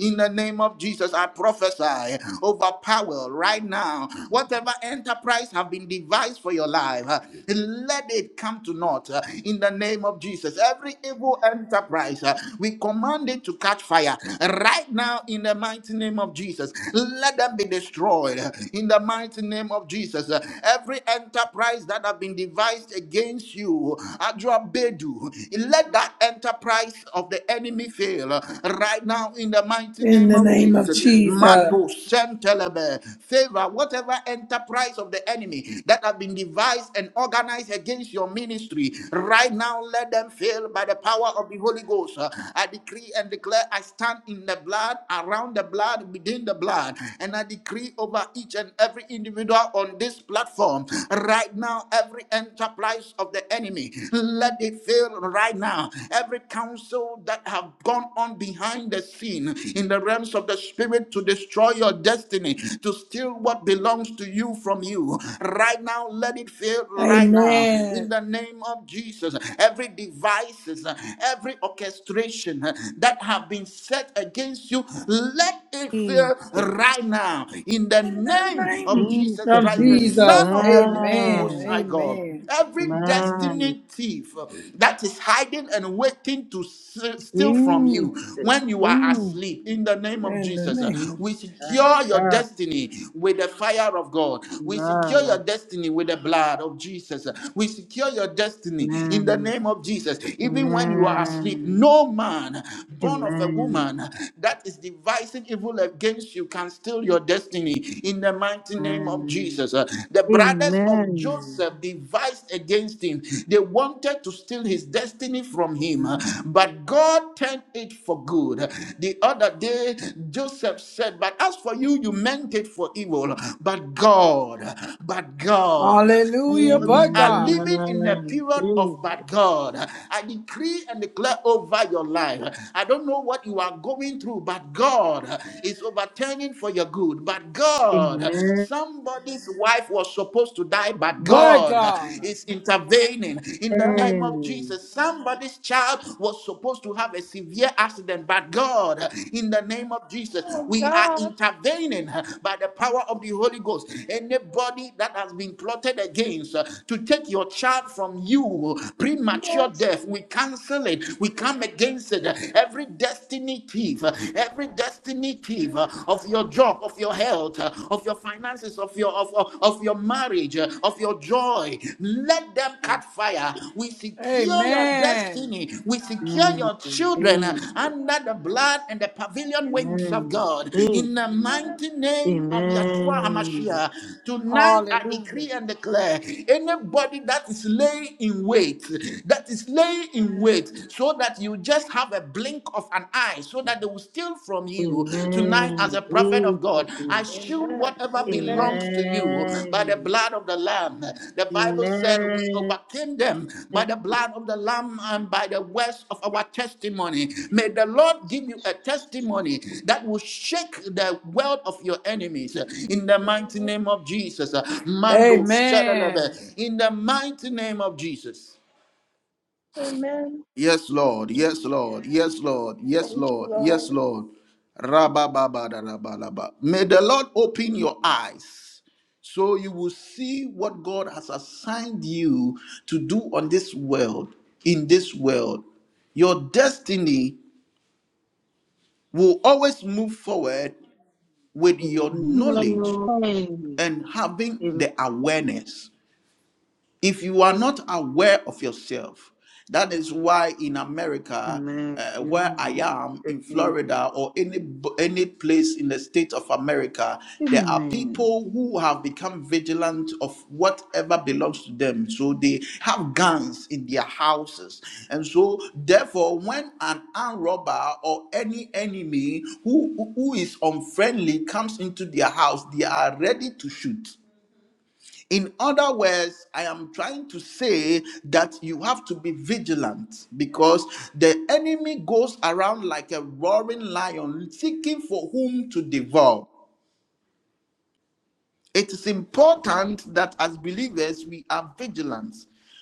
[SPEAKER 3] In the name of Jesus, I prophesy over power right now. Whatever enterprise have been devised for your life, let it come to naught in the name of Jesus. Every evil enterprise, we command it to catch fire right now in the mighty name of Jesus. Let them be destroyed in the mighty mighty name of Jesus. Uh, Every enterprise that have been devised against you, Adrabedu, let that enterprise of the enemy fail uh, right now in the mighty
[SPEAKER 1] In
[SPEAKER 3] name
[SPEAKER 1] the
[SPEAKER 3] of
[SPEAKER 1] name of
[SPEAKER 3] Jesus.
[SPEAKER 1] Jesus.
[SPEAKER 3] Mato Sentelebe, favor whatever enterprise of the enemy that have been devised and organized against your ministry right now. Let them fail by the power of the Holy Ghost. Uh, I decree and declare I stand in the blood, around the blood, within the blood, and I decree decree over each and every individual on this platform right now. Every enterprise of the enemy, let it fail right now. Every counsel that have gone on behind the scene in the realms of the spirit to destroy your destiny, to steal what belongs to you from you, right now, let it fail right now. In
[SPEAKER 1] Amen.
[SPEAKER 3] the name of Jesus, every devices, every orchestration that have been set against you, let it fail prayer
[SPEAKER 10] Jesus,
[SPEAKER 3] right now in the
[SPEAKER 1] In the
[SPEAKER 3] name of
[SPEAKER 1] name
[SPEAKER 3] Jesus
[SPEAKER 10] Jesus
[SPEAKER 1] of
[SPEAKER 3] Christ, the
[SPEAKER 10] name,
[SPEAKER 1] Jesus.
[SPEAKER 3] Son of the living
[SPEAKER 1] Amen.
[SPEAKER 3] Most
[SPEAKER 10] man,
[SPEAKER 3] High God.
[SPEAKER 1] Amen.
[SPEAKER 3] Every
[SPEAKER 10] man,
[SPEAKER 3] destiny thief that is hiding and waiting to s- steal from you
[SPEAKER 10] Jesus,
[SPEAKER 3] when you are
[SPEAKER 10] Jesus,
[SPEAKER 3] asleep, in the name of
[SPEAKER 1] In the
[SPEAKER 3] Jesus, uh,
[SPEAKER 1] name. of-
[SPEAKER 3] we secure your
[SPEAKER 10] ah,
[SPEAKER 3] destiny with the fire of God. We secure
[SPEAKER 10] man,
[SPEAKER 3] your destiny with the blood of Jesus. We secure your destiny in the
[SPEAKER 10] man,
[SPEAKER 3] name of Jesus. Even when
[SPEAKER 10] amen,
[SPEAKER 3] you are asleep, no man born of a
[SPEAKER 10] amen,
[SPEAKER 3] woman that is is devising evil against you can steal your destiny in the mighty name of
[SPEAKER 10] amen,
[SPEAKER 3] Jesus. Uh, The brothers of
[SPEAKER 10] amen,
[SPEAKER 3] Joseph devised against him. They wanted to steal his destiny from him, uh, but God turned it for good. The other day, Joseph said, But as for you, you meant it for evil, but God, but God.
[SPEAKER 1] Hallelujah,
[SPEAKER 3] We
[SPEAKER 1] but
[SPEAKER 3] are
[SPEAKER 1] God.
[SPEAKER 3] living in a
[SPEAKER 10] amen,
[SPEAKER 3] period
[SPEAKER 10] please,
[SPEAKER 3] of but God. I decree and declare over your life. I don't know know what you are going through, but God is overturning for your good. But God,
[SPEAKER 10] amen,
[SPEAKER 3] somebody's wife was supposed to die, but
[SPEAKER 1] But
[SPEAKER 3] God
[SPEAKER 1] God.
[SPEAKER 3] is intervening in the
[SPEAKER 6] God.
[SPEAKER 3] name of Jesus. Somebody's child was supposed to have a severe accident, but God, in the name of Jesus,
[SPEAKER 6] Oh,
[SPEAKER 3] we are
[SPEAKER 6] God.
[SPEAKER 3] intervening by the power of the Holy Ghost. Anybody that has been plotted against uh, to take your child from you, premature
[SPEAKER 6] Yes.
[SPEAKER 3] death, we cancel it. We come come against it. Every destiny thief, every destiny thief of your job, of your health, of your finances, of your of, of, of your marriage, of your joy, let them catch fire. We secure your
[SPEAKER 1] Amen.
[SPEAKER 3] destiny. We secure
[SPEAKER 10] amen,
[SPEAKER 3] your children
[SPEAKER 10] please,
[SPEAKER 3] under the blood and the pavilion wings of
[SPEAKER 10] amen,
[SPEAKER 3] God.
[SPEAKER 10] please,
[SPEAKER 3] In the
[SPEAKER 6] Amen.
[SPEAKER 3] mighty name of Yeshua
[SPEAKER 10] amen.
[SPEAKER 3] Hamashiach, tonight I
[SPEAKER 1] Hallelujah.
[SPEAKER 3] decree and declare anybody that is laying in wait, that is laying in wait so that you just have a blink of an eye so that they will steal from you. Tonight,
[SPEAKER 10] Amen.
[SPEAKER 3] as a prophet
[SPEAKER 10] Jesus
[SPEAKER 3] of God, I
[SPEAKER 10] name.
[SPEAKER 3] shield
[SPEAKER 6] Amen.
[SPEAKER 3] whatever
[SPEAKER 6] Amen.
[SPEAKER 3] belongs to you by the
[SPEAKER 10] Amen.
[SPEAKER 3] blood of the Lamb. The Bible said we
[SPEAKER 10] Amen.
[SPEAKER 3] overcame them by the blood of the Lamb and by the words of our testimony. May the Lord give you a testimony that will shake the world of your enemies in the mighty
[SPEAKER 6] Amen.
[SPEAKER 3] name of Jesus. Mando,
[SPEAKER 1] Amen.
[SPEAKER 3] shadalebe. in the mighty name of Jesus.
[SPEAKER 6] Amen.
[SPEAKER 3] Yes, Lord. Yes, Lord. Yes, Lord. Yes,
[SPEAKER 6] Thank you,
[SPEAKER 3] Lord. Yes,
[SPEAKER 6] Lord.
[SPEAKER 3] Lord. rabba ba da da ba May the Lord open your eyes so you will see what God has assigned you to do on this world, in this world. Your destiny will always move forward with your knowledge
[SPEAKER 10] Amen.
[SPEAKER 3] and having
[SPEAKER 10] Amen.
[SPEAKER 3] the awareness. if you are not aware of yourself that is why in america
[SPEAKER 10] amen,
[SPEAKER 3] uh, where i am
[SPEAKER 10] Jesus
[SPEAKER 3] in
[SPEAKER 10] name.
[SPEAKER 3] florida or any any place in the state of america there are
[SPEAKER 10] Amen.
[SPEAKER 3] people who have become vigilant of whatever belongs to them so they have guns in their houses and so therefore when an armed robber or any enemy who who is unfriendly comes into their house they are ready to shoot in other words, I am trying to say that you have to be vigilant because the enemy goes around like a roaring lion seeking for whom to devour. It is important that as believers we are vigilant.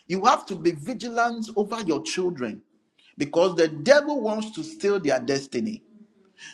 [SPEAKER 3] You have to be vigilant over your children because the devil wants to steal their destiny.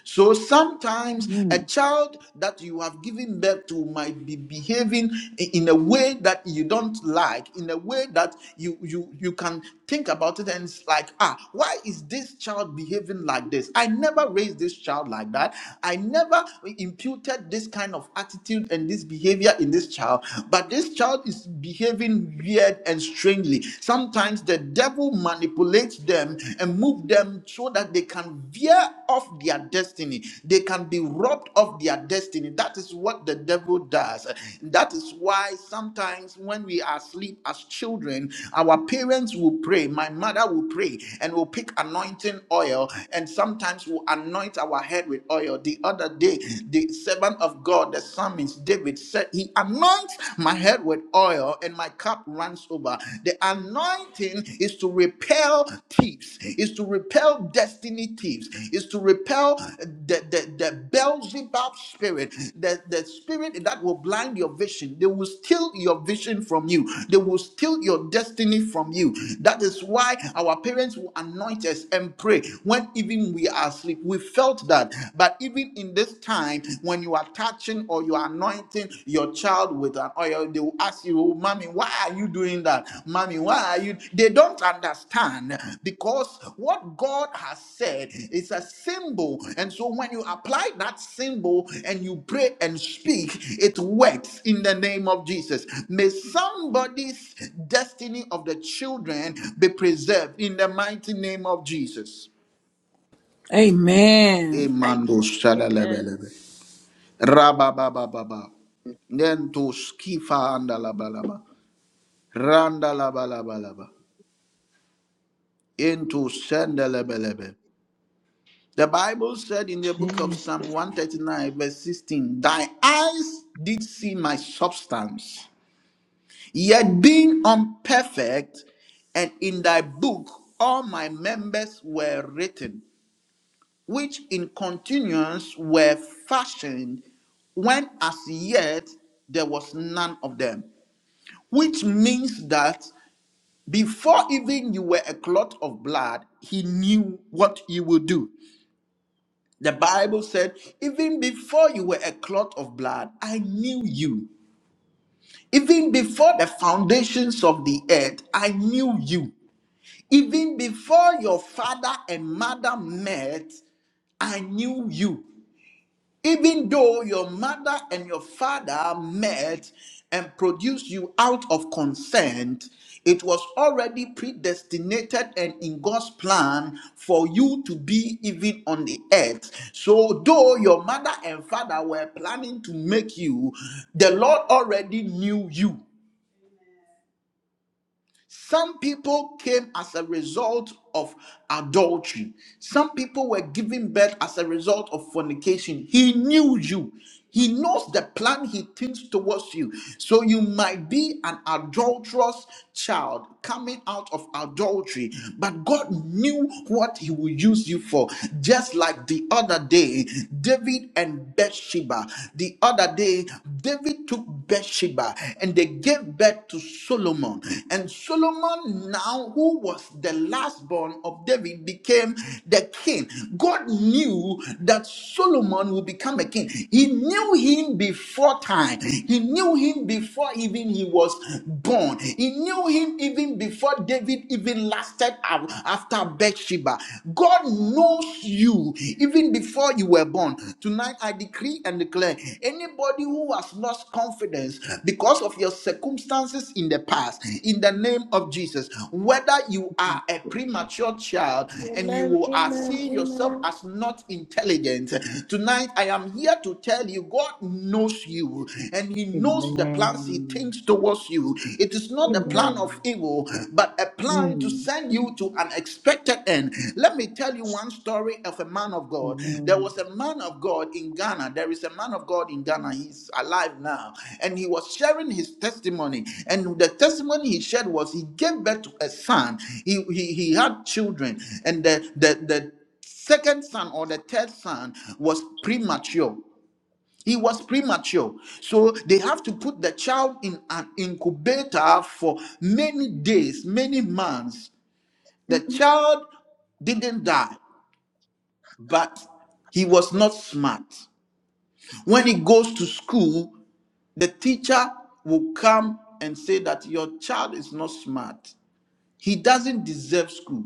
[SPEAKER 3] So sometimes a
[SPEAKER 10] Mm.
[SPEAKER 3] child that you have given birth to might be behaving in a way that you don't like, in a way that you you you can think about it and it's like, ah, why is this child behaving like this? I never raised this child like that. I never imputed this kind of attitude and this behavior in this child, but this child is behaving weird and strangely. Sometimes the devil manipulates them and move them so that they can veer of their destiny. They can be robbed of their destiny. That is what the devil does. That is why sometimes when we are asleep as children, our parents will pray. My mother will pray and will pick anointing oil and sometimes will anoint our head with oil. The other day, the servant of God, the psalmist David, said, He anoints my head with oil and my cup runs over. The anointing is to repel thieves, is to repel destiny thieves, is to repel the, the, the Beelzebub spirit, the, the spirit that will blind your vision. They will steal your vision from you, they will steal your destiny from you. That is why our parents will anoint us and pray when even we are asleep. We felt that. But even in this time, when you are touching or you are anointing your child with an oil, they will ask you, oh, Mommy, why are you doing that? Mommy, why are you? They don't understand because what God has said it's a symbol and so when you apply that symbol and you pray speak it works in the name of jesus may somebody's destiny of the children there in the mighty name of jesus
[SPEAKER 1] Amen.
[SPEAKER 6] Thanks.
[SPEAKER 3] Emando
[SPEAKER 6] Amen.
[SPEAKER 3] shadalebelebe. Rabba. Nento skifa andalabalaba. Randalabalabalaba. Into sendelebelebe. The Bible said in the book of
[SPEAKER 10] Jesus
[SPEAKER 3] Psalm 139, verse 16, Thy eyes did see my substance, yet being unperfect, and in thy book all my members were written, which in continuance were fashioned, when as yet there was none of them. Which means that before even you were a clot of blood, he knew what you would do. The Bible said, even before you were a clot of blood, I knew you. Even before the foundations of the earth, I knew you. Even before your father and mother met, I knew you. Even though your mother and your father met and produced you out of consent, it was already predestinated and in God's plan for you to be even on the earth. So, though your mother and father were planning to make you, the Lord already knew you. Some people came as a result of adultery. Some people were given birth as a result of fornication. He knew you. He knows the plan he thinks towards you. So you might be an adulterous child coming out of adultery, but God knew what he will use you for. Just like the other day, David and Bathsheba, the other that day, David took Bathsheba and they gave birth to Solomon. And Solomon, now who was the last born of David, became the king. God knew that Solomon would become a king. He knew him before time, he knew him before even he was born, he knew him even before David even lasted af- after Bathsheba. God. God knows you even before you were born. Tonight, I decree and declare anybody who has lost confidence because of your circumstances in the past, in the name of Jesus, whether you are
[SPEAKER 10] name.
[SPEAKER 3] a premature child and
[SPEAKER 6] Amen.
[SPEAKER 3] you are
[SPEAKER 6] Amen.
[SPEAKER 3] seeing yourself
[SPEAKER 6] Amen.
[SPEAKER 3] as not intelligent, tonight I am here to tell you God knows you and He knows the plans He
[SPEAKER 10] Amen.
[SPEAKER 3] thinks towards you. It is not a plan
[SPEAKER 6] Amen.
[SPEAKER 3] of
[SPEAKER 10] Mm.
[SPEAKER 3] evil, but a plan to
[SPEAKER 10] Mm.
[SPEAKER 3] send you to an expected end. Let me tell you one story of a man of God. There
[SPEAKER 10] Amen.
[SPEAKER 3] was a man of God in Ghana. There is a man of God in Ghana. He's alive now. And he was sharing his testimony. And the testimony he shared was he gave birth to a son. He, he, he had children. And the, the, the second son or the third son was premature he was premature. So they have to put the child in an incubator for many days, many months. The child didn't die, but he was not smart. When he goes to school, the teacher will come and say that your child is not smart. He doesn't deserve school.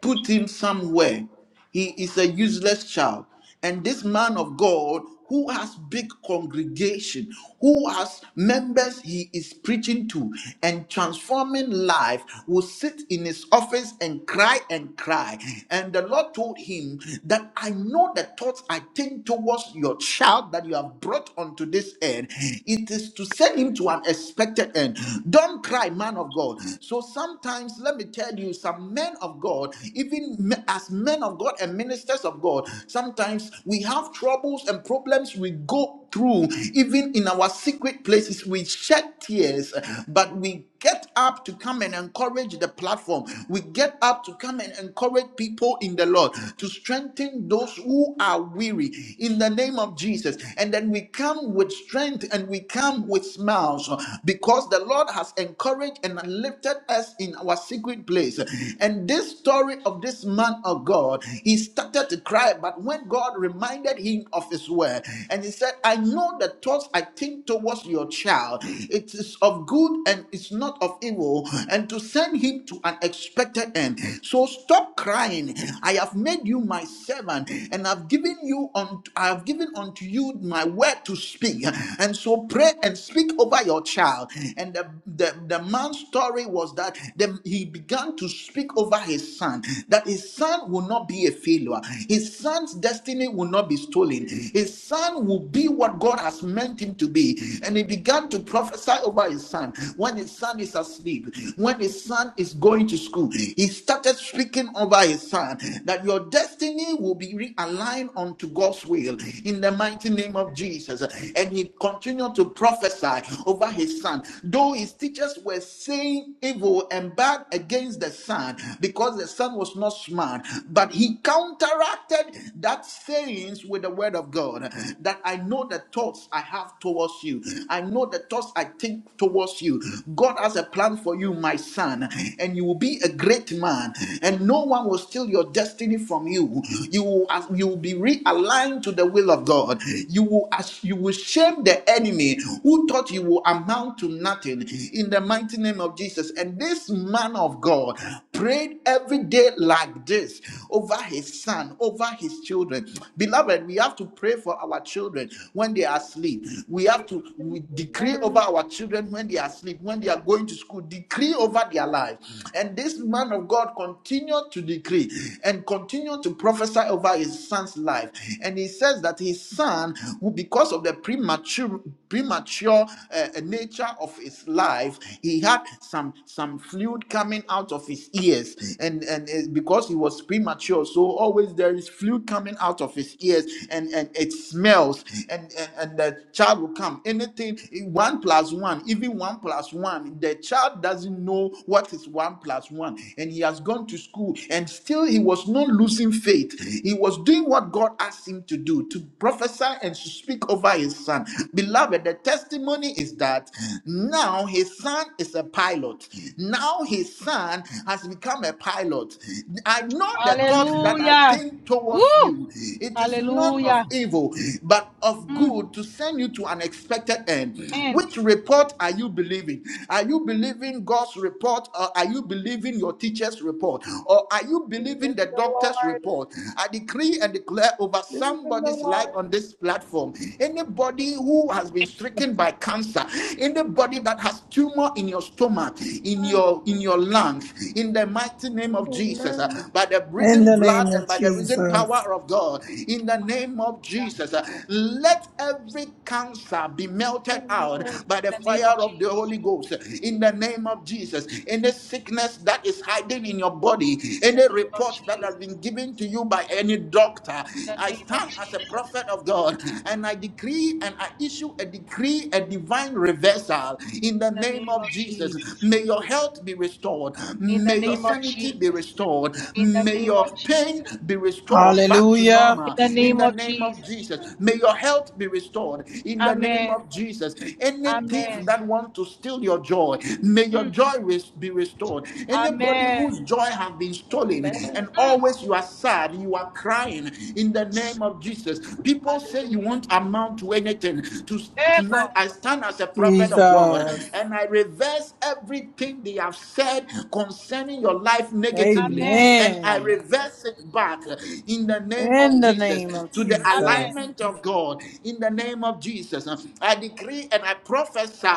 [SPEAKER 3] put him somewhere. He is a useless child. And this man of God, who has big congregation, who has members he is preaching to and transforming life, will sit in his office and cry and cry. And the Lord told him that I know the thoughts I think towards your child that you have brought unto this end. It is to send him to an expected end. Don't cry, man of God. So sometimes, let me tell you, some men of God, even as men of God and ministers of God, sometimes we have troubles and problems we go through, even in our secret places. We shed tears, but we get up to come and encourage the platform. We get up to come and encourage people in the Lord to strengthen those who are weary in the name of Jesus. And then we come with strength and we come with smiles because the Lord has encouraged and lifted us in our secret secret place. And this story of this man of God, he started to cry. But when God reminded him of his word, and he said, I know the thoughts I think towards your child, it is of good and it's not of evil, and to send him to an expected end. So stop crying. I have made you my servant, and I've given you on I have given unto you my word to speak. And so pray and speak over your child. And the, the, the man's story was was that the, he began to speak over his son that his son will not be a failure, his son's destiny will not be stolen, his son will be what God has meant him to be. And he began to prophesy over his son when his son is asleep, when his son is going to school. He started speaking over his son that your destiny will be realigned unto God's will in the mighty name of Jesus. And he continued to prophesy over his son, though his teachers were were saying evil and bad against the son because the son was not smart, but he counteracted that sayings with the word of God that I know the thoughts I have towards you. I know the thoughts I think towards you. God has a plan for you, my son, and you will be a great man, and no one will steal your destiny from you. You will, you will be realigned to the will of God. You will, as you will shame the enemy who thought you will amount to nothing nothing in the mighty name of Jesus. And this man of God prayed every day like this over his son, over his children. Beloved, we have to pray for our children when they are asleep. We have to
[SPEAKER 6] Amen.
[SPEAKER 3] we decree over
[SPEAKER 6] Amen.
[SPEAKER 3] our children when they are asleep, when they are going to school, decree over their lives. And this man of God continued to decree and continued to prophesy over his son's life. And he says that his son, who because of the premature premature uh, the nature of his life, he had some some fluid coming out of his ears, and and it's because he was premature, so always there is fluid coming out of his ears, and and it smells, and and, and the child will come. Anything one plus one, even one plus one, the child doesn't know what is one plus one, and he has gone to school, and still he was not losing faith. He was doing what God asked him to do, to prophesy and to speak over his son. Beloved, the testimony is that now his son is a pilot. Now his son has become a pilot. I know the thoughts that I
[SPEAKER 9] Hallelujah.
[SPEAKER 3] think
[SPEAKER 9] Woo!
[SPEAKER 3] towards you. It is not of
[SPEAKER 9] Hallelujah.
[SPEAKER 3] evil, but of
[SPEAKER 9] Mm.
[SPEAKER 3] good to send you to an expected end.
[SPEAKER 9] And
[SPEAKER 3] Which report are you believing? Are you believing God's report or are you believing your teacher's report? Or are you
[SPEAKER 6] Believe
[SPEAKER 3] believing
[SPEAKER 6] in
[SPEAKER 3] the
[SPEAKER 6] the
[SPEAKER 3] doctor's
[SPEAKER 6] Lord.
[SPEAKER 3] report? I decree and declare over
[SPEAKER 6] Believe in the
[SPEAKER 3] somebody's life
[SPEAKER 6] Lord.
[SPEAKER 3] on this platform. Anybody anybody who has been stricken by cancer, anybody that has tumor in your stomach, in
[SPEAKER 9] mm.
[SPEAKER 3] your in your lungs, in the mighty name of Jesus, uh,
[SPEAKER 6] Amen.
[SPEAKER 3] by the
[SPEAKER 1] In
[SPEAKER 3] risen
[SPEAKER 1] the name
[SPEAKER 3] blood and
[SPEAKER 1] of
[SPEAKER 3] by the risen
[SPEAKER 1] Jesus.
[SPEAKER 3] power of God, in the name of
[SPEAKER 9] hallelujah.
[SPEAKER 3] Jesus, uh, let every cancer be melted out
[SPEAKER 6] Amen.
[SPEAKER 9] In
[SPEAKER 3] by the
[SPEAKER 9] the name of
[SPEAKER 3] fire of the
[SPEAKER 9] Jesus.
[SPEAKER 3] Holy Ghost. uh, In the name of Jesus,
[SPEAKER 9] In
[SPEAKER 3] any sickness that is hiding in your body,
[SPEAKER 9] the
[SPEAKER 3] any
[SPEAKER 9] name of
[SPEAKER 3] report that has
[SPEAKER 9] Jesus.
[SPEAKER 3] been given to you by any doctor,
[SPEAKER 9] In the
[SPEAKER 3] I
[SPEAKER 9] name of
[SPEAKER 3] stand as a
[SPEAKER 9] Jesus.
[SPEAKER 3] prophet of God and and I decree and I issue a decree, a divine reversal in the
[SPEAKER 9] In the
[SPEAKER 3] name
[SPEAKER 9] name of
[SPEAKER 3] of Jesus.
[SPEAKER 9] Jesus.
[SPEAKER 3] May your health be restored.
[SPEAKER 9] In the
[SPEAKER 3] May your
[SPEAKER 9] name of
[SPEAKER 3] sanity be
[SPEAKER 9] Jesus.
[SPEAKER 3] restored.
[SPEAKER 9] In the
[SPEAKER 3] May
[SPEAKER 9] name of
[SPEAKER 3] your pain
[SPEAKER 9] Jesus.
[SPEAKER 3] be restored back to
[SPEAKER 1] Hallelujah.
[SPEAKER 9] In
[SPEAKER 3] normal
[SPEAKER 9] the
[SPEAKER 3] in
[SPEAKER 9] name
[SPEAKER 3] the
[SPEAKER 9] of
[SPEAKER 3] name of
[SPEAKER 9] Jesus.
[SPEAKER 3] Jesus. May your health be restored in the name
[SPEAKER 9] Amen.
[SPEAKER 3] of Jesus. Any thief
[SPEAKER 9] Amen.
[SPEAKER 3] that wants to steal your joy, may your
[SPEAKER 9] Mm.
[SPEAKER 3] joy res- be restored. Anybody
[SPEAKER 9] Amen.
[SPEAKER 3] whose joy has been stolen
[SPEAKER 6] Amen.
[SPEAKER 3] and
[SPEAKER 6] Amen.
[SPEAKER 9] Mm.
[SPEAKER 3] always you are sad, you are crying in the name of Jesus. People say you
[SPEAKER 9] Hallelujah.
[SPEAKER 3] won't amount to anything. To Tonight,
[SPEAKER 9] Ego.
[SPEAKER 3] I stand as a prophet of God
[SPEAKER 1] Jesus.
[SPEAKER 3] and I reverse everything they have said concerning your life negatively
[SPEAKER 9] Amen.
[SPEAKER 3] and I
[SPEAKER 1] Amen.
[SPEAKER 9] Amen.
[SPEAKER 3] reverse it back in the name
[SPEAKER 1] In
[SPEAKER 3] of
[SPEAKER 1] the name
[SPEAKER 3] Jesus
[SPEAKER 1] of
[SPEAKER 3] to the
[SPEAKER 9] Amen.
[SPEAKER 1] Jesus.
[SPEAKER 3] alignment of God in the name of Jesus. I decree and I prophesy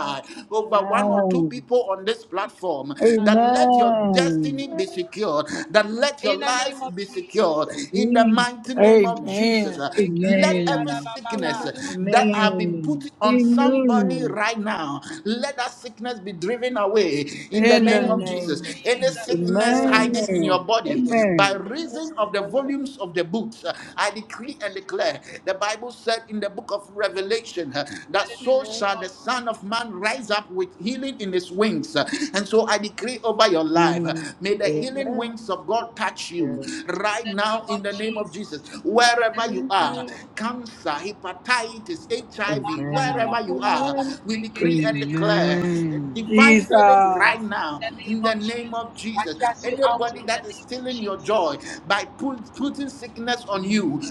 [SPEAKER 3] over one or two
[SPEAKER 10] Amen.
[SPEAKER 3] people on this platform that
[SPEAKER 9] Hallelujah.
[SPEAKER 3] let your
[SPEAKER 10] Amen.
[SPEAKER 3] destiny be secured, that let your
[SPEAKER 9] In the
[SPEAKER 3] life
[SPEAKER 9] name of
[SPEAKER 3] be secured
[SPEAKER 9] Jesus.
[SPEAKER 3] in the
[SPEAKER 10] Mm.
[SPEAKER 3] mighty name of Jesus. Jesus,
[SPEAKER 1] Amen.
[SPEAKER 3] uh, let every
[SPEAKER 10] Amen.
[SPEAKER 3] sickness
[SPEAKER 9] Ekelebeyalabababa.
[SPEAKER 3] uh,
[SPEAKER 6] Amen.
[SPEAKER 3] that have been put
[SPEAKER 10] Amen.
[SPEAKER 3] on somebody
[SPEAKER 6] Amen.
[SPEAKER 10] Amen.
[SPEAKER 3] right now, let that sickness be driven away in the
[SPEAKER 1] In
[SPEAKER 9] In
[SPEAKER 1] the
[SPEAKER 3] name
[SPEAKER 9] the
[SPEAKER 3] of
[SPEAKER 6] Amen.
[SPEAKER 9] name of
[SPEAKER 3] Jesus.
[SPEAKER 1] name of
[SPEAKER 3] Any
[SPEAKER 9] Jesus.
[SPEAKER 1] Jesus.
[SPEAKER 3] sickness
[SPEAKER 10] Amen.
[SPEAKER 6] Amen.
[SPEAKER 3] hiding in your body by
[SPEAKER 10] Amen.
[SPEAKER 6] Yes,
[SPEAKER 3] reason of the
[SPEAKER 6] Father.
[SPEAKER 3] volumes of the books, uh, I decree and
[SPEAKER 9] Strong.
[SPEAKER 3] declare. The Bible said in the book of Revelation uh, that
[SPEAKER 9] Let it be
[SPEAKER 3] so
[SPEAKER 6] Yes.
[SPEAKER 3] shall the
[SPEAKER 9] destroyed.
[SPEAKER 3] Son of Man rise up with healing in his wings. Uh, And so I decree over your life, uh,
[SPEAKER 10] Amen.
[SPEAKER 3] may the healing
[SPEAKER 6] Amen.
[SPEAKER 3] wings of God touch you
[SPEAKER 9] In
[SPEAKER 3] right
[SPEAKER 9] the name
[SPEAKER 3] now in
[SPEAKER 9] of
[SPEAKER 3] the name of Jesus of
[SPEAKER 9] Jesus.
[SPEAKER 3] Jesus,
[SPEAKER 9] In the
[SPEAKER 3] wherever
[SPEAKER 9] name
[SPEAKER 3] you
[SPEAKER 6] Thank
[SPEAKER 9] of
[SPEAKER 3] are,
[SPEAKER 6] you.
[SPEAKER 9] Jesus.
[SPEAKER 3] cancer, hepatitis, HIV,
[SPEAKER 9] In
[SPEAKER 10] Amen.
[SPEAKER 3] wherever you are,
[SPEAKER 6] Amen.
[SPEAKER 3] we decree and declare
[SPEAKER 10] Amen.
[SPEAKER 3] divine healing
[SPEAKER 1] Jesus.
[SPEAKER 3] right now
[SPEAKER 9] The
[SPEAKER 3] in
[SPEAKER 9] name
[SPEAKER 3] the
[SPEAKER 9] of
[SPEAKER 3] name of
[SPEAKER 9] Jesus. I
[SPEAKER 3] Jesus.
[SPEAKER 9] cast you out
[SPEAKER 3] Anybody
[SPEAKER 9] in
[SPEAKER 6] Yes.
[SPEAKER 9] the
[SPEAKER 3] that is
[SPEAKER 9] name of
[SPEAKER 3] stealing your
[SPEAKER 9] Jesus.
[SPEAKER 3] joy by pu- putting sickness on you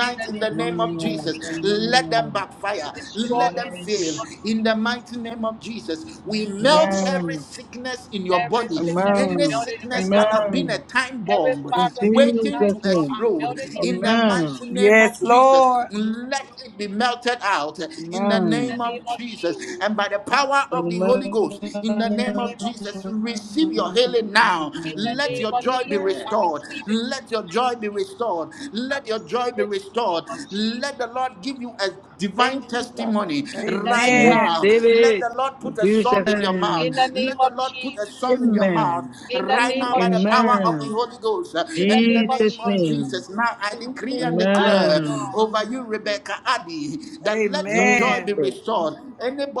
[SPEAKER 9] In the
[SPEAKER 3] in the
[SPEAKER 9] name of
[SPEAKER 3] name of
[SPEAKER 10] Amen.
[SPEAKER 9] Jesus.
[SPEAKER 3] Jesus, let them backfire,
[SPEAKER 9] Destroy
[SPEAKER 3] let them
[SPEAKER 9] in the
[SPEAKER 10] Amen.
[SPEAKER 9] name
[SPEAKER 3] fail
[SPEAKER 9] of
[SPEAKER 3] in the
[SPEAKER 9] Jesus.
[SPEAKER 3] mighty name of Jesus. We melt every
[SPEAKER 10] Amen.
[SPEAKER 3] sickness in your
[SPEAKER 9] Every
[SPEAKER 3] body,
[SPEAKER 9] sickness we
[SPEAKER 3] any
[SPEAKER 10] Amen.
[SPEAKER 9] melted
[SPEAKER 3] sickness
[SPEAKER 9] right
[SPEAKER 3] that
[SPEAKER 9] now.
[SPEAKER 3] have been a
[SPEAKER 10] Amen.
[SPEAKER 3] time
[SPEAKER 9] Every
[SPEAKER 3] bomb
[SPEAKER 10] In
[SPEAKER 9] fiber there
[SPEAKER 3] waiting begin
[SPEAKER 9] tonight,
[SPEAKER 10] Jesus'
[SPEAKER 3] to
[SPEAKER 9] Lord,
[SPEAKER 10] name.
[SPEAKER 9] I
[SPEAKER 3] explode
[SPEAKER 9] melted in the
[SPEAKER 3] in the
[SPEAKER 9] name of
[SPEAKER 10] Amen.
[SPEAKER 3] mighty
[SPEAKER 9] Jesus.
[SPEAKER 3] name of
[SPEAKER 1] Yes,
[SPEAKER 3] Jesus.
[SPEAKER 1] Lord.
[SPEAKER 3] Let it be melted out in the
[SPEAKER 9] In the
[SPEAKER 3] name
[SPEAKER 10] Amen.
[SPEAKER 9] name
[SPEAKER 3] of
[SPEAKER 9] of
[SPEAKER 3] Jesus
[SPEAKER 9] Jesus.
[SPEAKER 3] and by the power of the Holy Ghost in the
[SPEAKER 9] In the
[SPEAKER 3] name
[SPEAKER 10] Amen.
[SPEAKER 3] of
[SPEAKER 9] name of
[SPEAKER 3] Jesus.
[SPEAKER 9] Jesus.
[SPEAKER 3] Receive your healing now.
[SPEAKER 9] In the
[SPEAKER 3] Let
[SPEAKER 9] name
[SPEAKER 3] your
[SPEAKER 9] of
[SPEAKER 3] joy be
[SPEAKER 9] Jesus.
[SPEAKER 6] Amen.
[SPEAKER 9] I
[SPEAKER 3] restored.
[SPEAKER 9] receive it.
[SPEAKER 3] Let your joy be restored.
[SPEAKER 9] I
[SPEAKER 3] Let your joy
[SPEAKER 9] receive
[SPEAKER 3] be
[SPEAKER 9] it in the name
[SPEAKER 3] restored.
[SPEAKER 9] of
[SPEAKER 3] Let the
[SPEAKER 9] Jesus.
[SPEAKER 3] Lord give you a divine
[SPEAKER 6] Thank you, Lord.
[SPEAKER 3] testimony
[SPEAKER 9] In the
[SPEAKER 3] right
[SPEAKER 9] name of
[SPEAKER 1] Amen.
[SPEAKER 3] now.
[SPEAKER 10] Receive
[SPEAKER 9] Jesus.
[SPEAKER 3] Let
[SPEAKER 10] it.
[SPEAKER 3] the Lord
[SPEAKER 10] In
[SPEAKER 3] put a
[SPEAKER 10] Jesus'
[SPEAKER 3] song in your mouth.
[SPEAKER 9] in
[SPEAKER 10] name.
[SPEAKER 9] the
[SPEAKER 3] Let
[SPEAKER 9] name
[SPEAKER 3] the
[SPEAKER 9] of
[SPEAKER 3] Lord put a
[SPEAKER 9] Jesus.
[SPEAKER 3] song in your mouth
[SPEAKER 10] Amen.
[SPEAKER 9] In the
[SPEAKER 3] right
[SPEAKER 6] Thank
[SPEAKER 9] name
[SPEAKER 3] now
[SPEAKER 9] of
[SPEAKER 3] by
[SPEAKER 6] you.
[SPEAKER 3] the power of
[SPEAKER 10] Amen.
[SPEAKER 3] the
[SPEAKER 9] Jesus.
[SPEAKER 3] Holy Ghost uh,
[SPEAKER 9] In the
[SPEAKER 3] and in the
[SPEAKER 9] name of
[SPEAKER 10] Jesus
[SPEAKER 3] name of
[SPEAKER 9] Jesus.
[SPEAKER 10] name.
[SPEAKER 3] Jesus, now I
[SPEAKER 6] Thank you
[SPEAKER 3] decree
[SPEAKER 6] in
[SPEAKER 3] and
[SPEAKER 6] advance.
[SPEAKER 9] Thank you,
[SPEAKER 3] declare
[SPEAKER 10] Amen.
[SPEAKER 9] Lord.
[SPEAKER 3] over you, Rebecca Addy, that let your joy be
[SPEAKER 1] Amen.
[SPEAKER 10] Jesus.
[SPEAKER 3] restored.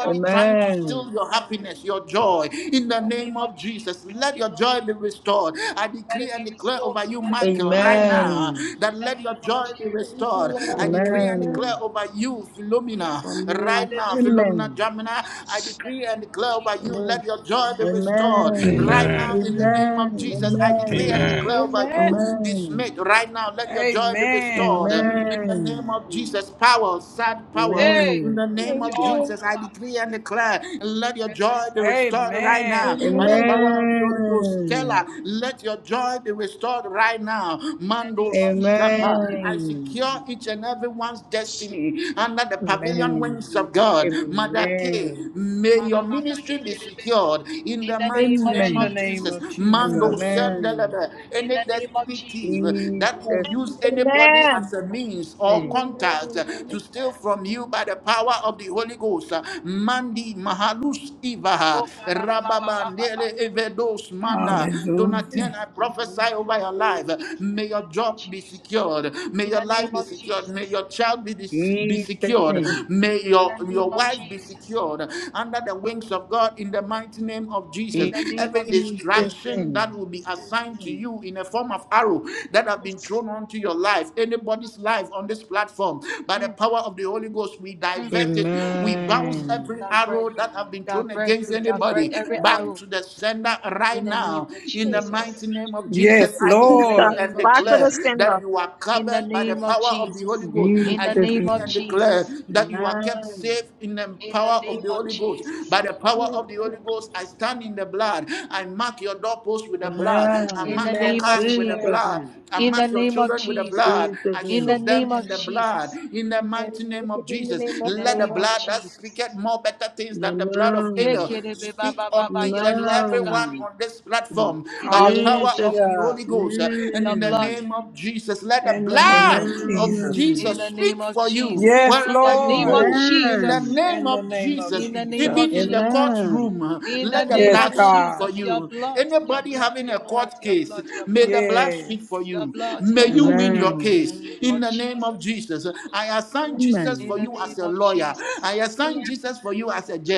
[SPEAKER 9] Now, God,
[SPEAKER 3] trying to
[SPEAKER 9] Father,
[SPEAKER 3] steal
[SPEAKER 10] Amen.
[SPEAKER 3] your happiness, your joy,
[SPEAKER 9] in
[SPEAKER 3] in the
[SPEAKER 9] the
[SPEAKER 6] Yeah.
[SPEAKER 9] name
[SPEAKER 3] name
[SPEAKER 9] of
[SPEAKER 3] of Jesus,
[SPEAKER 9] Jesus.
[SPEAKER 3] let your joy be restored. I
[SPEAKER 9] Let
[SPEAKER 3] decree
[SPEAKER 9] it
[SPEAKER 3] and
[SPEAKER 9] be
[SPEAKER 3] declare
[SPEAKER 9] restored
[SPEAKER 3] over you,
[SPEAKER 9] tonight.
[SPEAKER 6] Thank
[SPEAKER 3] Michael,
[SPEAKER 6] you,
[SPEAKER 3] right
[SPEAKER 6] Lord.
[SPEAKER 3] now,
[SPEAKER 10] Amen.
[SPEAKER 3] that
[SPEAKER 9] In the
[SPEAKER 3] let your
[SPEAKER 9] name of
[SPEAKER 3] joy
[SPEAKER 9] Jesus.
[SPEAKER 3] be
[SPEAKER 6] Thank you,
[SPEAKER 3] restored. I
[SPEAKER 6] Lord.
[SPEAKER 3] decree
[SPEAKER 8] Amen.
[SPEAKER 3] and
[SPEAKER 10] Amen.
[SPEAKER 6] Amen.
[SPEAKER 3] declare over you, Philomena,
[SPEAKER 8] Amen.
[SPEAKER 3] right now,
[SPEAKER 9] Hallelujah.
[SPEAKER 3] Philomena
[SPEAKER 10] Amen.
[SPEAKER 3] Jamina, I
[SPEAKER 9] In
[SPEAKER 3] decree
[SPEAKER 9] the
[SPEAKER 3] and
[SPEAKER 9] name of
[SPEAKER 3] declare over
[SPEAKER 9] Jesus.
[SPEAKER 3] you,
[SPEAKER 8] Amen.
[SPEAKER 3] let your joy be restored.
[SPEAKER 9] In the
[SPEAKER 3] Right
[SPEAKER 10] Amen.
[SPEAKER 11] Amen.
[SPEAKER 3] now,
[SPEAKER 9] name
[SPEAKER 3] in
[SPEAKER 9] of
[SPEAKER 3] the
[SPEAKER 9] Jesus.
[SPEAKER 3] name
[SPEAKER 10] Amen.
[SPEAKER 3] of Jesus, I decree and
[SPEAKER 11] Amen.
[SPEAKER 3] declare by
[SPEAKER 6] Amen.
[SPEAKER 3] you this mate right now. Let your joy
[SPEAKER 9] In
[SPEAKER 3] be
[SPEAKER 9] the
[SPEAKER 10] Amen.
[SPEAKER 9] name of
[SPEAKER 1] Amen.
[SPEAKER 3] restored
[SPEAKER 9] Jesus.
[SPEAKER 3] in the name
[SPEAKER 10] Amen.
[SPEAKER 3] of Jesus. Power, sad power,
[SPEAKER 9] Hey,
[SPEAKER 3] in
[SPEAKER 10] Amen.
[SPEAKER 3] the name
[SPEAKER 9] joy,
[SPEAKER 6] Thank
[SPEAKER 3] of
[SPEAKER 6] you.
[SPEAKER 3] Jesus.
[SPEAKER 9] oh
[SPEAKER 3] I
[SPEAKER 9] Father.
[SPEAKER 3] decree and declare, let your joy
[SPEAKER 9] Restoration,
[SPEAKER 3] be
[SPEAKER 9] oh
[SPEAKER 3] restored
[SPEAKER 9] God.
[SPEAKER 3] right now
[SPEAKER 10] Amen. Amen.
[SPEAKER 1] Amen.
[SPEAKER 3] by the
[SPEAKER 9] In the
[SPEAKER 6] Amen.
[SPEAKER 9] name
[SPEAKER 3] power of the
[SPEAKER 9] of
[SPEAKER 3] Holy Ghost.
[SPEAKER 9] Jesus.
[SPEAKER 10] Amen.
[SPEAKER 3] Stella, let your joy be restored right now.
[SPEAKER 9] In the
[SPEAKER 3] Mando
[SPEAKER 9] name of Jesus.
[SPEAKER 3] Sikapa. I
[SPEAKER 10] Amen.
[SPEAKER 3] secure each and everyone's destiny under the pavilion wings of God. Madake, may your ministry be
[SPEAKER 9] Malamakayekebe.
[SPEAKER 3] secured in
[SPEAKER 9] In
[SPEAKER 3] the
[SPEAKER 9] the
[SPEAKER 3] mighty
[SPEAKER 9] name of
[SPEAKER 3] name
[SPEAKER 1] In the
[SPEAKER 3] of
[SPEAKER 1] name
[SPEAKER 3] Jesus.
[SPEAKER 1] of
[SPEAKER 9] Jesus.
[SPEAKER 10] Amen.
[SPEAKER 1] Jesus.
[SPEAKER 3] Mando
[SPEAKER 10] Amen.
[SPEAKER 3] Shandelebe,
[SPEAKER 9] In
[SPEAKER 3] any
[SPEAKER 9] the name of
[SPEAKER 3] destiny
[SPEAKER 10] Amen.
[SPEAKER 9] Jesus.
[SPEAKER 3] thief that will
[SPEAKER 10] Jesus
[SPEAKER 3] use anybody
[SPEAKER 7] Amen.
[SPEAKER 3] as a means or
[SPEAKER 10] name.
[SPEAKER 3] contact
[SPEAKER 6] Amen. Amen.
[SPEAKER 3] to steal from you by the power of the Holy Ghost. Mandi Mahalus Ivaha
[SPEAKER 9] Oh, kanalababababa.
[SPEAKER 3] Rababandele Evedos Mana Donatien,
[SPEAKER 1] Hallelujah.
[SPEAKER 3] I prophesy over your life.
[SPEAKER 9] In the
[SPEAKER 3] May your
[SPEAKER 9] name of
[SPEAKER 3] job be
[SPEAKER 9] Jesus.
[SPEAKER 3] secured. May
[SPEAKER 9] In
[SPEAKER 3] your
[SPEAKER 9] the
[SPEAKER 3] life
[SPEAKER 9] name
[SPEAKER 3] be
[SPEAKER 9] of
[SPEAKER 3] secured. May
[SPEAKER 9] Jesus.
[SPEAKER 3] your child be, dis- be
[SPEAKER 10] Jesus
[SPEAKER 3] secured.
[SPEAKER 10] name.
[SPEAKER 3] May
[SPEAKER 9] In
[SPEAKER 3] your,
[SPEAKER 9] the
[SPEAKER 3] your
[SPEAKER 9] name of
[SPEAKER 3] wife be
[SPEAKER 9] Jesus.
[SPEAKER 3] secured under the wings of God in the mighty name of Jesus.
[SPEAKER 9] In the name
[SPEAKER 3] Every
[SPEAKER 9] of Jesus.
[SPEAKER 10] Jesus
[SPEAKER 3] distraction
[SPEAKER 10] name.
[SPEAKER 3] that will be assigned to you in a form of arrow that have been thrown onto your life, anybody's life on this platform, by the
[SPEAKER 9] Mm,
[SPEAKER 3] power of the Holy Ghost, we
[SPEAKER 9] mm.
[SPEAKER 3] divert it. We bounce
[SPEAKER 10] Amen.
[SPEAKER 3] every
[SPEAKER 9] Divert.
[SPEAKER 3] arrow that have
[SPEAKER 9] We
[SPEAKER 3] been thrown
[SPEAKER 9] divert.
[SPEAKER 3] against
[SPEAKER 9] We divert
[SPEAKER 3] anybody
[SPEAKER 9] every
[SPEAKER 6] Amen.
[SPEAKER 3] back
[SPEAKER 9] arrow.
[SPEAKER 3] to the sender
[SPEAKER 9] In
[SPEAKER 3] right
[SPEAKER 9] the name
[SPEAKER 3] now.
[SPEAKER 9] of
[SPEAKER 3] In the
[SPEAKER 6] Amen.
[SPEAKER 3] mighty
[SPEAKER 9] Jesus.
[SPEAKER 3] name of Jesus,
[SPEAKER 1] Yes,
[SPEAKER 3] I
[SPEAKER 9] In
[SPEAKER 7] Jesus.
[SPEAKER 9] the
[SPEAKER 3] decree
[SPEAKER 1] Lord.
[SPEAKER 9] name
[SPEAKER 3] and
[SPEAKER 9] of
[SPEAKER 7] Back to the
[SPEAKER 3] declare
[SPEAKER 9] Jesus.
[SPEAKER 7] stand
[SPEAKER 3] that
[SPEAKER 7] up?
[SPEAKER 3] you are
[SPEAKER 9] In the
[SPEAKER 3] covered by the
[SPEAKER 9] name of
[SPEAKER 3] power of the
[SPEAKER 9] Jesus.
[SPEAKER 3] Holy Ghost.
[SPEAKER 9] In
[SPEAKER 3] I
[SPEAKER 9] the
[SPEAKER 10] Jesus
[SPEAKER 9] name
[SPEAKER 3] decree
[SPEAKER 9] of
[SPEAKER 3] and
[SPEAKER 10] name.
[SPEAKER 3] declare
[SPEAKER 9] Jesus.
[SPEAKER 3] that you are kept
[SPEAKER 10] Amen.
[SPEAKER 3] safe in the
[SPEAKER 9] In the
[SPEAKER 3] power of
[SPEAKER 9] name
[SPEAKER 3] the
[SPEAKER 9] of
[SPEAKER 3] Holy Ghost.
[SPEAKER 9] Jesus.
[SPEAKER 3] By the power
[SPEAKER 6] Amen.
[SPEAKER 3] of the Holy Ghost, I stand stand in the blood. I mark your doorpost with the blood. I
[SPEAKER 9] In
[SPEAKER 10] Amen.
[SPEAKER 9] the
[SPEAKER 3] mark your
[SPEAKER 6] Amen.
[SPEAKER 9] name of
[SPEAKER 3] cars with the
[SPEAKER 6] Amen.
[SPEAKER 10] Jesus
[SPEAKER 9] Jesus.
[SPEAKER 3] blood.
[SPEAKER 10] name.
[SPEAKER 3] I
[SPEAKER 9] In the
[SPEAKER 3] mark your
[SPEAKER 9] name of
[SPEAKER 3] children with the blood.
[SPEAKER 9] Jesus.
[SPEAKER 10] Jesus
[SPEAKER 3] I
[SPEAKER 9] In the
[SPEAKER 3] soak
[SPEAKER 10] name.
[SPEAKER 3] them
[SPEAKER 9] name of
[SPEAKER 3] in the blood.
[SPEAKER 9] Jesus.
[SPEAKER 3] In the
[SPEAKER 6] I
[SPEAKER 3] mighty
[SPEAKER 6] rebuke
[SPEAKER 3] name
[SPEAKER 6] it
[SPEAKER 3] of
[SPEAKER 6] in the
[SPEAKER 3] Jesus,
[SPEAKER 6] name of
[SPEAKER 9] In the
[SPEAKER 6] the
[SPEAKER 3] let the
[SPEAKER 9] name of
[SPEAKER 3] blood
[SPEAKER 6] Lord.
[SPEAKER 3] that
[SPEAKER 9] Jesus.
[SPEAKER 3] speaketh more better things than the blood of
[SPEAKER 10] Amen.
[SPEAKER 3] Abel
[SPEAKER 9] Yekerebe
[SPEAKER 3] speak
[SPEAKER 9] baba
[SPEAKER 3] on
[SPEAKER 9] baba,
[SPEAKER 3] each
[SPEAKER 9] Your
[SPEAKER 3] and
[SPEAKER 9] blood, oh
[SPEAKER 3] every
[SPEAKER 9] God.
[SPEAKER 3] one on this
[SPEAKER 10] Amen.
[SPEAKER 3] platform
[SPEAKER 9] In
[SPEAKER 3] by
[SPEAKER 9] the
[SPEAKER 3] the
[SPEAKER 9] name of
[SPEAKER 3] power
[SPEAKER 10] Jesus.
[SPEAKER 3] of the
[SPEAKER 1] Hallelujah.
[SPEAKER 3] Holy
[SPEAKER 9] Jesus.
[SPEAKER 3] Ghost. Uh, And
[SPEAKER 9] Your
[SPEAKER 3] in the
[SPEAKER 9] blood.
[SPEAKER 10] Mm.
[SPEAKER 3] name of Jesus, let the
[SPEAKER 1] In the name
[SPEAKER 3] blood
[SPEAKER 1] of
[SPEAKER 3] of
[SPEAKER 1] Jesus.
[SPEAKER 9] In
[SPEAKER 3] Jesus
[SPEAKER 10] Amen.
[SPEAKER 9] the name
[SPEAKER 3] speak
[SPEAKER 9] of
[SPEAKER 3] for you
[SPEAKER 9] Jesus.
[SPEAKER 1] Yes,
[SPEAKER 3] wherever
[SPEAKER 9] In the
[SPEAKER 3] you
[SPEAKER 9] name
[SPEAKER 1] Lord.
[SPEAKER 9] of
[SPEAKER 3] go. In the
[SPEAKER 9] Jesus.
[SPEAKER 10] Amen.
[SPEAKER 3] name
[SPEAKER 1] In
[SPEAKER 3] of
[SPEAKER 1] the name of
[SPEAKER 9] In
[SPEAKER 3] Jesus,
[SPEAKER 9] the name
[SPEAKER 1] Jesus.
[SPEAKER 9] of
[SPEAKER 3] even in the
[SPEAKER 9] Jesus.
[SPEAKER 10] Amen.
[SPEAKER 3] courtroom,
[SPEAKER 9] In the
[SPEAKER 3] let the
[SPEAKER 9] name
[SPEAKER 1] Yes,
[SPEAKER 3] blood
[SPEAKER 9] of
[SPEAKER 6] Amen.
[SPEAKER 3] speak for
[SPEAKER 1] God.
[SPEAKER 9] Jesus. Your
[SPEAKER 3] you.
[SPEAKER 9] blood. Your
[SPEAKER 3] Anybody
[SPEAKER 9] blood.
[SPEAKER 3] having
[SPEAKER 9] Your
[SPEAKER 3] a
[SPEAKER 6] Yes.
[SPEAKER 9] blood.
[SPEAKER 3] court
[SPEAKER 9] Your
[SPEAKER 3] case,
[SPEAKER 9] blood. Your
[SPEAKER 3] may
[SPEAKER 9] blood.
[SPEAKER 3] the blood speak
[SPEAKER 1] Yes.
[SPEAKER 3] for
[SPEAKER 9] Your
[SPEAKER 3] you.
[SPEAKER 9] blood.
[SPEAKER 3] May
[SPEAKER 9] Your
[SPEAKER 3] you
[SPEAKER 9] blood. Your
[SPEAKER 3] win
[SPEAKER 9] blood
[SPEAKER 3] your
[SPEAKER 10] Amen.
[SPEAKER 3] case in
[SPEAKER 9] of
[SPEAKER 3] the name of
[SPEAKER 9] Jesus.
[SPEAKER 3] Jesus. I assign
[SPEAKER 6] Mm.
[SPEAKER 3] Jesus
[SPEAKER 9] In
[SPEAKER 3] for
[SPEAKER 10] Amen.
[SPEAKER 9] the
[SPEAKER 3] you as
[SPEAKER 9] name
[SPEAKER 3] a
[SPEAKER 9] of
[SPEAKER 3] lawyer.
[SPEAKER 9] Jesus.
[SPEAKER 3] I
[SPEAKER 9] Mm.
[SPEAKER 3] assign Jesus for you as a judge.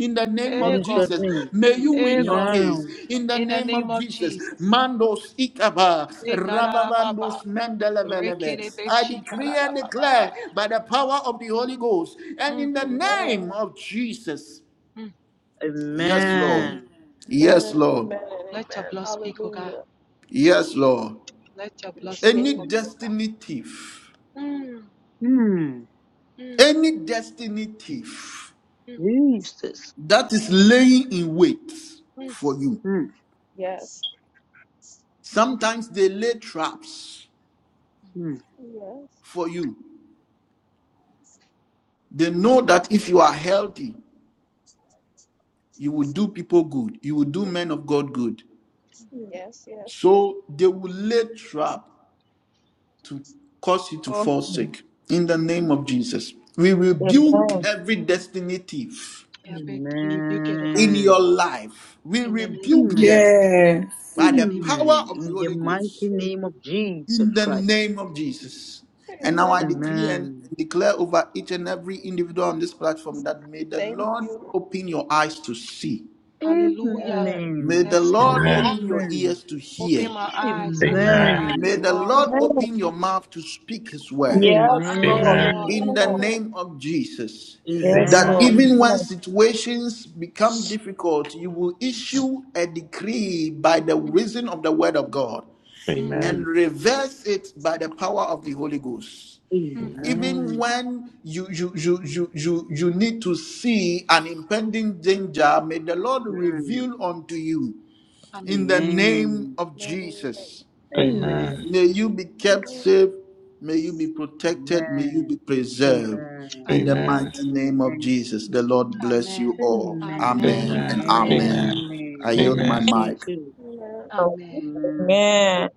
[SPEAKER 3] In the name of
[SPEAKER 9] Ego,
[SPEAKER 10] Jesus
[SPEAKER 3] Jesus,
[SPEAKER 10] name.
[SPEAKER 3] may
[SPEAKER 9] ego.
[SPEAKER 3] you win your case.
[SPEAKER 10] Amen.
[SPEAKER 3] In the
[SPEAKER 9] In the
[SPEAKER 3] name
[SPEAKER 9] name
[SPEAKER 3] of
[SPEAKER 9] of
[SPEAKER 3] Jesus,
[SPEAKER 9] Jesus.
[SPEAKER 3] Mandos Ikaba,
[SPEAKER 9] Eh, kalalababa.
[SPEAKER 3] Rababandos Mendelevelebe. I decree and
[SPEAKER 9] Rekelebeshikalalababa.
[SPEAKER 3] declare by the power of the Holy Ghost and
[SPEAKER 9] Mm,
[SPEAKER 3] in the
[SPEAKER 6] Amen.
[SPEAKER 3] name of Jesus.
[SPEAKER 9] mm.
[SPEAKER 3] Yes,
[SPEAKER 10] Amen.
[SPEAKER 3] Lord.
[SPEAKER 6] Amen.
[SPEAKER 3] Yes,
[SPEAKER 6] and
[SPEAKER 3] Lord.
[SPEAKER 6] Amen. and
[SPEAKER 9] Let your
[SPEAKER 6] Amen.
[SPEAKER 9] blood speak, oh God.
[SPEAKER 6] Hallelujah.
[SPEAKER 3] Yes, Lord.
[SPEAKER 9] Let your blood speak
[SPEAKER 3] Any
[SPEAKER 6] Appreciate.
[SPEAKER 9] for me, oh God.
[SPEAKER 3] destiny thief,
[SPEAKER 9] Mm,
[SPEAKER 10] Mm,
[SPEAKER 9] mm,
[SPEAKER 3] any destiny thief
[SPEAKER 9] mm,
[SPEAKER 10] Jesus.
[SPEAKER 3] that is laying in wait
[SPEAKER 9] mm.
[SPEAKER 3] for you,
[SPEAKER 10] Mm,
[SPEAKER 6] Yes.
[SPEAKER 3] sometimes they lay traps
[SPEAKER 10] mm.
[SPEAKER 6] Yes.
[SPEAKER 3] for you. They know that if you are healthy, you will do people good, you will do men of God good.
[SPEAKER 6] Yes. Yes. Yes.
[SPEAKER 3] So they will lay trap to cause you to fall sick. In the name of Jesus, we rebuke
[SPEAKER 7] Amen.
[SPEAKER 3] every destiny thief
[SPEAKER 9] Yeah, we we rebuke it, oh God.
[SPEAKER 3] in your
[SPEAKER 10] Amen.
[SPEAKER 3] life. We
[SPEAKER 9] In the name of
[SPEAKER 3] rebuke
[SPEAKER 10] Amen.
[SPEAKER 3] them
[SPEAKER 9] Jesus.
[SPEAKER 1] Yes.
[SPEAKER 3] by
[SPEAKER 9] In the
[SPEAKER 3] the
[SPEAKER 9] name of
[SPEAKER 3] power
[SPEAKER 10] Amen.
[SPEAKER 3] of the
[SPEAKER 10] In the
[SPEAKER 3] Holy
[SPEAKER 9] Jesus.
[SPEAKER 10] mighty
[SPEAKER 3] Ghost.
[SPEAKER 10] name of Jesus
[SPEAKER 3] In the
[SPEAKER 10] Christ.
[SPEAKER 3] name of Jesus. And now I
[SPEAKER 6] Amen.
[SPEAKER 3] decree and
[SPEAKER 10] Amen.
[SPEAKER 3] declare over each and every individual on this platform that may the
[SPEAKER 6] Thank
[SPEAKER 3] Lord
[SPEAKER 6] you.
[SPEAKER 3] open your eyes to see.
[SPEAKER 9] Hallelujah.
[SPEAKER 6] Yes.
[SPEAKER 3] May
[SPEAKER 10] Amen.
[SPEAKER 3] the
[SPEAKER 9] Yes,
[SPEAKER 3] Lord
[SPEAKER 9] Lord.
[SPEAKER 11] Amen.
[SPEAKER 3] open your
[SPEAKER 10] Amen.
[SPEAKER 3] ears to
[SPEAKER 9] Open
[SPEAKER 3] hear.
[SPEAKER 9] my eyes. Open my
[SPEAKER 11] Amen.
[SPEAKER 10] Amen.
[SPEAKER 3] May
[SPEAKER 9] eyes,
[SPEAKER 3] the
[SPEAKER 9] Lord.
[SPEAKER 3] Lord
[SPEAKER 6] Hallelujah.
[SPEAKER 7] Amen.
[SPEAKER 3] open your mouth to speak His word
[SPEAKER 9] Open my
[SPEAKER 7] Yes,
[SPEAKER 11] Amen.
[SPEAKER 9] eyes,
[SPEAKER 7] Lord.
[SPEAKER 11] Amen.
[SPEAKER 9] Lord.
[SPEAKER 3] in
[SPEAKER 10] Amen.
[SPEAKER 3] the
[SPEAKER 7] Amen.
[SPEAKER 6] Amen.
[SPEAKER 3] name of Jesus.
[SPEAKER 7] Yes,
[SPEAKER 3] That
[SPEAKER 11] Amen.
[SPEAKER 7] Lord.
[SPEAKER 3] even
[SPEAKER 10] Amen.
[SPEAKER 3] when
[SPEAKER 7] Amen.
[SPEAKER 3] situations become difficult, you will issue a decree by the reason of the word of God
[SPEAKER 9] Mm,
[SPEAKER 3] and
[SPEAKER 10] Mm,
[SPEAKER 11] Amen.
[SPEAKER 3] reverse it by the power of the Holy Ghost
[SPEAKER 9] mm.
[SPEAKER 3] even
[SPEAKER 10] Amen.
[SPEAKER 3] when you you you you you you need to see an impending danger may the lord
[SPEAKER 10] Mm,
[SPEAKER 3] reveal unto you In
[SPEAKER 9] Amen.
[SPEAKER 3] the name
[SPEAKER 10] Amen.
[SPEAKER 3] of Jesus,
[SPEAKER 10] Amen.
[SPEAKER 11] Amen.
[SPEAKER 3] may you be kept safe, may you be protected, may you
[SPEAKER 10] Amen.
[SPEAKER 3] be preserved.
[SPEAKER 10] Amen.
[SPEAKER 3] In the
[SPEAKER 9] Amen.
[SPEAKER 11] Amen.
[SPEAKER 3] mighty name of
[SPEAKER 10] Amen.
[SPEAKER 3] Jesus, the Lord bless you
[SPEAKER 9] Amen.
[SPEAKER 3] all.
[SPEAKER 10] Amen.
[SPEAKER 9] Amen.
[SPEAKER 3] Amen and
[SPEAKER 11] Amen.
[SPEAKER 10] Amen.
[SPEAKER 9] Amen.
[SPEAKER 6] Amen.
[SPEAKER 11] Amen.
[SPEAKER 3] amen. I
[SPEAKER 10] Amen.
[SPEAKER 3] yield
[SPEAKER 9] Amen.
[SPEAKER 11] Amen.
[SPEAKER 3] my
[SPEAKER 10] Bless you
[SPEAKER 3] mic.
[SPEAKER 10] too.
[SPEAKER 6] Amen. Amen. Amen.
[SPEAKER 7] Lord.
[SPEAKER 9] Amen.
[SPEAKER 10] Amen.
[SPEAKER 7] Amen.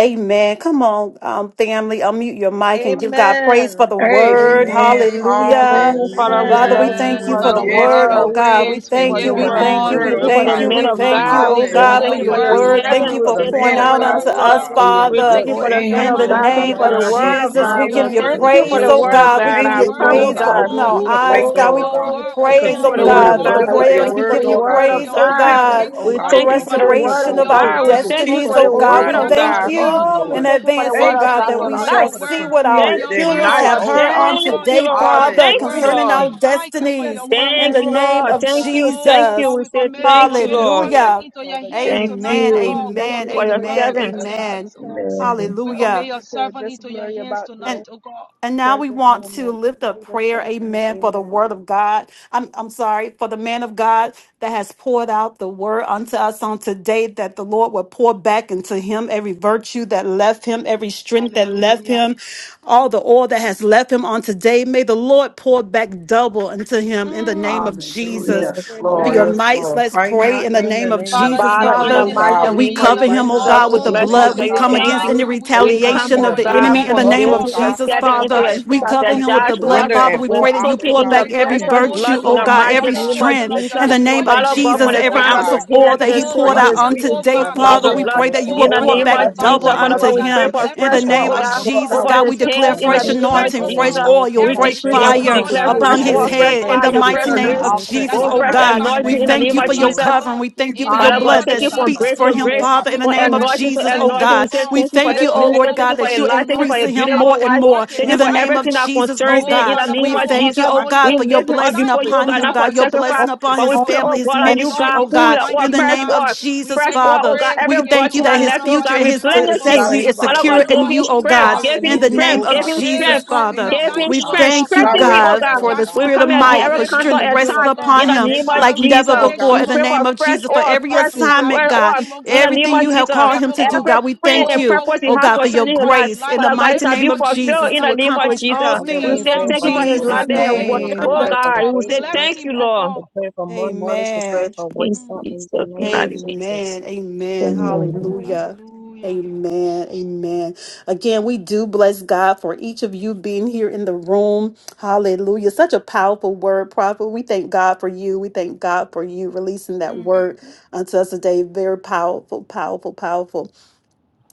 [SPEAKER 4] Amen. Come on, um, family, unmute your mic and give God praise for
[SPEAKER 6] Amen.
[SPEAKER 4] the
[SPEAKER 7] Amen.
[SPEAKER 4] word.
[SPEAKER 1] Amen.
[SPEAKER 4] Hallelujah.
[SPEAKER 7] Amen. Father, we
[SPEAKER 6] Amen,
[SPEAKER 4] Father,
[SPEAKER 1] Hallelujah.
[SPEAKER 4] we
[SPEAKER 7] bless you
[SPEAKER 4] thank
[SPEAKER 9] Yes,
[SPEAKER 4] you
[SPEAKER 7] for
[SPEAKER 6] Father.
[SPEAKER 4] for
[SPEAKER 7] the
[SPEAKER 4] the
[SPEAKER 9] Father,
[SPEAKER 10] Amen.
[SPEAKER 9] we
[SPEAKER 1] Yes,
[SPEAKER 9] give
[SPEAKER 4] word,
[SPEAKER 9] you
[SPEAKER 7] word.
[SPEAKER 4] oh
[SPEAKER 1] Lord
[SPEAKER 7] We
[SPEAKER 4] God.
[SPEAKER 1] God.
[SPEAKER 4] We
[SPEAKER 1] We
[SPEAKER 7] thank
[SPEAKER 9] praise.
[SPEAKER 7] you
[SPEAKER 9] We
[SPEAKER 1] thank
[SPEAKER 6] Amen,
[SPEAKER 7] for
[SPEAKER 4] thank
[SPEAKER 1] you
[SPEAKER 7] the
[SPEAKER 4] you,
[SPEAKER 9] give you
[SPEAKER 1] for
[SPEAKER 4] we
[SPEAKER 6] God.
[SPEAKER 7] word.
[SPEAKER 1] this
[SPEAKER 4] thank you,
[SPEAKER 10] Amen.
[SPEAKER 1] word,
[SPEAKER 4] we
[SPEAKER 9] honor.
[SPEAKER 7] Thank you
[SPEAKER 10] God
[SPEAKER 9] We
[SPEAKER 1] oh
[SPEAKER 7] for the
[SPEAKER 4] thank you,
[SPEAKER 1] God.
[SPEAKER 10] bless
[SPEAKER 7] men
[SPEAKER 4] we
[SPEAKER 6] Appreciate
[SPEAKER 7] of
[SPEAKER 9] magnify
[SPEAKER 6] you,
[SPEAKER 4] thank
[SPEAKER 10] you.
[SPEAKER 9] your
[SPEAKER 4] you,
[SPEAKER 7] God. We
[SPEAKER 6] Father
[SPEAKER 4] oh
[SPEAKER 9] name
[SPEAKER 7] say
[SPEAKER 9] for
[SPEAKER 10] Thank
[SPEAKER 4] God,
[SPEAKER 7] thank
[SPEAKER 4] for
[SPEAKER 6] God.
[SPEAKER 9] your
[SPEAKER 7] you for
[SPEAKER 4] your
[SPEAKER 10] you,
[SPEAKER 1] Hallelujah,
[SPEAKER 7] your
[SPEAKER 9] word,
[SPEAKER 1] Jesus.
[SPEAKER 9] oh
[SPEAKER 4] word.
[SPEAKER 1] Thank
[SPEAKER 9] God.
[SPEAKER 1] you
[SPEAKER 4] Thank
[SPEAKER 10] Jesus.
[SPEAKER 7] servant.
[SPEAKER 4] you
[SPEAKER 6] We
[SPEAKER 7] We
[SPEAKER 1] for
[SPEAKER 4] for
[SPEAKER 1] the
[SPEAKER 6] love
[SPEAKER 7] say
[SPEAKER 10] Thank
[SPEAKER 6] you
[SPEAKER 7] thank
[SPEAKER 4] pouring
[SPEAKER 1] man
[SPEAKER 10] you
[SPEAKER 7] you
[SPEAKER 9] Your
[SPEAKER 6] so
[SPEAKER 1] of
[SPEAKER 7] for
[SPEAKER 10] Jesus,
[SPEAKER 4] out
[SPEAKER 1] God,
[SPEAKER 7] your
[SPEAKER 6] much,
[SPEAKER 9] word,
[SPEAKER 4] unto
[SPEAKER 9] oh
[SPEAKER 1] oh
[SPEAKER 7] son.
[SPEAKER 4] us,
[SPEAKER 9] God,
[SPEAKER 1] God.
[SPEAKER 9] we
[SPEAKER 10] for
[SPEAKER 6] Father.
[SPEAKER 9] say
[SPEAKER 10] your
[SPEAKER 7] We thank
[SPEAKER 4] Father.
[SPEAKER 9] thank
[SPEAKER 10] word.
[SPEAKER 7] you
[SPEAKER 9] you
[SPEAKER 1] Restore
[SPEAKER 7] for the
[SPEAKER 9] for
[SPEAKER 1] in
[SPEAKER 9] your
[SPEAKER 7] men
[SPEAKER 1] him,
[SPEAKER 4] In
[SPEAKER 7] of
[SPEAKER 4] the
[SPEAKER 10] Thank
[SPEAKER 1] Lord
[SPEAKER 7] God. Thank
[SPEAKER 1] God,
[SPEAKER 9] powerful
[SPEAKER 10] you,
[SPEAKER 7] you
[SPEAKER 4] name
[SPEAKER 7] for
[SPEAKER 1] right
[SPEAKER 4] of
[SPEAKER 9] word,
[SPEAKER 7] the
[SPEAKER 1] now
[SPEAKER 9] oh
[SPEAKER 10] Abba
[SPEAKER 7] word
[SPEAKER 9] God.
[SPEAKER 1] in
[SPEAKER 7] of
[SPEAKER 6] Thank
[SPEAKER 4] Jesus,
[SPEAKER 1] the
[SPEAKER 6] you,
[SPEAKER 4] we
[SPEAKER 7] God.
[SPEAKER 1] name
[SPEAKER 7] We
[SPEAKER 10] Father.
[SPEAKER 9] Your
[SPEAKER 4] give
[SPEAKER 1] of
[SPEAKER 4] you
[SPEAKER 9] word
[SPEAKER 7] thank
[SPEAKER 6] Father.
[SPEAKER 10] Thank
[SPEAKER 1] Jesus,
[SPEAKER 9] that
[SPEAKER 7] you
[SPEAKER 1] oh
[SPEAKER 7] for
[SPEAKER 10] you,
[SPEAKER 4] praise,
[SPEAKER 7] the
[SPEAKER 1] God.
[SPEAKER 4] oh
[SPEAKER 9] changed
[SPEAKER 7] word
[SPEAKER 10] um,
[SPEAKER 7] of
[SPEAKER 4] God.
[SPEAKER 10] for
[SPEAKER 6] Let's
[SPEAKER 4] We
[SPEAKER 9] lives,
[SPEAKER 7] God.
[SPEAKER 4] give
[SPEAKER 9] your
[SPEAKER 1] Thank
[SPEAKER 7] I
[SPEAKER 4] you
[SPEAKER 6] thank
[SPEAKER 10] good
[SPEAKER 1] you,
[SPEAKER 9] word
[SPEAKER 6] you
[SPEAKER 7] come,
[SPEAKER 1] oh
[SPEAKER 6] for
[SPEAKER 7] oh
[SPEAKER 9] that
[SPEAKER 10] things.
[SPEAKER 4] praise for
[SPEAKER 7] God.
[SPEAKER 1] God.
[SPEAKER 10] Thank
[SPEAKER 4] opening
[SPEAKER 1] Lord,
[SPEAKER 9] perform,
[SPEAKER 4] our
[SPEAKER 6] everything.
[SPEAKER 10] you,
[SPEAKER 9] oh
[SPEAKER 1] you are
[SPEAKER 9] God.
[SPEAKER 10] oh
[SPEAKER 4] eyes,
[SPEAKER 10] God,
[SPEAKER 4] God.
[SPEAKER 1] faithful,
[SPEAKER 6] Thank
[SPEAKER 4] We
[SPEAKER 1] oh
[SPEAKER 6] you
[SPEAKER 9] Your
[SPEAKER 4] give
[SPEAKER 6] for
[SPEAKER 1] God,
[SPEAKER 7] Oh,
[SPEAKER 4] you
[SPEAKER 6] this
[SPEAKER 9] word,
[SPEAKER 1] to
[SPEAKER 9] oh
[SPEAKER 7] we thank
[SPEAKER 4] praise,
[SPEAKER 7] you
[SPEAKER 9] God,
[SPEAKER 7] for
[SPEAKER 4] oh
[SPEAKER 10] for
[SPEAKER 6] platform.
[SPEAKER 7] the
[SPEAKER 1] continue to
[SPEAKER 6] Thank
[SPEAKER 9] oh
[SPEAKER 7] word
[SPEAKER 10] your
[SPEAKER 6] you
[SPEAKER 7] of
[SPEAKER 4] God, for
[SPEAKER 6] for
[SPEAKER 9] God,
[SPEAKER 4] the
[SPEAKER 10] word
[SPEAKER 9] we
[SPEAKER 7] God.
[SPEAKER 1] deliver
[SPEAKER 10] for
[SPEAKER 7] We
[SPEAKER 9] say
[SPEAKER 1] a
[SPEAKER 4] prayers.
[SPEAKER 9] thank
[SPEAKER 10] us.
[SPEAKER 7] thank
[SPEAKER 6] profit.
[SPEAKER 7] you
[SPEAKER 4] We
[SPEAKER 9] you
[SPEAKER 7] for
[SPEAKER 9] for
[SPEAKER 1] word,
[SPEAKER 4] give
[SPEAKER 7] the
[SPEAKER 4] you
[SPEAKER 9] your
[SPEAKER 1] oh God,
[SPEAKER 7] word
[SPEAKER 9] word,
[SPEAKER 7] of
[SPEAKER 1] to
[SPEAKER 4] praise,
[SPEAKER 6] Thank
[SPEAKER 9] your
[SPEAKER 6] you
[SPEAKER 4] oh
[SPEAKER 10] Thank
[SPEAKER 9] word
[SPEAKER 6] for
[SPEAKER 7] God.
[SPEAKER 1] pivot
[SPEAKER 9] that
[SPEAKER 1] us,
[SPEAKER 4] God
[SPEAKER 9] brings
[SPEAKER 1] oh
[SPEAKER 6] everyone
[SPEAKER 7] We
[SPEAKER 1] God,
[SPEAKER 6] that's
[SPEAKER 10] you,
[SPEAKER 4] for
[SPEAKER 9] life,
[SPEAKER 7] thank
[SPEAKER 1] to
[SPEAKER 6] on
[SPEAKER 7] you
[SPEAKER 6] this
[SPEAKER 9] oh
[SPEAKER 7] for
[SPEAKER 9] God.
[SPEAKER 7] the
[SPEAKER 10] Jesus.
[SPEAKER 1] encourage us,
[SPEAKER 6] platform.
[SPEAKER 7] word
[SPEAKER 4] restoration
[SPEAKER 7] of
[SPEAKER 1] oh
[SPEAKER 4] of
[SPEAKER 10] Thank
[SPEAKER 9] Your
[SPEAKER 4] our
[SPEAKER 1] God,
[SPEAKER 7] God. We
[SPEAKER 9] word,
[SPEAKER 1] to
[SPEAKER 9] oh
[SPEAKER 7] thank you
[SPEAKER 1] keep
[SPEAKER 9] God,
[SPEAKER 4] destinies,
[SPEAKER 1] us
[SPEAKER 7] for
[SPEAKER 9] that
[SPEAKER 10] you,
[SPEAKER 4] oh
[SPEAKER 7] the
[SPEAKER 9] set
[SPEAKER 4] God.
[SPEAKER 9] the
[SPEAKER 1] focused,
[SPEAKER 7] word
[SPEAKER 4] We
[SPEAKER 6] Thank
[SPEAKER 1] oh
[SPEAKER 7] of
[SPEAKER 6] you.
[SPEAKER 9] captives
[SPEAKER 4] thank
[SPEAKER 1] God,
[SPEAKER 7] God.
[SPEAKER 1] in
[SPEAKER 9] free,
[SPEAKER 4] you
[SPEAKER 9] oh
[SPEAKER 1] you,
[SPEAKER 7] Oh, we
[SPEAKER 9] God.
[SPEAKER 10] Jesus.
[SPEAKER 4] in
[SPEAKER 1] Lord.
[SPEAKER 7] thank you for
[SPEAKER 9] We
[SPEAKER 7] the
[SPEAKER 4] advance, oh
[SPEAKER 9] say
[SPEAKER 7] word
[SPEAKER 1] Thank
[SPEAKER 7] of
[SPEAKER 4] God,
[SPEAKER 1] you,
[SPEAKER 7] God
[SPEAKER 9] thank
[SPEAKER 4] that
[SPEAKER 1] Lord
[SPEAKER 9] you
[SPEAKER 4] we
[SPEAKER 1] God,
[SPEAKER 9] for
[SPEAKER 1] to,
[SPEAKER 4] shall
[SPEAKER 7] tonight.
[SPEAKER 9] your
[SPEAKER 1] for the
[SPEAKER 4] see
[SPEAKER 9] word.
[SPEAKER 4] what our
[SPEAKER 7] Thank
[SPEAKER 1] continued
[SPEAKER 9] Your
[SPEAKER 7] you,
[SPEAKER 1] that
[SPEAKER 9] word
[SPEAKER 4] ears
[SPEAKER 9] is
[SPEAKER 1] night,
[SPEAKER 9] so
[SPEAKER 4] have
[SPEAKER 7] Lord.
[SPEAKER 1] oh
[SPEAKER 4] heard
[SPEAKER 9] sweet,
[SPEAKER 6] for
[SPEAKER 4] on
[SPEAKER 9] oh
[SPEAKER 1] God.
[SPEAKER 6] everything.
[SPEAKER 7] Thank
[SPEAKER 9] God.
[SPEAKER 7] you,
[SPEAKER 4] today,
[SPEAKER 9] Your
[SPEAKER 6] Thank
[SPEAKER 7] Lord.
[SPEAKER 9] word,
[SPEAKER 6] you
[SPEAKER 4] Father,
[SPEAKER 9] your
[SPEAKER 7] Thank you,
[SPEAKER 9] word.
[SPEAKER 6] for
[SPEAKER 1] Hallelujah,
[SPEAKER 9] We
[SPEAKER 4] concerning
[SPEAKER 9] say
[SPEAKER 7] Lord.
[SPEAKER 4] our
[SPEAKER 1] Jesus.
[SPEAKER 6] this
[SPEAKER 9] thank you for
[SPEAKER 6] present
[SPEAKER 9] your
[SPEAKER 4] destinies
[SPEAKER 9] word,
[SPEAKER 4] in
[SPEAKER 9] oh
[SPEAKER 7] Thank
[SPEAKER 4] the
[SPEAKER 7] you,
[SPEAKER 6] moment,
[SPEAKER 9] God.
[SPEAKER 4] name
[SPEAKER 7] Lord.
[SPEAKER 6] Father
[SPEAKER 4] of
[SPEAKER 7] Thank
[SPEAKER 6] God.
[SPEAKER 7] you. Thank
[SPEAKER 9] Oh
[SPEAKER 7] you.
[SPEAKER 9] God,
[SPEAKER 4] Jesus.
[SPEAKER 7] We
[SPEAKER 9] we
[SPEAKER 7] say
[SPEAKER 6] Thank you
[SPEAKER 9] commit, we
[SPEAKER 6] for
[SPEAKER 7] thank you,
[SPEAKER 9] commit the
[SPEAKER 7] Lord.
[SPEAKER 6] today,
[SPEAKER 9] perfect
[SPEAKER 4] Hallelujah.
[SPEAKER 9] into your
[SPEAKER 6] Father
[SPEAKER 9] hands
[SPEAKER 6] God.
[SPEAKER 7] Thank
[SPEAKER 9] tonight,
[SPEAKER 4] Amen.
[SPEAKER 9] oh
[SPEAKER 7] you.
[SPEAKER 9] God.
[SPEAKER 6] He
[SPEAKER 9] We
[SPEAKER 7] Thank
[SPEAKER 6] said,
[SPEAKER 7] you
[SPEAKER 4] Amen.
[SPEAKER 6] "Don't
[SPEAKER 7] for
[SPEAKER 9] commit the
[SPEAKER 7] your
[SPEAKER 6] worry
[SPEAKER 4] Amen.
[SPEAKER 9] perfect
[SPEAKER 7] servant.
[SPEAKER 9] into your
[SPEAKER 6] about the
[SPEAKER 4] Amen.
[SPEAKER 9] hands, oh God.
[SPEAKER 6] past
[SPEAKER 7] Amen.
[SPEAKER 9] We
[SPEAKER 6] or the
[SPEAKER 9] commit
[SPEAKER 4] Hallelujah.
[SPEAKER 9] your
[SPEAKER 6] future.
[SPEAKER 9] servant
[SPEAKER 6] Just
[SPEAKER 9] into your
[SPEAKER 6] worry
[SPEAKER 9] hands
[SPEAKER 6] about the
[SPEAKER 9] tonight, oh God.
[SPEAKER 4] And now we
[SPEAKER 6] present
[SPEAKER 4] want to
[SPEAKER 6] moment."
[SPEAKER 4] lift
[SPEAKER 6] In
[SPEAKER 4] up
[SPEAKER 6] Jesus
[SPEAKER 4] prayer,
[SPEAKER 6] Christ, name.
[SPEAKER 4] amen, for the
[SPEAKER 6] Amen.
[SPEAKER 4] word of God. I'm, I'm sorry, for the man of God that has poured out the word unto us on today, that the Lord will pour back into him every virtue that left him, every strength that left
[SPEAKER 9] Hallelujah.
[SPEAKER 4] him, all the oil that has left him on today. May the Lord pour back double into him in the name
[SPEAKER 9] Mm,
[SPEAKER 4] of Jesus.
[SPEAKER 1] Hallelujah.
[SPEAKER 7] Yes,
[SPEAKER 1] Oh
[SPEAKER 4] Open
[SPEAKER 7] Lord.
[SPEAKER 4] your
[SPEAKER 9] mm.
[SPEAKER 1] God.
[SPEAKER 7] Yes,
[SPEAKER 6] Amen.
[SPEAKER 7] Lord.
[SPEAKER 4] mics. Let's
[SPEAKER 1] Right
[SPEAKER 4] pray
[SPEAKER 1] now,
[SPEAKER 4] in the
[SPEAKER 1] in the
[SPEAKER 4] name of
[SPEAKER 1] name of
[SPEAKER 9] Father,
[SPEAKER 4] Jesus.
[SPEAKER 9] in
[SPEAKER 4] Jesus,
[SPEAKER 9] the
[SPEAKER 7] Father,
[SPEAKER 1] Jesus,
[SPEAKER 7] in the
[SPEAKER 4] Father.
[SPEAKER 1] oh
[SPEAKER 9] mighty
[SPEAKER 6] Amen.
[SPEAKER 9] name
[SPEAKER 7] mighty
[SPEAKER 1] God,
[SPEAKER 4] And
[SPEAKER 9] of
[SPEAKER 1] we
[SPEAKER 4] we
[SPEAKER 7] name of
[SPEAKER 1] pray
[SPEAKER 4] cover
[SPEAKER 9] Jesus,
[SPEAKER 1] right
[SPEAKER 9] oh
[SPEAKER 4] him, oh
[SPEAKER 1] now
[SPEAKER 7] Jesus,
[SPEAKER 9] God,
[SPEAKER 1] oh,
[SPEAKER 4] God,
[SPEAKER 7] we
[SPEAKER 4] with
[SPEAKER 1] for
[SPEAKER 4] the
[SPEAKER 1] the
[SPEAKER 9] oh
[SPEAKER 7] bless you.
[SPEAKER 1] man
[SPEAKER 7] We
[SPEAKER 9] God,
[SPEAKER 1] of
[SPEAKER 4] blood.
[SPEAKER 9] we
[SPEAKER 7] tell
[SPEAKER 4] We
[SPEAKER 7] you
[SPEAKER 9] say
[SPEAKER 1] God,
[SPEAKER 4] come
[SPEAKER 1] oh
[SPEAKER 7] thank
[SPEAKER 4] against
[SPEAKER 1] God,
[SPEAKER 9] thank
[SPEAKER 4] any
[SPEAKER 7] you.
[SPEAKER 9] you. We
[SPEAKER 6] God
[SPEAKER 1] that
[SPEAKER 9] say
[SPEAKER 1] you
[SPEAKER 7] We come,
[SPEAKER 9] thank
[SPEAKER 1] continue
[SPEAKER 9] you
[SPEAKER 4] retaliation of
[SPEAKER 7] oh
[SPEAKER 1] to
[SPEAKER 9] for
[SPEAKER 4] the
[SPEAKER 9] your
[SPEAKER 1] build
[SPEAKER 7] God,
[SPEAKER 4] enemy
[SPEAKER 1] him
[SPEAKER 4] in
[SPEAKER 9] servant,
[SPEAKER 4] the
[SPEAKER 9] oh
[SPEAKER 1] up,
[SPEAKER 4] name of
[SPEAKER 1] oh
[SPEAKER 9] God.
[SPEAKER 7] committing your
[SPEAKER 1] God.
[SPEAKER 4] Jesus,
[SPEAKER 7] stepping
[SPEAKER 9] Prophet
[SPEAKER 1] Lord
[SPEAKER 7] into
[SPEAKER 4] Father.
[SPEAKER 7] your
[SPEAKER 1] God, as
[SPEAKER 7] hands,
[SPEAKER 1] he
[SPEAKER 4] We
[SPEAKER 9] Joshua, oh
[SPEAKER 4] cover
[SPEAKER 7] Pastor
[SPEAKER 9] God,
[SPEAKER 1] continues
[SPEAKER 9] we
[SPEAKER 4] him
[SPEAKER 1] to
[SPEAKER 4] with
[SPEAKER 6] bless
[SPEAKER 9] say
[SPEAKER 4] the
[SPEAKER 6] you.
[SPEAKER 7] Joshua.
[SPEAKER 4] blood,
[SPEAKER 9] thank
[SPEAKER 1] surrender
[SPEAKER 9] you,
[SPEAKER 4] Father.
[SPEAKER 9] oh
[SPEAKER 1] and
[SPEAKER 4] We
[SPEAKER 7] We
[SPEAKER 1] pour
[SPEAKER 4] pray
[SPEAKER 9] God.
[SPEAKER 4] that you
[SPEAKER 1] out,
[SPEAKER 7] soak it
[SPEAKER 1] Lord
[SPEAKER 4] pour
[SPEAKER 9] We
[SPEAKER 7] in
[SPEAKER 1] God,
[SPEAKER 7] your
[SPEAKER 9] say
[SPEAKER 4] back
[SPEAKER 1] we pray
[SPEAKER 4] every
[SPEAKER 9] double
[SPEAKER 1] that
[SPEAKER 6] Thank
[SPEAKER 7] precious
[SPEAKER 1] you will
[SPEAKER 7] blood
[SPEAKER 4] virtue,
[SPEAKER 9] portion,
[SPEAKER 7] in
[SPEAKER 9] oh
[SPEAKER 4] oh
[SPEAKER 6] you,
[SPEAKER 7] the
[SPEAKER 1] restore
[SPEAKER 6] my
[SPEAKER 4] God,
[SPEAKER 1] him,
[SPEAKER 9] God,
[SPEAKER 7] mighty
[SPEAKER 1] oh
[SPEAKER 4] every
[SPEAKER 9] double
[SPEAKER 1] God,
[SPEAKER 7] name of
[SPEAKER 9] portion
[SPEAKER 4] strength
[SPEAKER 9] of
[SPEAKER 1] that
[SPEAKER 9] your
[SPEAKER 1] you
[SPEAKER 4] in
[SPEAKER 7] Jesus.
[SPEAKER 1] will
[SPEAKER 4] the
[SPEAKER 1] pour
[SPEAKER 4] name of
[SPEAKER 1] back
[SPEAKER 9] anointing
[SPEAKER 7] Father
[SPEAKER 1] into
[SPEAKER 9] this
[SPEAKER 7] God,
[SPEAKER 4] Jesus,
[SPEAKER 7] from
[SPEAKER 1] him,
[SPEAKER 7] the
[SPEAKER 4] every
[SPEAKER 1] oh
[SPEAKER 9] tonight,
[SPEAKER 6] Lord.
[SPEAKER 7] crown
[SPEAKER 9] oh
[SPEAKER 7] of
[SPEAKER 4] ounce of
[SPEAKER 7] his
[SPEAKER 9] God.
[SPEAKER 1] God, give
[SPEAKER 4] oil
[SPEAKER 7] head
[SPEAKER 1] him
[SPEAKER 7] to
[SPEAKER 4] that
[SPEAKER 7] the
[SPEAKER 4] he
[SPEAKER 6] More
[SPEAKER 1] strength
[SPEAKER 9] Oh
[SPEAKER 6] than what
[SPEAKER 7] soles
[SPEAKER 1] where
[SPEAKER 4] poured
[SPEAKER 9] God,
[SPEAKER 1] he's
[SPEAKER 7] of
[SPEAKER 9] we
[SPEAKER 4] out
[SPEAKER 7] his
[SPEAKER 1] been
[SPEAKER 9] say
[SPEAKER 4] on
[SPEAKER 7] feet, we
[SPEAKER 9] pull
[SPEAKER 1] weakened.
[SPEAKER 4] today,
[SPEAKER 7] soak
[SPEAKER 9] back,
[SPEAKER 8] Father,
[SPEAKER 7] it
[SPEAKER 8] we
[SPEAKER 9] oh
[SPEAKER 7] in
[SPEAKER 4] Father.
[SPEAKER 7] the
[SPEAKER 4] We
[SPEAKER 1] Direct
[SPEAKER 8] pray
[SPEAKER 9] God.
[SPEAKER 1] his
[SPEAKER 8] for
[SPEAKER 7] blood
[SPEAKER 4] pray
[SPEAKER 8] the
[SPEAKER 4] that
[SPEAKER 1] path,
[SPEAKER 4] you
[SPEAKER 9] Pull
[SPEAKER 7] in
[SPEAKER 4] will
[SPEAKER 8] servant
[SPEAKER 7] the
[SPEAKER 1] oh
[SPEAKER 8] that
[SPEAKER 9] back
[SPEAKER 4] pour
[SPEAKER 1] God,
[SPEAKER 7] name
[SPEAKER 8] is
[SPEAKER 9] every
[SPEAKER 4] back
[SPEAKER 7] of
[SPEAKER 1] right
[SPEAKER 8] filled with
[SPEAKER 7] Jesus.
[SPEAKER 8] the
[SPEAKER 1] now,
[SPEAKER 4] double
[SPEAKER 9] virtue, oh
[SPEAKER 7] Father
[SPEAKER 4] unto
[SPEAKER 7] God,
[SPEAKER 9] God,
[SPEAKER 7] we
[SPEAKER 8] anointing.
[SPEAKER 9] that
[SPEAKER 8] We
[SPEAKER 7] pray
[SPEAKER 9] has
[SPEAKER 8] pray
[SPEAKER 4] him
[SPEAKER 8] for
[SPEAKER 7] for
[SPEAKER 9] left
[SPEAKER 4] in
[SPEAKER 8] deeper
[SPEAKER 4] the
[SPEAKER 7] fresh
[SPEAKER 9] him
[SPEAKER 1] Lord
[SPEAKER 4] name
[SPEAKER 7] oil, oh
[SPEAKER 4] of
[SPEAKER 9] tonight,
[SPEAKER 7] God,
[SPEAKER 9] oh
[SPEAKER 8] dimension.
[SPEAKER 1] God. Lord
[SPEAKER 9] God.
[SPEAKER 4] Jesus,
[SPEAKER 1] God, we
[SPEAKER 7] over
[SPEAKER 4] God.
[SPEAKER 9] We
[SPEAKER 1] can't
[SPEAKER 4] We
[SPEAKER 7] his
[SPEAKER 9] say
[SPEAKER 7] head
[SPEAKER 4] declare
[SPEAKER 9] pull
[SPEAKER 7] in
[SPEAKER 8] Father,
[SPEAKER 9] back
[SPEAKER 7] the
[SPEAKER 4] fresh
[SPEAKER 8] we
[SPEAKER 7] name
[SPEAKER 8] pray
[SPEAKER 7] of
[SPEAKER 9] strength,
[SPEAKER 4] anointing,
[SPEAKER 8] for
[SPEAKER 9] oh
[SPEAKER 8] the
[SPEAKER 4] fresh
[SPEAKER 9] God.
[SPEAKER 7] Jesus.
[SPEAKER 4] oil,
[SPEAKER 8] anointing.
[SPEAKER 7] We
[SPEAKER 1] uh,
[SPEAKER 9] Every
[SPEAKER 8] We
[SPEAKER 4] fresh fresh
[SPEAKER 8] pray
[SPEAKER 7] decree and
[SPEAKER 1] one
[SPEAKER 9] strength,
[SPEAKER 7] we
[SPEAKER 9] oh
[SPEAKER 1] come
[SPEAKER 4] fire
[SPEAKER 8] upon
[SPEAKER 9] God,
[SPEAKER 1] to
[SPEAKER 9] that
[SPEAKER 8] him,
[SPEAKER 7] declare
[SPEAKER 8] O
[SPEAKER 9] has
[SPEAKER 1] fulfill
[SPEAKER 7] fresh
[SPEAKER 1] his
[SPEAKER 4] upon
[SPEAKER 8] God.
[SPEAKER 9] left
[SPEAKER 4] his
[SPEAKER 7] oil,
[SPEAKER 8] Lord.
[SPEAKER 9] him,
[SPEAKER 8] We
[SPEAKER 9] oh
[SPEAKER 7] fresh
[SPEAKER 1] destiny,
[SPEAKER 4] head
[SPEAKER 8] pray
[SPEAKER 4] in
[SPEAKER 9] God.
[SPEAKER 4] the
[SPEAKER 8] for
[SPEAKER 7] fire,
[SPEAKER 9] We
[SPEAKER 1] to
[SPEAKER 9] pray,
[SPEAKER 7] fresh
[SPEAKER 4] mighty
[SPEAKER 8] deeper
[SPEAKER 1] deter
[SPEAKER 9] oh
[SPEAKER 1] him
[SPEAKER 4] name of
[SPEAKER 7] grace,
[SPEAKER 9] God,
[SPEAKER 1] off
[SPEAKER 8] dimension
[SPEAKER 1] track.
[SPEAKER 9] that
[SPEAKER 4] Jesus,
[SPEAKER 8] in
[SPEAKER 9] you
[SPEAKER 7] oh,
[SPEAKER 1] Right
[SPEAKER 8] the
[SPEAKER 4] oh
[SPEAKER 9] will
[SPEAKER 7] fresh
[SPEAKER 1] now,
[SPEAKER 8] name
[SPEAKER 9] pour
[SPEAKER 4] God.
[SPEAKER 8] of
[SPEAKER 1] in
[SPEAKER 9] back
[SPEAKER 1] the
[SPEAKER 4] We
[SPEAKER 7] anointing
[SPEAKER 1] name
[SPEAKER 7] in the
[SPEAKER 8] Jesus.
[SPEAKER 1] of
[SPEAKER 9] into
[SPEAKER 4] thank
[SPEAKER 7] name
[SPEAKER 4] you
[SPEAKER 9] his
[SPEAKER 7] of
[SPEAKER 1] Jesus,
[SPEAKER 4] for your
[SPEAKER 9] life,
[SPEAKER 1] Lord
[SPEAKER 7] Jesus.
[SPEAKER 9] oh
[SPEAKER 1] God,
[SPEAKER 9] God
[SPEAKER 4] covering. We
[SPEAKER 1] we
[SPEAKER 4] thank you
[SPEAKER 9] in
[SPEAKER 4] for
[SPEAKER 9] the
[SPEAKER 4] your
[SPEAKER 1] bind
[SPEAKER 7] Father
[SPEAKER 1] it
[SPEAKER 9] name
[SPEAKER 7] God,
[SPEAKER 1] up,
[SPEAKER 4] blood
[SPEAKER 9] of
[SPEAKER 7] thank
[SPEAKER 4] that
[SPEAKER 1] Lord
[SPEAKER 7] you
[SPEAKER 1] God.
[SPEAKER 7] for
[SPEAKER 4] speaks
[SPEAKER 9] Jesus,
[SPEAKER 7] grace
[SPEAKER 9] oh
[SPEAKER 4] for
[SPEAKER 7] to
[SPEAKER 1] Continue,
[SPEAKER 9] God,
[SPEAKER 4] him,
[SPEAKER 7] grace,
[SPEAKER 1] Lord God,
[SPEAKER 4] Father, in
[SPEAKER 9] we
[SPEAKER 1] to
[SPEAKER 4] the
[SPEAKER 7] for
[SPEAKER 9] pray
[SPEAKER 4] name
[SPEAKER 1] cover
[SPEAKER 4] of
[SPEAKER 9] that
[SPEAKER 1] his
[SPEAKER 9] you
[SPEAKER 7] anointing to
[SPEAKER 4] Jesus,
[SPEAKER 6] you
[SPEAKER 4] oh
[SPEAKER 9] bless him,
[SPEAKER 7] anointing.
[SPEAKER 6] can
[SPEAKER 7] We
[SPEAKER 9] oh
[SPEAKER 4] God.
[SPEAKER 7] say
[SPEAKER 9] God.
[SPEAKER 4] We
[SPEAKER 7] thank you for
[SPEAKER 1] and
[SPEAKER 4] thank you,
[SPEAKER 7] this
[SPEAKER 6] handle,
[SPEAKER 4] oh
[SPEAKER 9] Oh
[SPEAKER 1] the name
[SPEAKER 7] ministry.
[SPEAKER 4] Lord
[SPEAKER 6] Father
[SPEAKER 9] God,
[SPEAKER 7] Thank
[SPEAKER 9] we
[SPEAKER 4] God,
[SPEAKER 7] you
[SPEAKER 9] say
[SPEAKER 7] for
[SPEAKER 6] God.
[SPEAKER 4] that
[SPEAKER 7] your
[SPEAKER 4] you're
[SPEAKER 9] we
[SPEAKER 7] life. Thank you
[SPEAKER 9] anoint
[SPEAKER 7] for your
[SPEAKER 9] his
[SPEAKER 4] increasing him
[SPEAKER 1] of
[SPEAKER 9] head,
[SPEAKER 7] beautiful
[SPEAKER 4] more
[SPEAKER 9] we
[SPEAKER 4] and
[SPEAKER 7] wife.
[SPEAKER 6] Give
[SPEAKER 4] more
[SPEAKER 9] anoint his
[SPEAKER 7] Thank
[SPEAKER 6] more
[SPEAKER 7] you
[SPEAKER 4] in
[SPEAKER 1] Jesus.
[SPEAKER 4] the
[SPEAKER 7] for
[SPEAKER 9] life,
[SPEAKER 4] name
[SPEAKER 9] oh
[SPEAKER 4] of
[SPEAKER 7] everything
[SPEAKER 6] blessings
[SPEAKER 9] God.
[SPEAKER 7] that
[SPEAKER 6] on top
[SPEAKER 4] Jesus,
[SPEAKER 6] of
[SPEAKER 1] We
[SPEAKER 4] oh
[SPEAKER 7] concerns
[SPEAKER 1] speak
[SPEAKER 7] you
[SPEAKER 9] Oh,
[SPEAKER 7] in
[SPEAKER 4] God.
[SPEAKER 9] by
[SPEAKER 7] the
[SPEAKER 9] the
[SPEAKER 6] blessings.
[SPEAKER 4] We
[SPEAKER 7] name
[SPEAKER 1] life
[SPEAKER 7] of
[SPEAKER 9] power
[SPEAKER 1] in
[SPEAKER 6] Thank
[SPEAKER 9] of
[SPEAKER 1] his
[SPEAKER 4] thank you,
[SPEAKER 7] Jesus.
[SPEAKER 9] the
[SPEAKER 6] you,
[SPEAKER 4] oh
[SPEAKER 6] God.
[SPEAKER 9] Holy
[SPEAKER 4] God,
[SPEAKER 7] We
[SPEAKER 1] finances,
[SPEAKER 4] for
[SPEAKER 9] Ghost, we
[SPEAKER 4] your
[SPEAKER 7] lift you
[SPEAKER 9] say
[SPEAKER 6] Amen.
[SPEAKER 7] up
[SPEAKER 4] blessing
[SPEAKER 9] thank
[SPEAKER 7] before
[SPEAKER 1] We
[SPEAKER 7] you,
[SPEAKER 9] you,
[SPEAKER 7] oh
[SPEAKER 4] upon
[SPEAKER 9] oh
[SPEAKER 7] God,
[SPEAKER 4] him,
[SPEAKER 7] not
[SPEAKER 9] God,
[SPEAKER 7] for
[SPEAKER 9] for
[SPEAKER 4] God, your
[SPEAKER 9] your servant
[SPEAKER 7] sacrifice,
[SPEAKER 4] blessing
[SPEAKER 1] over
[SPEAKER 4] upon
[SPEAKER 1] his finances, over his
[SPEAKER 7] but we
[SPEAKER 9] tonight,
[SPEAKER 4] his
[SPEAKER 9] oh
[SPEAKER 7] pray,
[SPEAKER 1] home,
[SPEAKER 9] God.
[SPEAKER 4] family,
[SPEAKER 7] oh
[SPEAKER 4] his
[SPEAKER 7] God, that
[SPEAKER 1] over
[SPEAKER 7] you,
[SPEAKER 4] ministry,
[SPEAKER 9] Lord,
[SPEAKER 7] God,
[SPEAKER 9] we
[SPEAKER 4] oh
[SPEAKER 9] say
[SPEAKER 7] pull
[SPEAKER 4] God,
[SPEAKER 7] your
[SPEAKER 9] thank
[SPEAKER 7] oil,
[SPEAKER 4] in the
[SPEAKER 9] you,
[SPEAKER 1] his
[SPEAKER 9] oh
[SPEAKER 7] fresh
[SPEAKER 1] healing.
[SPEAKER 4] name
[SPEAKER 9] God.
[SPEAKER 4] of
[SPEAKER 7] oil,
[SPEAKER 9] We
[SPEAKER 4] Jesus,
[SPEAKER 7] fresh
[SPEAKER 9] give you
[SPEAKER 7] oil,
[SPEAKER 4] Father.
[SPEAKER 7] oh God,
[SPEAKER 9] praise, we
[SPEAKER 4] We
[SPEAKER 7] every
[SPEAKER 9] give
[SPEAKER 1] We
[SPEAKER 4] Thank
[SPEAKER 9] you
[SPEAKER 4] you
[SPEAKER 7] virtue
[SPEAKER 4] that
[SPEAKER 7] that
[SPEAKER 1] pray that
[SPEAKER 4] his
[SPEAKER 7] left,
[SPEAKER 9] honor
[SPEAKER 7] oh
[SPEAKER 9] for
[SPEAKER 4] future
[SPEAKER 7] God,
[SPEAKER 4] and
[SPEAKER 9] his
[SPEAKER 1] any
[SPEAKER 4] his de-
[SPEAKER 9] life,
[SPEAKER 7] replenish
[SPEAKER 9] oh
[SPEAKER 1] curses
[SPEAKER 7] him.
[SPEAKER 1] out
[SPEAKER 9] God.
[SPEAKER 1] of
[SPEAKER 4] destiny
[SPEAKER 1] his
[SPEAKER 4] is
[SPEAKER 1] body,
[SPEAKER 7] Father
[SPEAKER 4] secure
[SPEAKER 9] We
[SPEAKER 1] oh
[SPEAKER 7] God,
[SPEAKER 4] in
[SPEAKER 7] give
[SPEAKER 1] God.
[SPEAKER 7] him
[SPEAKER 4] you,
[SPEAKER 9] worship
[SPEAKER 4] oh
[SPEAKER 9] you, oh
[SPEAKER 7] strength,
[SPEAKER 4] God.
[SPEAKER 9] God.
[SPEAKER 7] give him
[SPEAKER 4] In the
[SPEAKER 1] Hallelujah,
[SPEAKER 4] name
[SPEAKER 7] strength,
[SPEAKER 1] oh
[SPEAKER 4] of
[SPEAKER 7] give
[SPEAKER 1] God.
[SPEAKER 7] him
[SPEAKER 1] Continue to
[SPEAKER 4] Jesus,
[SPEAKER 9] Hey
[SPEAKER 7] strength,
[SPEAKER 9] God, we
[SPEAKER 1] strengthen
[SPEAKER 4] Father,
[SPEAKER 9] say
[SPEAKER 1] him,
[SPEAKER 7] give him
[SPEAKER 9] thank
[SPEAKER 1] Lord
[SPEAKER 4] we
[SPEAKER 9] you, oh
[SPEAKER 1] God.
[SPEAKER 7] strength,
[SPEAKER 9] God,
[SPEAKER 4] thank
[SPEAKER 9] for
[SPEAKER 4] you,
[SPEAKER 7] strengthen
[SPEAKER 9] our
[SPEAKER 7] him,
[SPEAKER 1] Direct
[SPEAKER 7] oh
[SPEAKER 4] God,
[SPEAKER 1] him,
[SPEAKER 7] God.
[SPEAKER 9] prophet
[SPEAKER 4] for the
[SPEAKER 1] Lord
[SPEAKER 7] We
[SPEAKER 1] God.
[SPEAKER 9] Joshua,
[SPEAKER 4] spirit
[SPEAKER 9] oh
[SPEAKER 7] come
[SPEAKER 4] of
[SPEAKER 9] God.
[SPEAKER 7] against
[SPEAKER 9] We
[SPEAKER 4] might,
[SPEAKER 7] every
[SPEAKER 4] for
[SPEAKER 9] lift him
[SPEAKER 7] counter
[SPEAKER 4] strength
[SPEAKER 9] up
[SPEAKER 1] Hallelujah.
[SPEAKER 9] to
[SPEAKER 1] Build
[SPEAKER 9] you,
[SPEAKER 4] resting
[SPEAKER 9] oh
[SPEAKER 1] a
[SPEAKER 7] attack
[SPEAKER 1] firm
[SPEAKER 9] God.
[SPEAKER 4] upon
[SPEAKER 7] in the
[SPEAKER 4] him
[SPEAKER 7] name of
[SPEAKER 1] foundation,
[SPEAKER 9] Father,
[SPEAKER 4] like never
[SPEAKER 7] Jesus.
[SPEAKER 1] Lord
[SPEAKER 9] replenish
[SPEAKER 4] before.
[SPEAKER 7] We
[SPEAKER 1] God.
[SPEAKER 4] In
[SPEAKER 9] him,
[SPEAKER 4] the
[SPEAKER 9] oh
[SPEAKER 7] pray for
[SPEAKER 4] name
[SPEAKER 9] God.
[SPEAKER 4] of
[SPEAKER 7] fresh
[SPEAKER 4] Jesus, for
[SPEAKER 9] Every
[SPEAKER 7] oil,
[SPEAKER 4] every
[SPEAKER 7] fresh
[SPEAKER 9] virtue that have
[SPEAKER 4] assignment,
[SPEAKER 9] left
[SPEAKER 4] God,
[SPEAKER 7] oil
[SPEAKER 9] him, oh
[SPEAKER 7] in the
[SPEAKER 9] God.
[SPEAKER 7] name
[SPEAKER 4] everything
[SPEAKER 7] of
[SPEAKER 9] Lord,
[SPEAKER 4] you
[SPEAKER 9] we
[SPEAKER 4] have
[SPEAKER 7] Jesus.
[SPEAKER 9] pray,
[SPEAKER 4] called
[SPEAKER 1] power
[SPEAKER 4] him
[SPEAKER 9] oh
[SPEAKER 4] to do,
[SPEAKER 9] God.
[SPEAKER 1] be
[SPEAKER 7] Every
[SPEAKER 4] God, we
[SPEAKER 7] prayer
[SPEAKER 1] Lord
[SPEAKER 4] thank
[SPEAKER 7] and
[SPEAKER 9] Oh
[SPEAKER 4] you,
[SPEAKER 9] God, we
[SPEAKER 7] purpose he
[SPEAKER 4] oh
[SPEAKER 9] say
[SPEAKER 7] has
[SPEAKER 4] God, for
[SPEAKER 9] thank
[SPEAKER 4] your
[SPEAKER 9] you
[SPEAKER 7] concerning his
[SPEAKER 9] for
[SPEAKER 1] and
[SPEAKER 9] his
[SPEAKER 7] life,
[SPEAKER 4] grace
[SPEAKER 9] life.
[SPEAKER 4] in the
[SPEAKER 7] Father
[SPEAKER 9] We
[SPEAKER 7] God, it
[SPEAKER 4] mighty
[SPEAKER 9] lift
[SPEAKER 7] shall
[SPEAKER 9] him
[SPEAKER 7] be
[SPEAKER 4] name
[SPEAKER 9] up
[SPEAKER 4] of
[SPEAKER 9] to
[SPEAKER 1] the
[SPEAKER 9] you
[SPEAKER 1] Lord.
[SPEAKER 7] fulfilled
[SPEAKER 4] Jesus
[SPEAKER 7] in
[SPEAKER 4] to
[SPEAKER 7] the
[SPEAKER 9] tonight, oh
[SPEAKER 7] name of
[SPEAKER 9] God.
[SPEAKER 4] accomplish all
[SPEAKER 7] Jesus.
[SPEAKER 9] We
[SPEAKER 8] Father,
[SPEAKER 9] say,
[SPEAKER 7] We
[SPEAKER 8] we
[SPEAKER 4] things
[SPEAKER 7] say
[SPEAKER 4] in
[SPEAKER 9] Lord,
[SPEAKER 8] pray
[SPEAKER 9] oh
[SPEAKER 7] thank
[SPEAKER 8] for
[SPEAKER 7] you for
[SPEAKER 9] God,
[SPEAKER 8] the
[SPEAKER 9] you
[SPEAKER 7] his
[SPEAKER 1] Oh, God.
[SPEAKER 7] life
[SPEAKER 4] Jesus'
[SPEAKER 8] strength
[SPEAKER 9] have
[SPEAKER 7] that he
[SPEAKER 9] your
[SPEAKER 7] has
[SPEAKER 8] upon
[SPEAKER 9] way
[SPEAKER 8] him,
[SPEAKER 9] in
[SPEAKER 8] O
[SPEAKER 7] worked.
[SPEAKER 9] his
[SPEAKER 8] God.
[SPEAKER 4] name.
[SPEAKER 8] We
[SPEAKER 7] Oh
[SPEAKER 8] pray
[SPEAKER 9] life,
[SPEAKER 8] for
[SPEAKER 9] oh
[SPEAKER 8] the
[SPEAKER 7] God,
[SPEAKER 9] God.
[SPEAKER 7] we
[SPEAKER 8] grace
[SPEAKER 7] say
[SPEAKER 8] of
[SPEAKER 6] Amen. Amen.
[SPEAKER 9] Bless
[SPEAKER 8] God.
[SPEAKER 7] thank
[SPEAKER 9] him,
[SPEAKER 7] you,
[SPEAKER 9] oh
[SPEAKER 7] Lord.
[SPEAKER 8] We
[SPEAKER 9] God.
[SPEAKER 8] pray for more knowledge. We pray
[SPEAKER 4] Amen.
[SPEAKER 8] for
[SPEAKER 7] In
[SPEAKER 9] Mm,
[SPEAKER 8] wisdom in
[SPEAKER 7] Jesus'
[SPEAKER 8] the name of
[SPEAKER 7] mighty name.
[SPEAKER 8] Jesus.
[SPEAKER 4] Amen. Amen.
[SPEAKER 7] Amen.
[SPEAKER 6] Amen.
[SPEAKER 4] Hallelujah.
[SPEAKER 9] hallelujah.
[SPEAKER 4] Amen. Amen. Again, we do bless God for each of you being here in the room. Hallelujah. Such a powerful word, prophet. We thank God for you. We thank God for you releasing that
[SPEAKER 9] Mm,
[SPEAKER 4] word unto us today. Very powerful, powerful, powerful.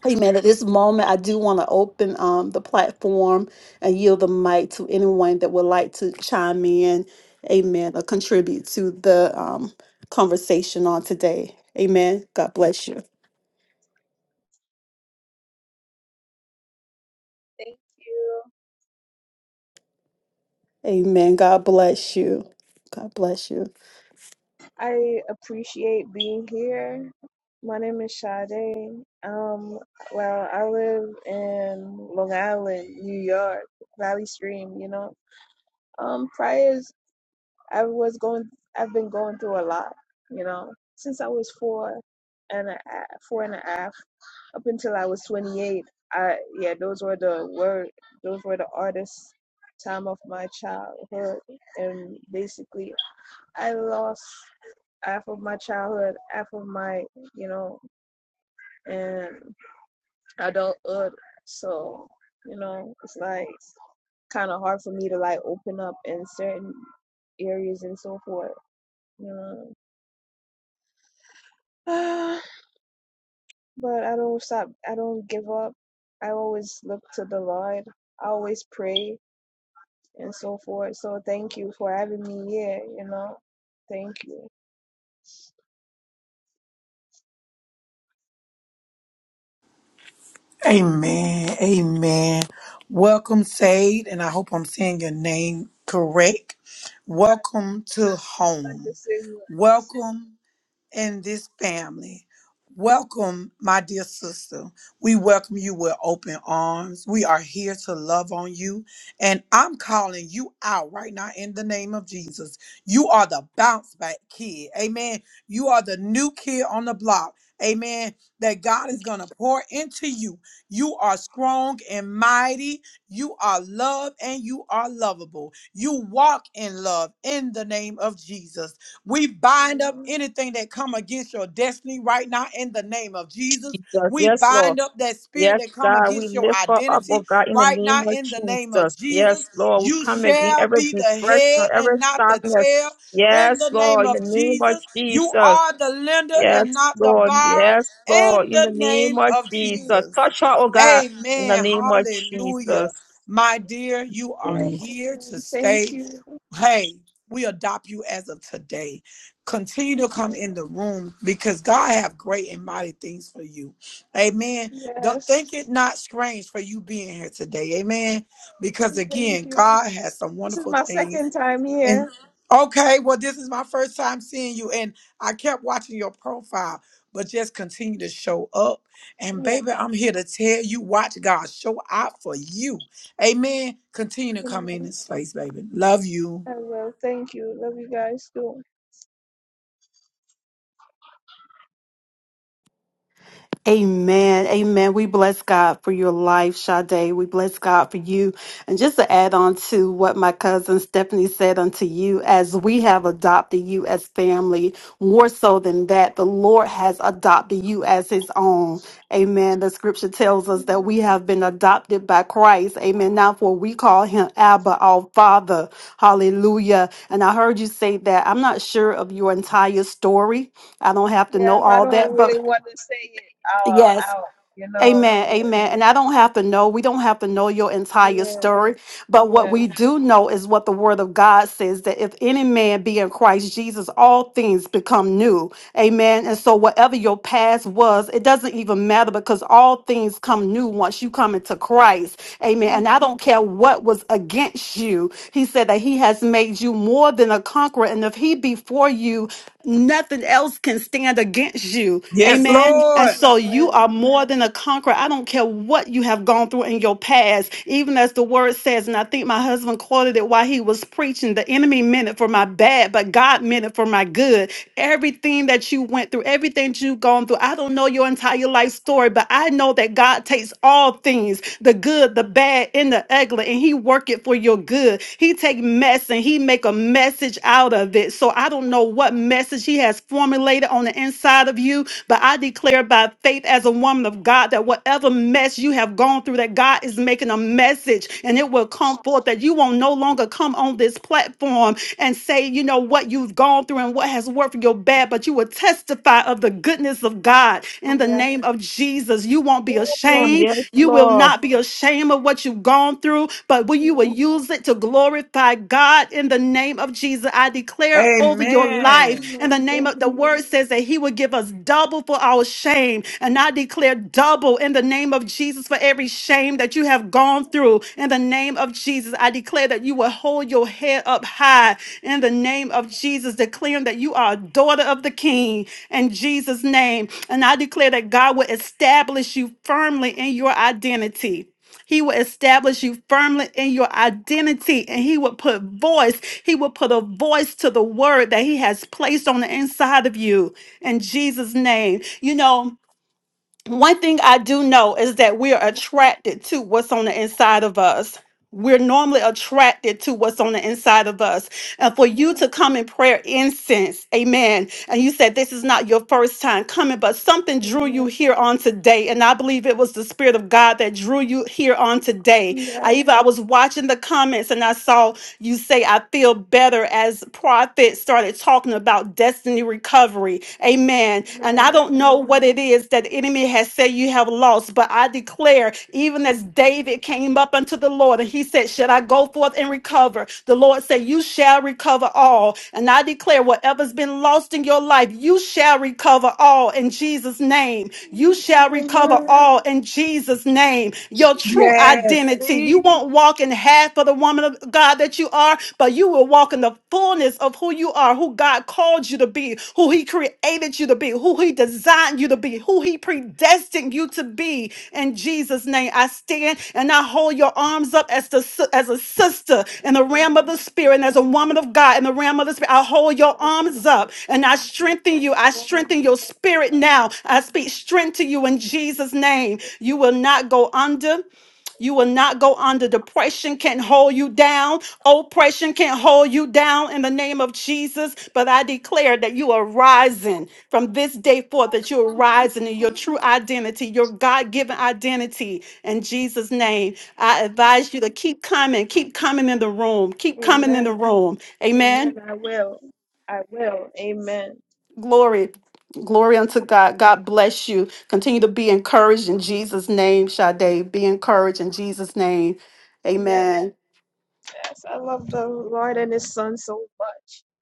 [SPEAKER 4] Amen. At this moment, I do want to open um, the platform and yield the mic to anyone that would like to chime in, amen, or contribute to the um, conversation on today. Amen. God bless you.
[SPEAKER 6] Thank you.
[SPEAKER 4] Amen. God bless you. God bless you.
[SPEAKER 6] I appreciate being here. My name is Sade. Um, well, I live in Long Island, New York, Valley Stream. You know, um, prior I was going, I've been going through a lot. You know, since I was four and a half, four and a half, up until I was 28. I yeah, those were the word, those were the hardest time of my childhood, and basically, I lost half of my childhood, half of my, you know, and adulthood. So, you know, it's like kind of hard for me to like open up in certain areas and so forth, you know. but I don't stop. I don't give up. I always look to the Lord. I always pray and so forth. So thank you for having me here, you know. Thank you.
[SPEAKER 1] Amen. Amen. Welcome, Sade, and I hope I'm saying your name correct.
[SPEAKER 6] I
[SPEAKER 1] Welcome to
[SPEAKER 6] like the
[SPEAKER 1] home.
[SPEAKER 6] signal.
[SPEAKER 1] Welcome in this family. Welcome, my dear sister. We welcome you with open arms. We are here to love on you. And I'm calling you out right now in the name of Jesus. You are the bounce back kid. Amen. You are the new kid on the block. Amen. That God is going to pour into you. You are strong and mighty. You are loved and you are lovable. You walk in love in the name of Jesus. We bind up anything that come against your destiny right now in the name of Jesus. We
[SPEAKER 7] Yes, Lord.
[SPEAKER 1] bind up that spirit
[SPEAKER 7] Yes,
[SPEAKER 1] that come
[SPEAKER 7] God, we
[SPEAKER 1] against your
[SPEAKER 7] lift her up, oh
[SPEAKER 1] identity
[SPEAKER 7] God, in the
[SPEAKER 1] right
[SPEAKER 7] name
[SPEAKER 1] now
[SPEAKER 7] of
[SPEAKER 1] in the name of
[SPEAKER 7] Jesus. Yes,
[SPEAKER 1] Jesus.
[SPEAKER 7] Lord, we
[SPEAKER 1] You
[SPEAKER 7] come
[SPEAKER 6] Thank
[SPEAKER 7] again
[SPEAKER 1] shall
[SPEAKER 7] every
[SPEAKER 1] be the
[SPEAKER 7] depression,
[SPEAKER 1] head
[SPEAKER 7] every
[SPEAKER 1] and not the
[SPEAKER 7] sadness.
[SPEAKER 1] tail in
[SPEAKER 7] Yes,
[SPEAKER 1] the name
[SPEAKER 7] Lord, in the
[SPEAKER 1] of
[SPEAKER 7] name of
[SPEAKER 1] Jesus. You
[SPEAKER 7] Jesus.
[SPEAKER 1] are the lender
[SPEAKER 7] Yes,
[SPEAKER 1] and not the
[SPEAKER 7] Lord.
[SPEAKER 1] borrower
[SPEAKER 7] Yes, Lord,
[SPEAKER 1] in
[SPEAKER 7] in the
[SPEAKER 1] the
[SPEAKER 7] name
[SPEAKER 1] name
[SPEAKER 7] of
[SPEAKER 1] of
[SPEAKER 6] you.
[SPEAKER 7] Jesus.
[SPEAKER 1] Jesus.
[SPEAKER 7] Touch her, oh God, in the
[SPEAKER 1] Amen.
[SPEAKER 7] name of
[SPEAKER 1] Hallelujah.
[SPEAKER 7] Jesus.
[SPEAKER 1] My dear, you are
[SPEAKER 7] Amen.
[SPEAKER 1] here to
[SPEAKER 6] Thank
[SPEAKER 1] stay
[SPEAKER 6] you.
[SPEAKER 1] hey, we adopt you as of today. Continue to
[SPEAKER 6] Thank you.
[SPEAKER 1] come in the room because God have great and mighty things for you. Amen. Don't
[SPEAKER 6] Yes.
[SPEAKER 1] think it not strange for you being here today. Amen. Because
[SPEAKER 6] Thank
[SPEAKER 1] again,
[SPEAKER 6] you.
[SPEAKER 1] God has some
[SPEAKER 6] This is
[SPEAKER 1] wonderful
[SPEAKER 6] my second
[SPEAKER 1] things.
[SPEAKER 6] time
[SPEAKER 1] And
[SPEAKER 6] here.
[SPEAKER 1] okay, well, this is my first time seeing you, and I kept watching your profile. But just continue to show up. And
[SPEAKER 6] Yeah.
[SPEAKER 1] baby, I'm here to tell you, watch God show out for you. Amen. Continue to come in
[SPEAKER 6] Amen.
[SPEAKER 1] this place, baby. Love you.
[SPEAKER 6] I will. Thank you. Love you guys too.
[SPEAKER 4] Amen. Amen. We bless God for your life, Sade. We bless God for you. And just to add on to what my cousin Stephanie said unto you, as we have adopted you as family, more so than that, the Lord has adopted you as his own. Amen. The scripture tells us that we
[SPEAKER 6] Amen.
[SPEAKER 4] have been adopted by Christ. Amen. Now for we call him Abba, our Father. Hallelujah. And I heard you say that. I'm not sure of your entire story. I don't have to know
[SPEAKER 6] Yes, I
[SPEAKER 4] all
[SPEAKER 6] don't
[SPEAKER 4] that,
[SPEAKER 6] really
[SPEAKER 4] but
[SPEAKER 6] want to say it
[SPEAKER 4] yes.
[SPEAKER 6] out out, you know.
[SPEAKER 4] Amen,
[SPEAKER 6] Yeah.
[SPEAKER 4] amen. And I don't have to know, we don't have to know your entire
[SPEAKER 6] Yeah.
[SPEAKER 4] story, but what
[SPEAKER 6] Yeah.
[SPEAKER 4] we do know is what the word of God says that if any man be in Christ Jesus, all things become new. Amen.
[SPEAKER 6] Yeah.
[SPEAKER 4] And so, whatever your past was, it doesn't even matter because all things come new once you come into Christ. Amen. And I
[SPEAKER 6] Amen.
[SPEAKER 4] don't care what was against you, he said that he has made you more than a conqueror. And if he be for you, nothing else can stand against you.
[SPEAKER 1] Yes,
[SPEAKER 4] Amen. And
[SPEAKER 1] Lord.
[SPEAKER 4] so you
[SPEAKER 6] Amen.
[SPEAKER 4] are more than a conqueror. I don't care what you have gone through in your past, even as the word says, and I think my husband quoted it while he was preaching the enemy meant it for my bad, but God meant it for my good. Everything that you went through, everything you've gone through, I don't know your entire life story, but I know that God takes all things, the good, the bad, and the ugly, and He works work it for your good. He take mess and he make a message out of it. So I don't know what message he has formulated on the inside of you, but I declare by faith as a woman of God that whatever mess you have gone through, that God is making a message and it will come forth that you will no longer come on this platform and say, you know, what you've gone through and what has worked for your bad, but you will testify of the goodness of God in the
[SPEAKER 6] Yeah.
[SPEAKER 4] name of Jesus. You won't be ashamed.
[SPEAKER 7] Yes,
[SPEAKER 4] You will
[SPEAKER 7] Lord.
[SPEAKER 4] not be ashamed of what you've gone gone through, but will you will
[SPEAKER 6] No.
[SPEAKER 4] use it to glorify God in the name of Jesus. I declare over your
[SPEAKER 1] Amen.
[SPEAKER 4] life in
[SPEAKER 6] Amen.
[SPEAKER 4] the name
[SPEAKER 6] Thank
[SPEAKER 4] of the word
[SPEAKER 6] you.
[SPEAKER 4] says that he will give us double for our shame. And I declare double in the name of Jesus for every shame that you have gone through. In the name of Jesus, I declare that you will hold your head up high in the name of Jesus, declaring that you are a daughter of the King in Jesus' name. And I declare that God will establish you firmly in your identity. He will establish you firmly in your identity and he will put voice, he will put a voice to the word that he has placed on the inside of you in Jesus' name. You know, one thing I do know is that we are attracted to what's on the inside of us. We're normally attracted to what's on the inside of us and for you
[SPEAKER 6] Yeah.
[SPEAKER 4] to come in prayer incense. Amen. And you said this is not your first time coming, but something drew you
[SPEAKER 6] Amen.
[SPEAKER 4] here on today. And I believe it was the Spirit of God that drew you here on today. I
[SPEAKER 6] Yes.
[SPEAKER 4] even I was watching the comments and I saw you say, I feel better as prophet started talking about destiny recovery. Amen. And I
[SPEAKER 6] Amen.
[SPEAKER 4] don't know
[SPEAKER 6] Amen.
[SPEAKER 4] what it is that the enemy has said you have lost, but I declare, even as David came up unto the Lord and he said, Should I go forth and recover? The Lord said, You shall recover all. And I declare, whatever's been lost in your life, you shall recover all in Jesus' name. You shall recover
[SPEAKER 6] Amen.
[SPEAKER 4] all in Jesus' name. Your true
[SPEAKER 1] Yes,
[SPEAKER 4] identity. You
[SPEAKER 1] speak.
[SPEAKER 4] won't walk in half of the woman of God that you are, but you will walk in the fullness of who you are are, who God called you to be, who He created you to be, who He designed you to be, who He predestined you to be. In Jesus' name, I stand and I hold your arms up as the si- as a sister in the realm
[SPEAKER 6] Amen.
[SPEAKER 4] of the spirit, and as a woman of God in the realm of the spirit. I hold your arms up and I strengthen you. I strengthen your spirit now. I speak strength to you in Jesus' name. You will not go under. You will not go under. Depression can't hold you down. Oppression can't hold you down in the name of Jesus. But I declare that you are rising from this day forth, that you're rising in your true identity, your God given identity. In Jesus' name, I advise you to keep coming, keep coming in the room, keep coming in the
[SPEAKER 6] Amen.
[SPEAKER 4] room.
[SPEAKER 6] Amen.
[SPEAKER 4] Amen.
[SPEAKER 6] I will. I will. Amen.
[SPEAKER 4] Glory. Glory unto God. God bless you. Continue to be encouraged in Jesus' name, Sade. Be encouraged in Jesus' name.
[SPEAKER 6] Yes,
[SPEAKER 4] Amen.
[SPEAKER 6] yes. I love the Lord and His Son so much.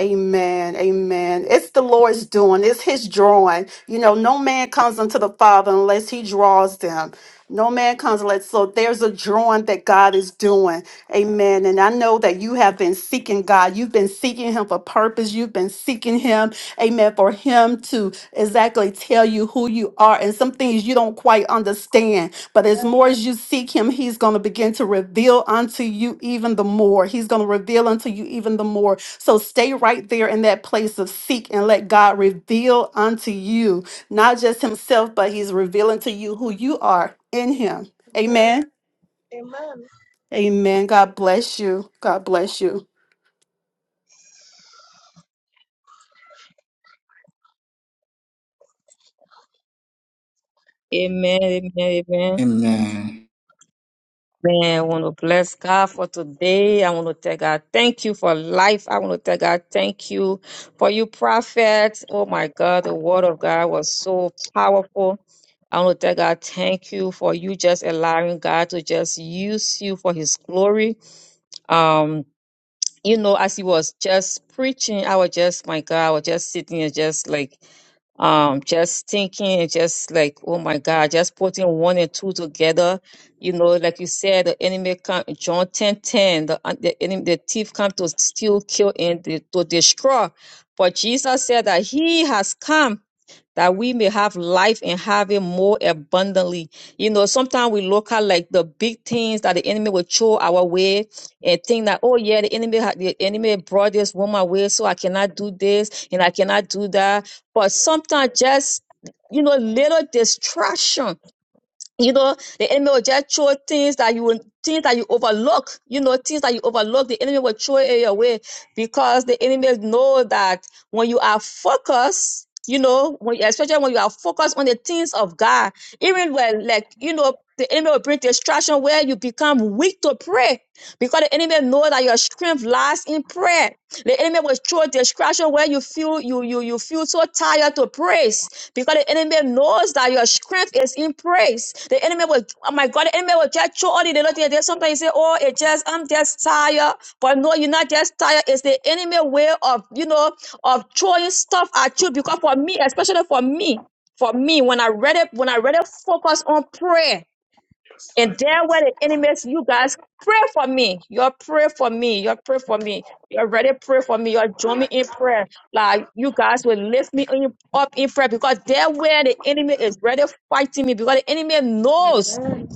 [SPEAKER 4] Amen. Amen. It's the Lord's doing. It's his drawing. You know, no man comes unto the Father unless he draws them. No man comes unless so there's a drawing that God is doing. Amen. And I know that you have been seeking God. You've been seeking him for purpose. You've been seeking him. Amen. For him to exactly tell you who you are and some things you don't quite understand. But as
[SPEAKER 6] Yes.
[SPEAKER 4] more as you seek him, he's going to begin to reveal unto you even the more. He's going to reveal unto you even the more. So stay right there in that place of seek and let God reveal unto you, not just himself, but he's revealing to you who you are in him.
[SPEAKER 6] Amen.
[SPEAKER 4] Amen.
[SPEAKER 6] Amen.
[SPEAKER 4] Amen. God bless you. God bless you.
[SPEAKER 7] Amen. Amen. Amen.
[SPEAKER 3] And
[SPEAKER 7] Man, I want to bless God for today. I want to tell God thank you for life. I want to tell God thank you for you, prophet. Oh my God, the word of God was so powerful. I want to tell God thank you for you just allowing God to just use you for his glory. Um, you know, as he was just preaching, I was just, my God, I was just sitting and just like um just thinking just like oh my god just putting one and two together you know like you said the enemy come john ten ten. the, uh, the enemy the thief come to steal kill and de- to destroy but jesus said that he has come that we may have life and have it more abundantly. You know, sometimes we look at like the big things that the enemy will throw our way and think that, oh yeah, the enemy ha- the enemy brought this woman away, so I cannot do this and I cannot do that. But sometimes just you know, little distraction you know the enemy will just throw things that you things that you overlook you know things that you overlook the enemy will throw it your way because the enemy know that when you are focused you know when especially when you are focused on the things of god even when like you know the enemy will bring distraction where you become weak to pray because the enemy know that your strength lies in prayer the enemy will throw distraction where you feel you you you feel so tired to pray because the enemy knows that your strength is in praise. The enemy will, oh my God, the enemy will just throw all the little things. There's sometimes you say, oh, it just, I'm just tired. But no, you're not just tired. It's the enemy way of, you know, of throwing stuff at you. Because for me, especially for me, for me, when I read it, when I read it, focus on prayer. And there where the enemies, you guys pray for me. you pray for me. you pray for me. You already pray for me. you join me in prayer. Like you guys will lift me in- up in prayer because there where the enemy is ready fighting me because the enemy knows
[SPEAKER 6] Amen.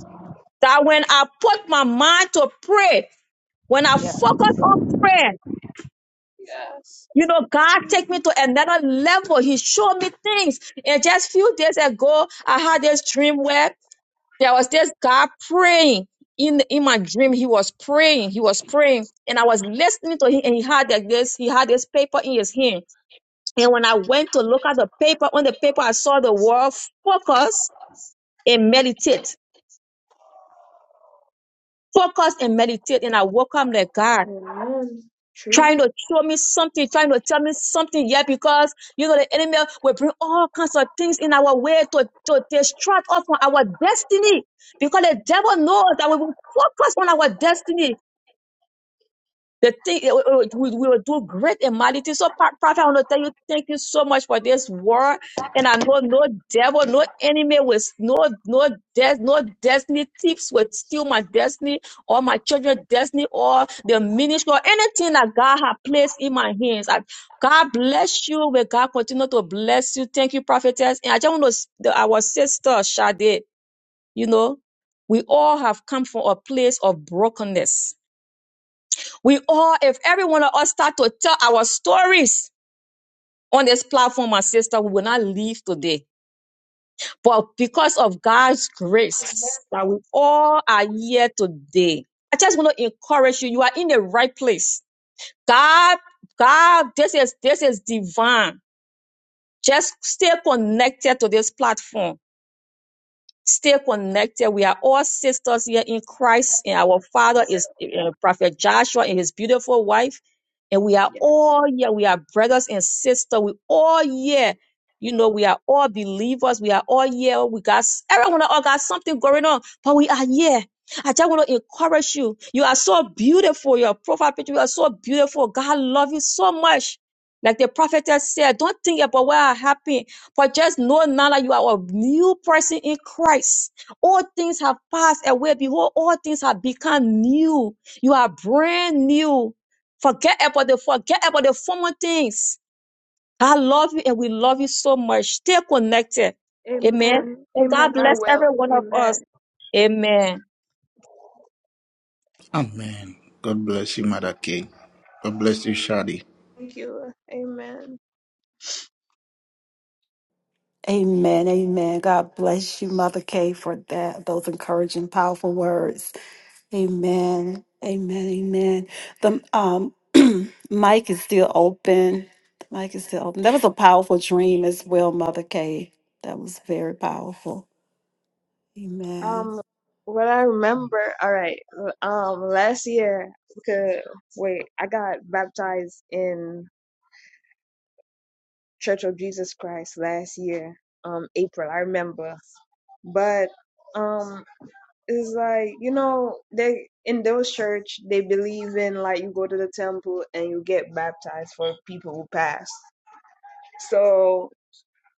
[SPEAKER 7] that when I put my mind to pray, when I focus
[SPEAKER 6] Yes.
[SPEAKER 7] on prayer,
[SPEAKER 6] Yes.
[SPEAKER 7] you know, God take me to another level. He showed me things. And just few days ago, I had this dream where There was this guy praying in in my dream. He was praying. He was praying, and I was listening to him. And he had like this. He had this paper in his hand. And when I went to look at the paper, on the paper I saw the word "focus" and meditate. Focus and meditate. And I woke up like God.
[SPEAKER 6] Amen. True.
[SPEAKER 7] Trying to show me something, trying to tell me something, yeah, because you know the enemy will bring all kinds of things in our way to, to distract us from our destiny. Because the devil knows that when we focus on our destiny, The thing it will- it will- we will do great and mighty things. So, Pa- Prophet, I want to tell you, thank you so much for this word. And I know no devil, no enemy will s- no no des, no destiny tips will steal my destiny or my children's destiny or the ministry or anything that God has placed in my hands. I, God bless you. May God continue to bless you. Thank you, prophetess. And I just want to s- the- our sister Sade, you know, we all have come from a place of brokenness we all, if every one of us start to tell our stories on this platform, my sister, we will not leave today. But because of God's grace that we all are here today, I just want to encourage you. You are in the right place. God, God, this is, this is divine. Just stay connected to this platform stay connected. We are all sisters here in
[SPEAKER 6] I
[SPEAKER 7] Christ,
[SPEAKER 6] I
[SPEAKER 7] and our father is
[SPEAKER 6] will.
[SPEAKER 7] uh, Prophet Joshua and his beautiful wife. And we are
[SPEAKER 6] Yes.
[SPEAKER 7] all here. We are brothers and sisters. We all here. You know, we are all believers. We are all here. We got everyone all got something going on, but we are here. I just want to encourage you. You are so beautiful. Your profile picture, you are so beautiful. God love you so much. Like the prophetess said, don't think about what happened. For just know now that you are a new person in Christ. All things have passed away. Behold, all things have become new. You are brand new. Forget about the forget about the former things. I love you and we love you so much. Stay connected. Amen.
[SPEAKER 6] Amen.
[SPEAKER 7] And God
[SPEAKER 6] Amen. I
[SPEAKER 7] bless every
[SPEAKER 6] will.
[SPEAKER 7] one of us.
[SPEAKER 6] Amen.
[SPEAKER 7] Amen.
[SPEAKER 3] amen. God bless you, Mother King. God bless you, Shadi.
[SPEAKER 6] Thank you. Amen.
[SPEAKER 4] Amen. Amen. God bless you, Mother Kay, for that those encouraging, powerful words. Amen. Amen. Amen. The um mic is still open. The mic is still open. That was a powerful dream as well, Mother Kay. That was very powerful. Amen.
[SPEAKER 6] Um, what I remember, all right, um, last year, because wait, I got baptized in Church of Jesus Christ last year, um, April. I remember, but um, it's like you know they in those church they believe in like you go to the temple and you get baptized for people who pass. So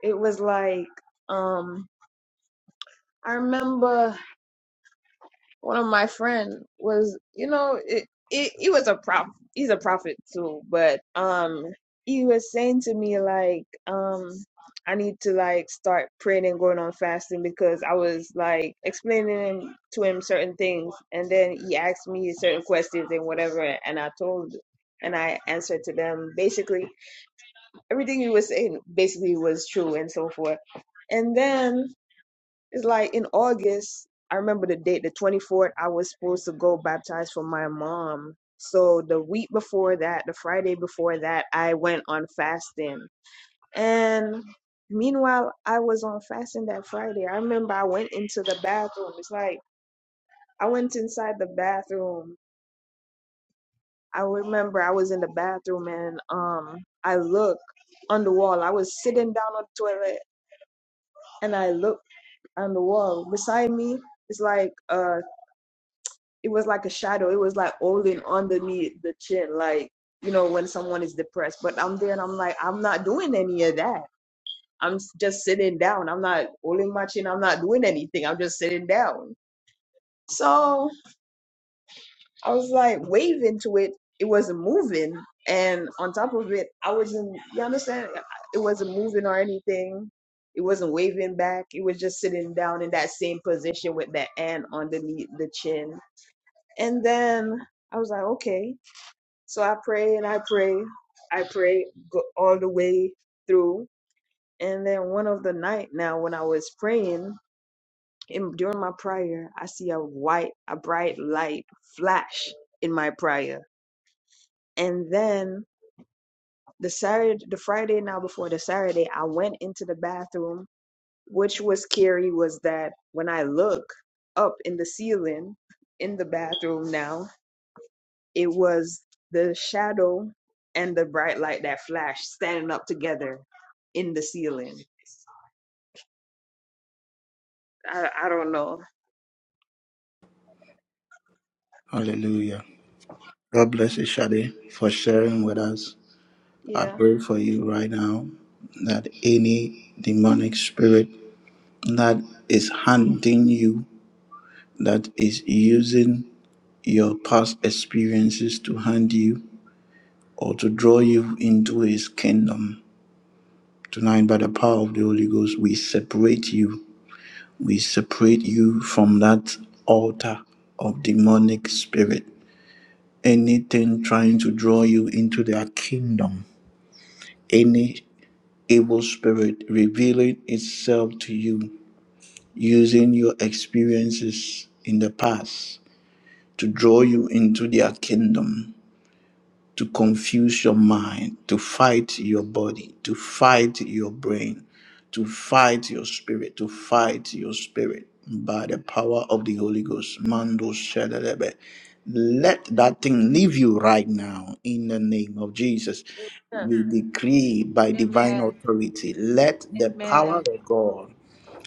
[SPEAKER 6] it was like um, I remember one of my friend was you know it, it, he was a prophet he's a prophet too but um he was saying to me like um i need to like start praying and going on fasting because i was like explaining to him certain things and then he asked me certain questions and whatever and i told and i answered to them basically everything he was saying basically was true and so forth and then it's like in August, I remember the date, the 24th, I was supposed to go baptize for my mom. So the week before that, the Friday before that, I went on fasting. And meanwhile, I was on fasting that Friday. I remember I went into the bathroom. It's like I went inside the bathroom. I remember I was in the bathroom and um I looked on the wall. I was sitting down on the toilet and I looked on the wall. Beside me, it's like a it was like a shadow. It was like holding underneath the chin, like you know when someone is depressed. But I'm there and I'm like, I'm not doing any of that. I'm just sitting down. I'm not holding my chin. I'm not doing anything. I'm just sitting down. So I was like waving to it. It wasn't moving, and on top of it, I wasn't. You understand? It wasn't moving or anything. It wasn't waving back. It was just sitting down in that same position with the hand underneath the chin. And then I was like, okay. So I pray and I pray, I pray go- all the way through. And then one of the night now, when I was praying in, during my prayer, I see a white, a bright light flash in my prayer. And then the Saturday, the Friday now before the Saturday, I went into the bathroom. Which was scary was that when I look up in the ceiling in the bathroom now. It was the shadow and the bright light that flashed standing up together in the ceiling. I, I don't know.
[SPEAKER 3] Hallelujah. God bless you, Shadi, for sharing with us. I
[SPEAKER 6] Yeah.
[SPEAKER 3] pray for you right now that any demonic spirit that is hunting you that is using your past experiences to hand you or to draw you into his kingdom. Tonight, by the power of the Holy Ghost, we separate you. We separate you from that altar of demonic spirit. Anything trying to draw you into their kingdom, any evil spirit revealing itself to you using your experiences in the past to draw you into their kingdom to confuse your mind, to fight your body, to fight your brain, to fight your spirit, to fight your spirit by the power of the Holy Ghost. Mando Shadalebe. Let that thing leave you right now in the name of Jesus. We decree by divine
[SPEAKER 9] amen.
[SPEAKER 3] authority, let the power
[SPEAKER 9] Amen.
[SPEAKER 3] of God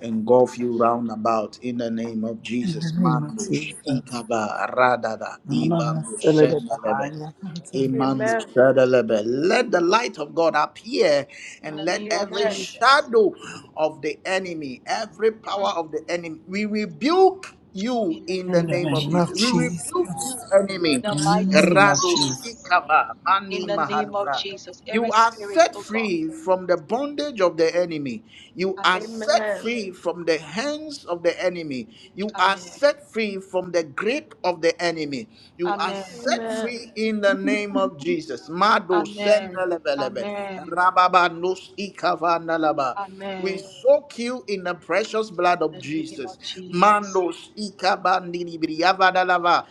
[SPEAKER 3] engulf you round about in the name of
[SPEAKER 1] In the
[SPEAKER 3] Jesus.
[SPEAKER 1] name of
[SPEAKER 3] Mandos,
[SPEAKER 1] Jesus.
[SPEAKER 3] Ikaba, Radada,
[SPEAKER 1] No, no, no,
[SPEAKER 3] Ivandos,
[SPEAKER 1] still it is
[SPEAKER 3] Sendelebe.
[SPEAKER 1] behind you, I can
[SPEAKER 3] Imanu
[SPEAKER 6] Amen.
[SPEAKER 3] shadalebe. Let the light of God appear
[SPEAKER 9] In
[SPEAKER 3] and
[SPEAKER 9] the
[SPEAKER 3] let
[SPEAKER 9] name of
[SPEAKER 3] every
[SPEAKER 6] Amen.
[SPEAKER 9] Jesus.
[SPEAKER 3] shadow of the enemy, every power
[SPEAKER 9] Mm,
[SPEAKER 3] of the enemy, we rebuke you
[SPEAKER 9] in the
[SPEAKER 3] in the
[SPEAKER 9] name
[SPEAKER 3] name
[SPEAKER 9] of
[SPEAKER 3] of Jesus. We
[SPEAKER 9] Jesus.
[SPEAKER 3] rebuke you, enemy.
[SPEAKER 9] In the mighty name of
[SPEAKER 3] Rado
[SPEAKER 9] Jesus.
[SPEAKER 3] sikava
[SPEAKER 9] In
[SPEAKER 3] mani
[SPEAKER 9] the name of
[SPEAKER 3] mahaluvra.
[SPEAKER 9] Jesus,
[SPEAKER 3] You
[SPEAKER 9] every
[SPEAKER 3] are
[SPEAKER 9] spirit,
[SPEAKER 3] set
[SPEAKER 9] oh God.
[SPEAKER 3] free from the bondage of the enemy. You are
[SPEAKER 9] Amen.
[SPEAKER 3] set
[SPEAKER 6] Amen.
[SPEAKER 3] free from the hands of the enemy. You are
[SPEAKER 9] Amen.
[SPEAKER 3] set free from the grip of the enemy. You are
[SPEAKER 9] Amen.
[SPEAKER 3] set
[SPEAKER 6] Amen.
[SPEAKER 3] free in the name of Jesus. Mado
[SPEAKER 9] Amen.
[SPEAKER 3] sendelebelebe.
[SPEAKER 9] Amen.
[SPEAKER 3] Rababa nos ikavandalaba.
[SPEAKER 9] Amen.
[SPEAKER 3] We
[SPEAKER 9] In
[SPEAKER 3] soak you in the precious blood of
[SPEAKER 9] the name
[SPEAKER 3] Jesus.
[SPEAKER 9] of Jesus.
[SPEAKER 3] Mandos ikabandini briyavadalava.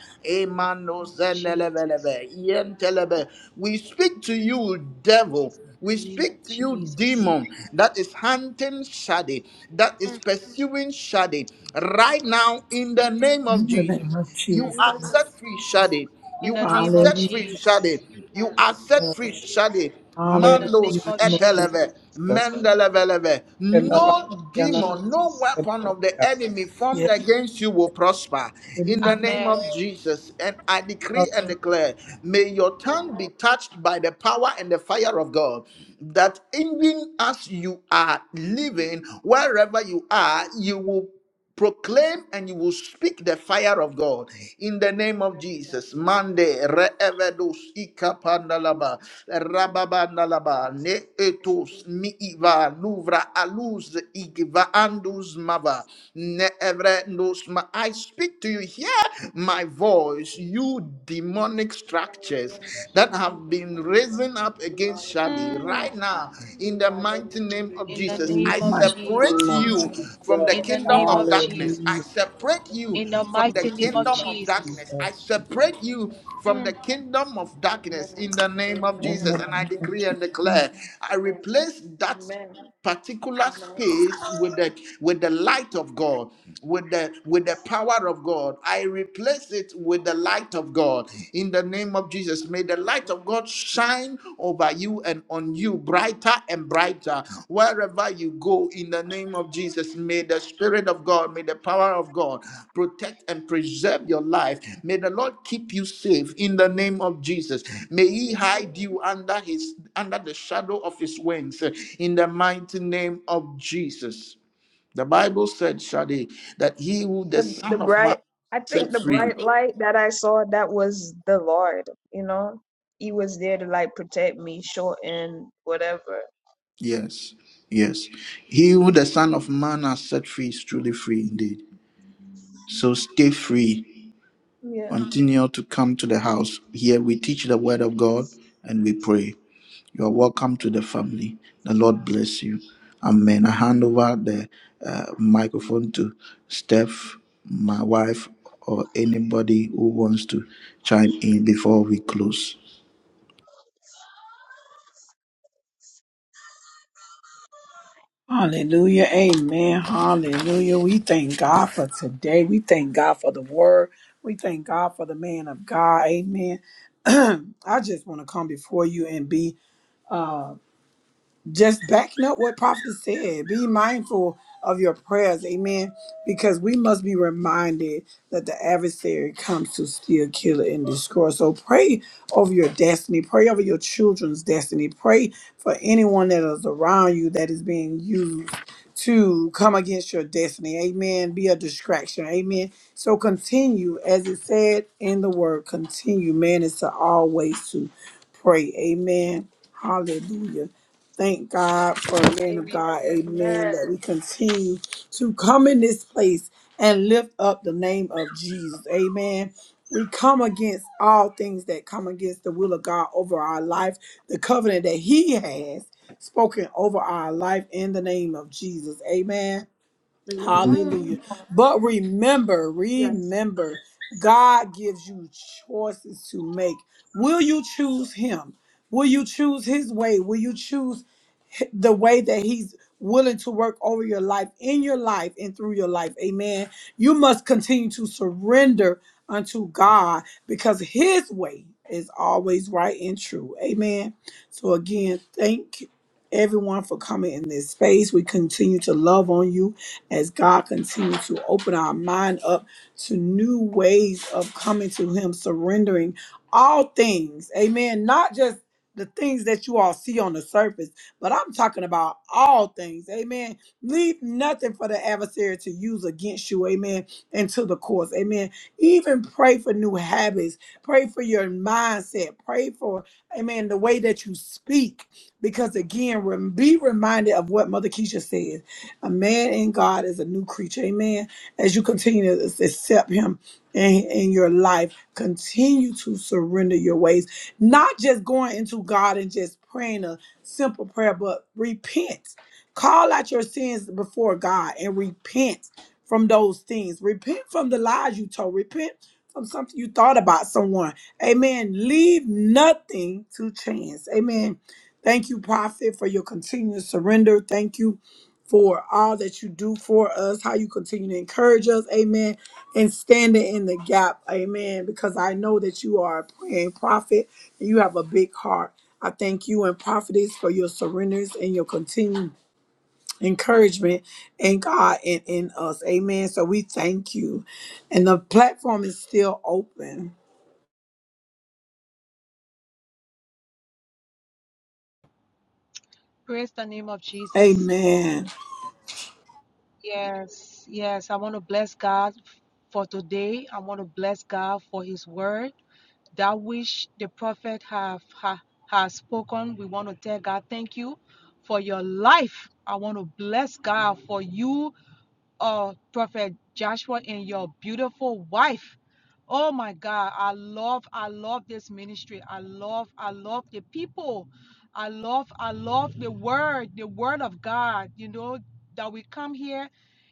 [SPEAKER 9] In the name
[SPEAKER 3] Emandos
[SPEAKER 9] of Jesus.
[SPEAKER 3] zendelebelebe. Yentelebe. We speak to you, devil. We
[SPEAKER 9] In the name
[SPEAKER 3] speak
[SPEAKER 9] of
[SPEAKER 3] to you,
[SPEAKER 9] Jesus.
[SPEAKER 3] demon, that is hunting Shadi, that is
[SPEAKER 9] Mm,
[SPEAKER 3] pursuing Shadi, right now in the name of
[SPEAKER 1] In the name
[SPEAKER 3] Jesus.
[SPEAKER 1] of
[SPEAKER 9] mm.
[SPEAKER 3] You
[SPEAKER 1] Jesus.
[SPEAKER 3] are set free, Shade.
[SPEAKER 9] In
[SPEAKER 3] You
[SPEAKER 9] the
[SPEAKER 3] are
[SPEAKER 9] name of
[SPEAKER 1] Hallelujah.
[SPEAKER 3] set free, Shade.
[SPEAKER 9] Jesus.
[SPEAKER 3] You are set free, Shade.
[SPEAKER 9] In
[SPEAKER 1] Hallelujah.
[SPEAKER 9] the name
[SPEAKER 3] Mandos
[SPEAKER 1] In the
[SPEAKER 9] of
[SPEAKER 1] name of
[SPEAKER 9] Jesus.
[SPEAKER 3] eteleve, mendeleveleve.
[SPEAKER 1] the
[SPEAKER 9] In the
[SPEAKER 1] Lord,
[SPEAKER 3] No
[SPEAKER 9] name of
[SPEAKER 3] demon, no
[SPEAKER 9] Jesus.
[SPEAKER 3] weapon of the enemy formed
[SPEAKER 1] Yes,
[SPEAKER 3] against you will prosper.
[SPEAKER 1] it
[SPEAKER 3] In
[SPEAKER 1] is
[SPEAKER 3] the name
[SPEAKER 9] Amen.
[SPEAKER 3] of Jesus, and I
[SPEAKER 1] Lord,
[SPEAKER 3] decree and declare, may your tongue be touched by the power and the fire of God, that even as you are living, wherever you are, you will proclaim and you will speak the fire of God in the name of Jesus. Mande reevedos ikapandalaba rababandalaba ne etos mi iva luvra aluz igiva andus mava ne evre nos ma. I speak to you. Hear my voice, you demonic structures that have been risen up against
[SPEAKER 6] Lord,
[SPEAKER 3] Shadi
[SPEAKER 6] anything
[SPEAKER 9] Mm.
[SPEAKER 3] right
[SPEAKER 6] else,
[SPEAKER 3] now in the
[SPEAKER 6] Lord, let me
[SPEAKER 3] mighty name
[SPEAKER 6] be
[SPEAKER 3] of
[SPEAKER 9] In the
[SPEAKER 6] reversed.
[SPEAKER 3] Jesus.
[SPEAKER 1] in the
[SPEAKER 3] I
[SPEAKER 9] name of
[SPEAKER 6] Anything
[SPEAKER 1] mighty
[SPEAKER 6] out
[SPEAKER 3] separate
[SPEAKER 6] of
[SPEAKER 1] name
[SPEAKER 9] Jesus.
[SPEAKER 1] of
[SPEAKER 6] my
[SPEAKER 3] you
[SPEAKER 6] life,
[SPEAKER 1] Jesus.
[SPEAKER 6] Father
[SPEAKER 3] from the
[SPEAKER 6] God,
[SPEAKER 9] In the
[SPEAKER 3] kingdom
[SPEAKER 6] please,
[SPEAKER 9] name
[SPEAKER 3] of
[SPEAKER 9] of
[SPEAKER 6] please,
[SPEAKER 1] Hallelujah.
[SPEAKER 3] darkness. I
[SPEAKER 9] Jesus.
[SPEAKER 3] separate you
[SPEAKER 9] In the
[SPEAKER 3] from the
[SPEAKER 9] mighty
[SPEAKER 1] In the
[SPEAKER 9] name of
[SPEAKER 1] name
[SPEAKER 3] kingdom
[SPEAKER 1] of
[SPEAKER 3] of
[SPEAKER 9] Jesus.
[SPEAKER 3] darkness. I
[SPEAKER 1] Jesus.
[SPEAKER 3] separate you from the
[SPEAKER 9] Mm,
[SPEAKER 3] kingdom of darkness
[SPEAKER 6] Amen.
[SPEAKER 3] in the name of
[SPEAKER 6] Amen.
[SPEAKER 1] In the
[SPEAKER 3] Jesus. And I
[SPEAKER 1] name of
[SPEAKER 3] decree
[SPEAKER 1] Jesus.
[SPEAKER 6] Amen.
[SPEAKER 3] and declare, I
[SPEAKER 6] Amen.
[SPEAKER 3] replace that
[SPEAKER 6] Amen.
[SPEAKER 3] particular
[SPEAKER 6] Amen.
[SPEAKER 3] space with the with the light of God, with the with the power of God. I replace it with the light of God. In the name of Jesus, may the light of God shine over you and on you brighter and brighter wherever you go Oh, in the name of Jesus, may the Spirit of God, may the power of God protect and preserve your life. May the Lord keep you safe in the name of Jesus. May He
[SPEAKER 6] Amen.
[SPEAKER 3] hide you under His under the shadow of His wings eh, in the mighty name of Jesus. The Bible said, Shadi, that He who the
[SPEAKER 6] the the
[SPEAKER 3] Son of Man
[SPEAKER 6] bright i think
[SPEAKER 3] set
[SPEAKER 6] the
[SPEAKER 3] free.
[SPEAKER 6] bright light that i saw that was the lord you know he was there to like protect me short and whatever
[SPEAKER 3] Yes, yes. He who the Son of Man has set free is truly free indeed. So stay free
[SPEAKER 6] yeah
[SPEAKER 3] Continue to come to the house. Here we teach the word of God and we pray. You are welcome to the family. The Lord bless you. Amen. I hand over the uh, microphone to Steph, my wife, or anybody who wants to chime in before we close.
[SPEAKER 1] Hallelujah. Amen. Hallelujah. We thank God for today. We thank God for the word. We thank God for the man of God. Amen. I just want to come before you and be just backing up what prophet said be mindful of your prayers amen because we must be reminded that the adversary comes to steal kill and destroy so pray over your destiny pray over your children's destiny pray for anyone that is around you that is being used to come against your destiny amen be a distraction amen so continue as it said in the word continue man is to always to pray amen hallelujah Thank God for a man of
[SPEAKER 6] amen
[SPEAKER 1] God. Amen.
[SPEAKER 6] amen
[SPEAKER 1] That we continue to come in this place and lift up the name of Jesus. Amen. We come against all things that come against the will of God over our life, the covenant that He has spoken over our life in the name of Jesus. Amen. Hallelujah.
[SPEAKER 6] amen
[SPEAKER 1] But remember,
[SPEAKER 6] yes
[SPEAKER 1] remember, God gives you choices to make. Will you choose Him? Will you choose His way? Will you choose the way that he's willing to work over your life in your life and through your life amen you must continue to surrender unto god because his way is always right and true amen so again thank everyone for coming in this space we continue to love on you as god continues to open our mind up to new ways of coming to him surrendering all things amen not just the things that you all see on the surface but I'm talking about all things. Amen. Leave nothing for the adversary to use against you. Amen. And to the course. Amen. Even pray for new habits. Pray for your mindset. Pray for, amen, the way that you speak. Because again, rem- be reminded of what Mother Keisha said. A man in God is a new creature. Amen. As you continue to accept him in, in your life, continue to surrender your ways. Not just going into God and just praying simple prayer, but repent. Call out your sins before God and repent from those things. Repent from the lies you told. Repent from something you thought about someone. Amen. Leave nothing to chance. Amen. Thank you, Prophet, for your continued surrender. Thank you for all that you do for us, how you continue to encourage us. Amen. And standing in the gap. Amen. Because I know that you are a praying prophet. You have a big heart. I thank you and prophetess for your surrenders and your continued encouragement in God and in us. Amen. So we thank you. And the platform is still open.
[SPEAKER 9] praise the name of Jesus.
[SPEAKER 1] Amen.
[SPEAKER 9] Yes, yes. I want to bless God for today. I want to bless God for His word. That which the prophet have ha, has spoken, we want to tell God thank you for your life. I want to bless God for you uh, Prophet Joshua and your beautiful wife. Oh my God, I love, I love this ministry. I love, I love the people. I love, I love the word, the word of God, you know, that we come here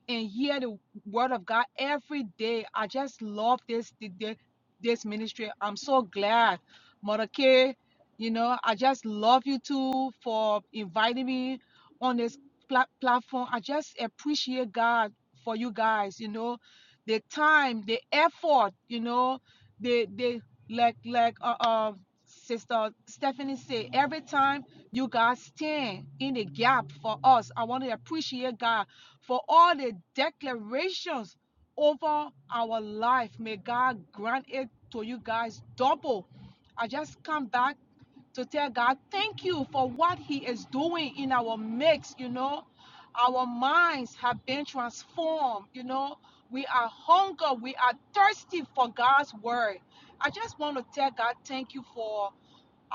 [SPEAKER 9] and hear the word of God every day. I just love this, the- the- this ministry. I'm so glad. Mother Kay, you know, I just love you too for inviting me on this pla- platform. I just appreciate God for you guys you know the time the effort you know the the like like uh, uh sister stephanie say every time you guys stand in the gap for us i want to appreciate god for all the declarations over our life may god grant it to you guys double i just come back to tell God, thank you for what He is doing in our mix, you know our minds have been transformed. You know, we are hunger, we are thirsty for God's word. I just want to tell God thank you for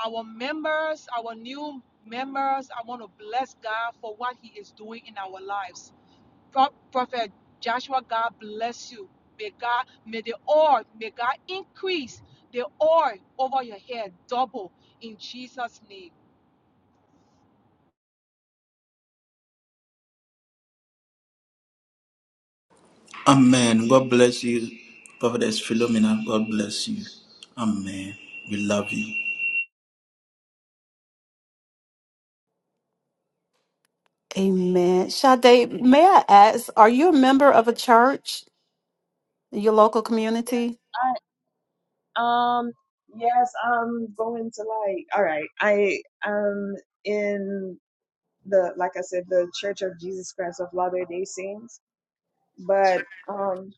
[SPEAKER 9] our members, our new members. I want to bless God for what He is doing in our lives. Pro- Prophet Joshua, God bless you. May God, may the oil, may God increase the oil over your head double in Jesus' name.
[SPEAKER 3] Amen. God bless you, Prophetess Philomena. God bless you. Amen. We love you.
[SPEAKER 4] Amen. Sade, may I ask, are you a member of a church in your local
[SPEAKER 6] yes
[SPEAKER 4] community?
[SPEAKER 6] i um yes i'm going to like all right i am in the like i said the church of jesus christ of latter day saints but um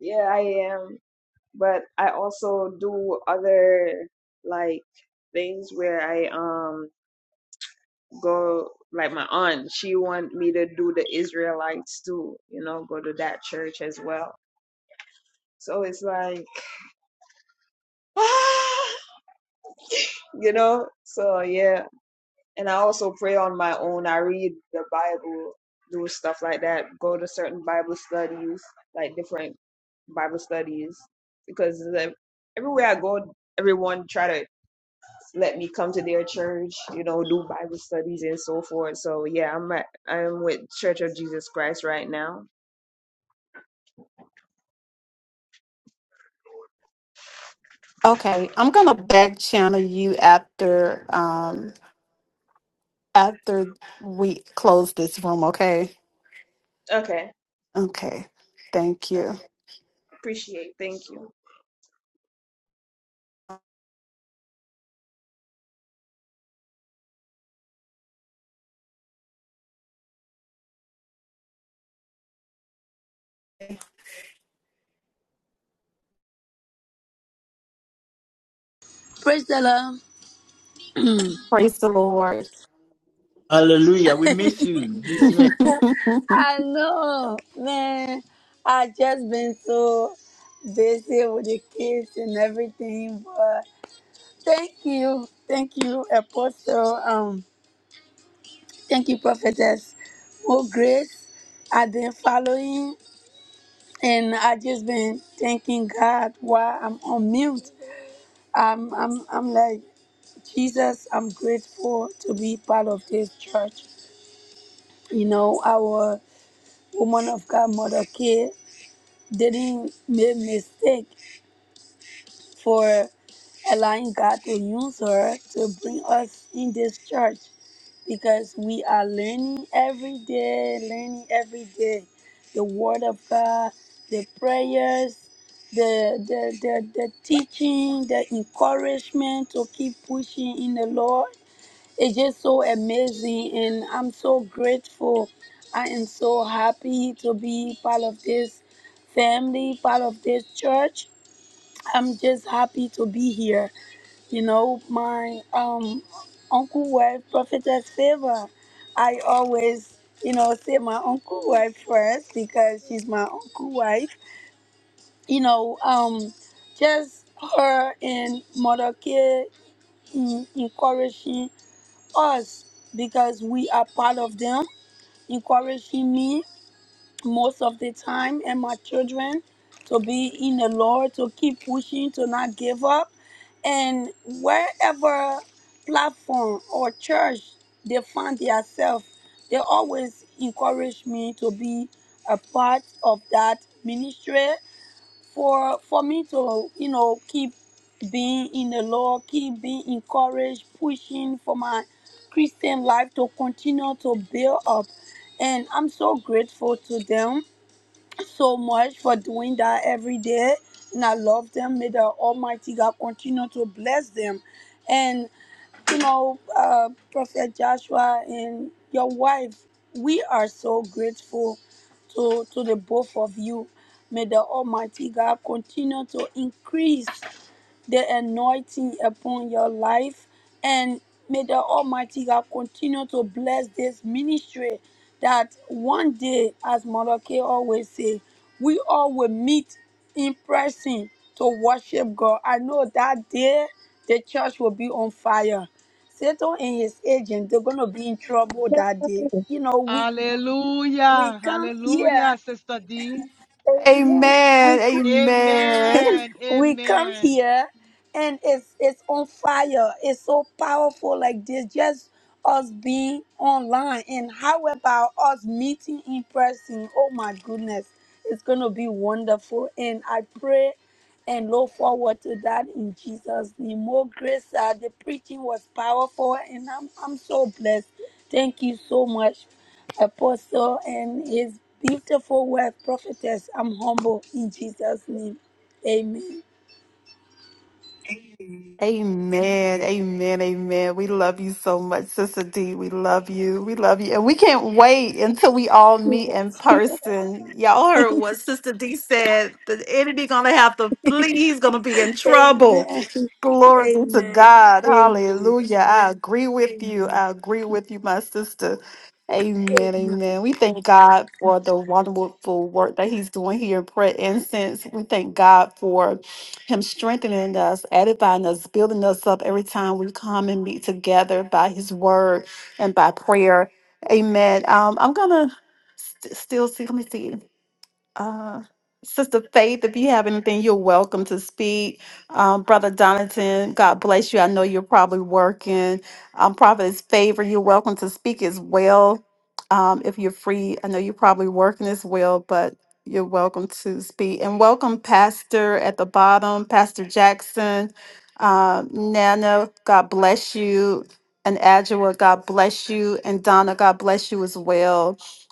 [SPEAKER 6] yeah i am but I also do other like things where I um go like my aunt she want me to do the Israelites too you know go to that church as well so it's like you know so yeah and I also pray on my own I read the Bible do stuff like that go to certain Bible studies like different Bible studies because the, everywhere I go everyone try to let me come to their church, you know, do Bible studies and so forth. So yeah, I'm at, I'm with Church of Jesus Christ right now.
[SPEAKER 4] Okay. I'm gonna back channel you after um. after we close this room, okay?
[SPEAKER 6] Okay.
[SPEAKER 4] Okay. Thank
[SPEAKER 6] Uh,
[SPEAKER 4] you.
[SPEAKER 6] appreciate. Thank you.
[SPEAKER 12] Praise the Lord.
[SPEAKER 4] Praise the Lord.
[SPEAKER 3] Hallelujah. We miss you. This
[SPEAKER 12] I know, man. I just been so busy with the kids and everything, but thank you, thank you, Apostle. Um, thank you, Prophetess. More grace. I've been following, and I just been thanking God while I'm on mute. I'm, I'm, I'm like Jesus. I'm grateful to be part of this church. You know, our woman of God, Mother K. didn't make mistake for allowing God to use her to bring us in this church because we are learning every day, learning every day the word of God, the prayers, the the the, the teaching, the encouragement to keep pushing in the Lord it's just so amazing, and I'm so grateful. I am so happy to be part of this family, part of this church. I'm just happy to be here. You know, my um, uncle wife, Prophetess Favor. I always, you know, say my uncle wife first because she's my uncle wife. You know, um, just her and Mother K encouraging us because we are part of them, encouraging me most of the time and my children to be in the Lord, to keep pushing, to not give up. And wherever platform or church they find themselves, they always encourage me to be a part of that ministry for for me to you know keep being in the Lord, keep being encouraged, pushing for my Christian life to continue to build up. And I'm so grateful to them so much for doing that every day. And I love them. May the Almighty God continue to bless them. And you know, uh, Prophet Joshua and your wife, we are so grateful to, to the both of you. May the Almighty God continue to increase the anointing upon your life. And may the Almighty God continue to bless this ministry that one day, as Malachi always say, we all will meet in person to worship God. I know that day the church will be on fire. Satan and his agent, they're gonna be in trouble that day. You know, we we
[SPEAKER 9] Hallelujah.
[SPEAKER 12] come here,
[SPEAKER 9] Hallelujah, Sister D.
[SPEAKER 12] amen.
[SPEAKER 4] amen.
[SPEAKER 12] We
[SPEAKER 4] Amen.
[SPEAKER 9] Amen.
[SPEAKER 12] we come
[SPEAKER 9] Amen.
[SPEAKER 12] here and it's it's on fire. It's so powerful like this. Just us being online and how about us meeting in person? Oh my goodness. It's gonna be wonderful. And I pray and look forward to that in Jesus' name. More grace. Uh, the preaching was powerful and I'm I'm so blessed. Thank you so much, Apostle and his beautiful wife, prophetess. I'm humble in Jesus' name. Amen.
[SPEAKER 4] Amen. Amen. Amen. We love you so much, Sister D. We love you. We love you. And we can't wait until we all meet in person. Y'all heard what Sister D said. The enemy gonna have to flee. He's gonna be in trouble.
[SPEAKER 12] Amen.
[SPEAKER 4] Glory be to
[SPEAKER 12] Amen.
[SPEAKER 4] God.
[SPEAKER 12] Amen.
[SPEAKER 4] Hallelujah. I agree with you. I agree with you, my sister. Amen.
[SPEAKER 12] Amen.
[SPEAKER 4] Amen. We thank God for the wonderful work that He's doing here in Prayer Incense. We thank God for him strengthening us, edifying us, building us up every time we come and meet together by His word and by prayer. Amen. Um, I'm gonna st- still see. Let me see. Uh, Sister Faith, if you have anything, you're welcome to speak. Um, Brother Donatan, God bless you. I know you're probably working. Um, Prophet's favor, you're welcome to speak as well. Um, if you're free, I know you're probably working as well, but you're welcome to speak. And welcome, Pastor at the bottom, Pastor Jackson, uh, Nana, God bless you. And Adjua, God bless you. And Donna, God bless you as well.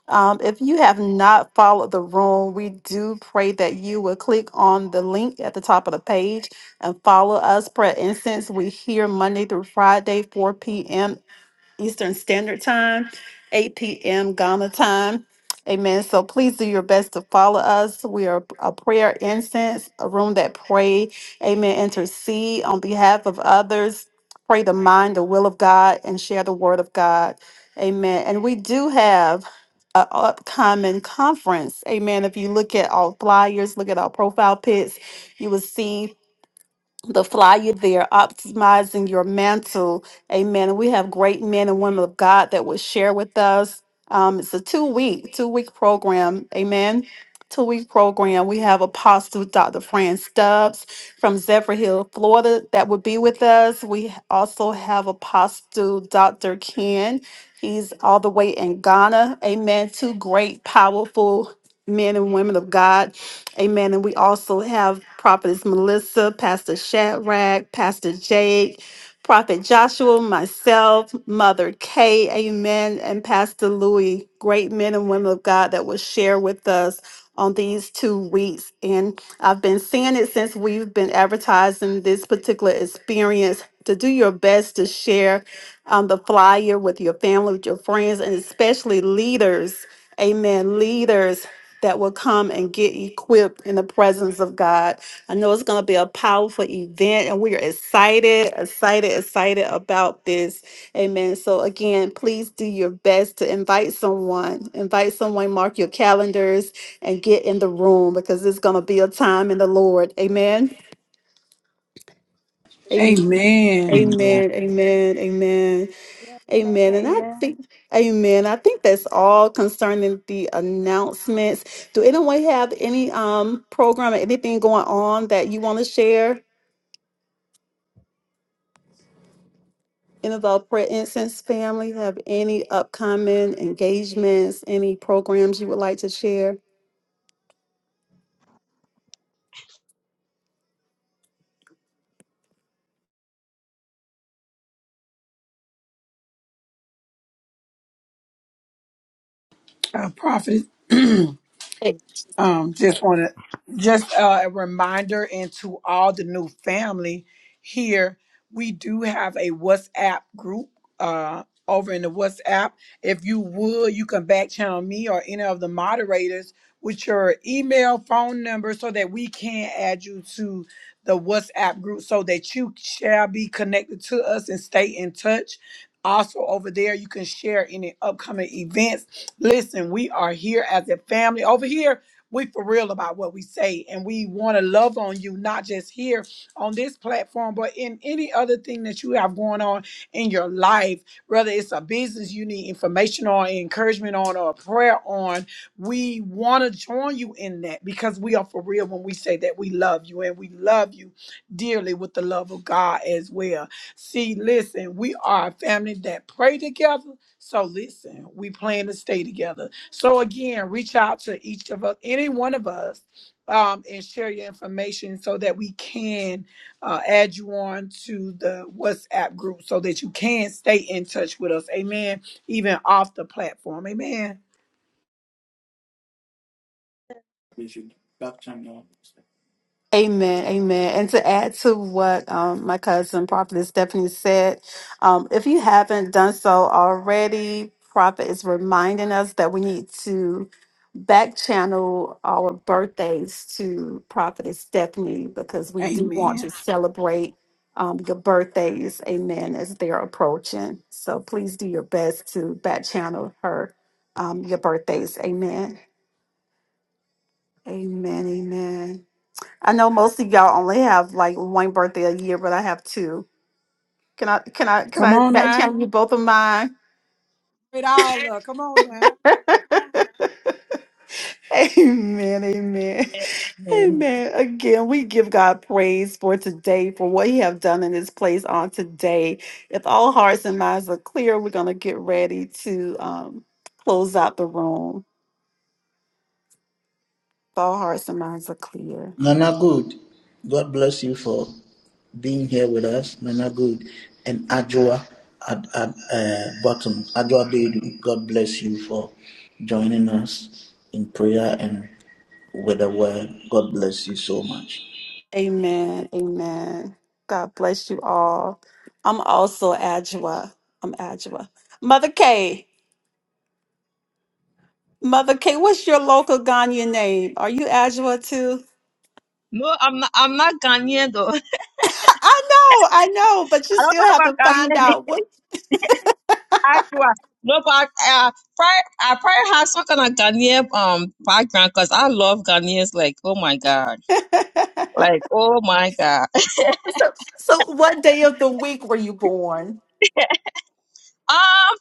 [SPEAKER 4] Um, if you have not followed the room, we do pray that you will click on the link at the top of the page and follow us. Prayer Incense, we here Monday through Friday, 4 p.m. Eastern Standard Time, 8 p.m. Ghana time. Amen. So please do your best to follow us. We are a prayer incense, a room that pray. Amen. Intercede on behalf of others. Pray the mind, the will of God, and share the word of God. Amen. And we do have an upcoming conference. Amen. If you look at our flyers, look at our profile pics, you will see the flyer there, optimizing your mantle. Amen. And we have great men and women of God that will share with us. Um, it's a two week, two week program. Amen. Two week program. We have Apostle Dr. Fran Stubbs from Zephyr Hill, Florida, that will be with us. We also have Apostle Dr. Ken. He's all the way in Ghana. Amen. Two great, powerful men and women of God Amen. And we also have Prophetess Melissa, Pastor Shadrach, Pastor Jake, Prophet Joshua, myself, Mother Kay, Amen, and Pastor Louis, great men and women of God that will share with us on these two weeks. And I've been seeing it since we've been advertising this particular experience to do your best to share um, the flyer with your family, with your friends, and especially leaders. Amen. Leaders that will come and get equipped in the presence of God. I know it's going to be a powerful event, and we are excited, excited, excited about this. Amen. So, again, please do your best to invite someone, invite someone, mark your calendars, and get in the room because it's going to be a time in the Lord. Amen. Amen.
[SPEAKER 1] Amen.
[SPEAKER 4] Amen. Amen. Amen.
[SPEAKER 6] Amen.
[SPEAKER 4] Amen. And
[SPEAKER 6] Amen.
[SPEAKER 4] I
[SPEAKER 6] Amen.
[SPEAKER 4] think, amen. I think that's all concerning the announcements. Do anyone have any um program or anything going on that you want to share? Any of our prayer incense family have any upcoming engagements, any programs you would like to share?
[SPEAKER 1] Uh, prophetess. Um, just want to just uh, a reminder and to all the new family here, we do have a WhatsApp group uh, over in the WhatsApp. If you would, you can back channel me or any of the moderators with your email, phone number, so that we can add you to the WhatsApp group, so that you shall be connected to us and stay in touch. Also, over there, you can share any upcoming events. Listen, we are here as a family over here we for real about what we say and we want to love on you not just here on this platform but in any other thing that you have going on in your life whether it's a business you need information on encouragement on or a prayer on we want to join you in that because we are for real when we say that we love you and we love you dearly with the love of god as well see listen we are a family that pray together so listen we plan to stay together so again, reach out to each of us, any one of us, um, and share your information so that we can uh, add you on to the WhatsApp group so that you can stay in touch with us. Amen. Even off the platform. Amen.
[SPEAKER 4] Amen, amen. And to add to what um, my cousin Prophet Stephanie said, um, if you haven't done so already, Prophet is reminding us that we need to back channel our birthdays to Prophet Stephanie because we do want
[SPEAKER 1] Amen.
[SPEAKER 4] to celebrate um, your birthdays, amen, as they're approaching. So please do your best to back channel her um, your birthdays, amen. Amen, amen. I know most of y'all only have like one birthday a year, but I have two. Can I can I can
[SPEAKER 1] Come
[SPEAKER 4] I
[SPEAKER 1] on
[SPEAKER 4] back
[SPEAKER 1] now.
[SPEAKER 4] channel you both of mine?
[SPEAKER 1] It all up. Come on now.
[SPEAKER 4] amen. Amen.
[SPEAKER 7] No,
[SPEAKER 4] Amen. Again, we give God praise for today, for what He have done in this place on today. If all hearts and minds are clear, we're gonna get ready to um close out the room. If all hearts and minds are clear.
[SPEAKER 3] Nana Good, God bless you for being here with us. Nana Good and Ajua at, at uh, bottom. Ajua Bedu, God bless you for joining us in prayer and with the word. God bless you so much.
[SPEAKER 4] Amen. Amen. God bless you all. I'm also Adjua. I'm Adjua. Mother K. Mother K, what's your local Ghanaian name? Are you Adjua too?
[SPEAKER 7] I'm not, I'm not Ghanaian though.
[SPEAKER 4] I know, I know, but you
[SPEAKER 7] I don't
[SPEAKER 4] still
[SPEAKER 7] have
[SPEAKER 4] have to
[SPEAKER 7] a
[SPEAKER 4] find
[SPEAKER 7] Ghanaian
[SPEAKER 4] out what.
[SPEAKER 7] Actually, no, but uh, prayer, I probably have some kind of Ghanaian um background because I love Ghanaians. Like, oh my god, like oh my god.
[SPEAKER 4] so, so what day of the week were you born?
[SPEAKER 7] Um,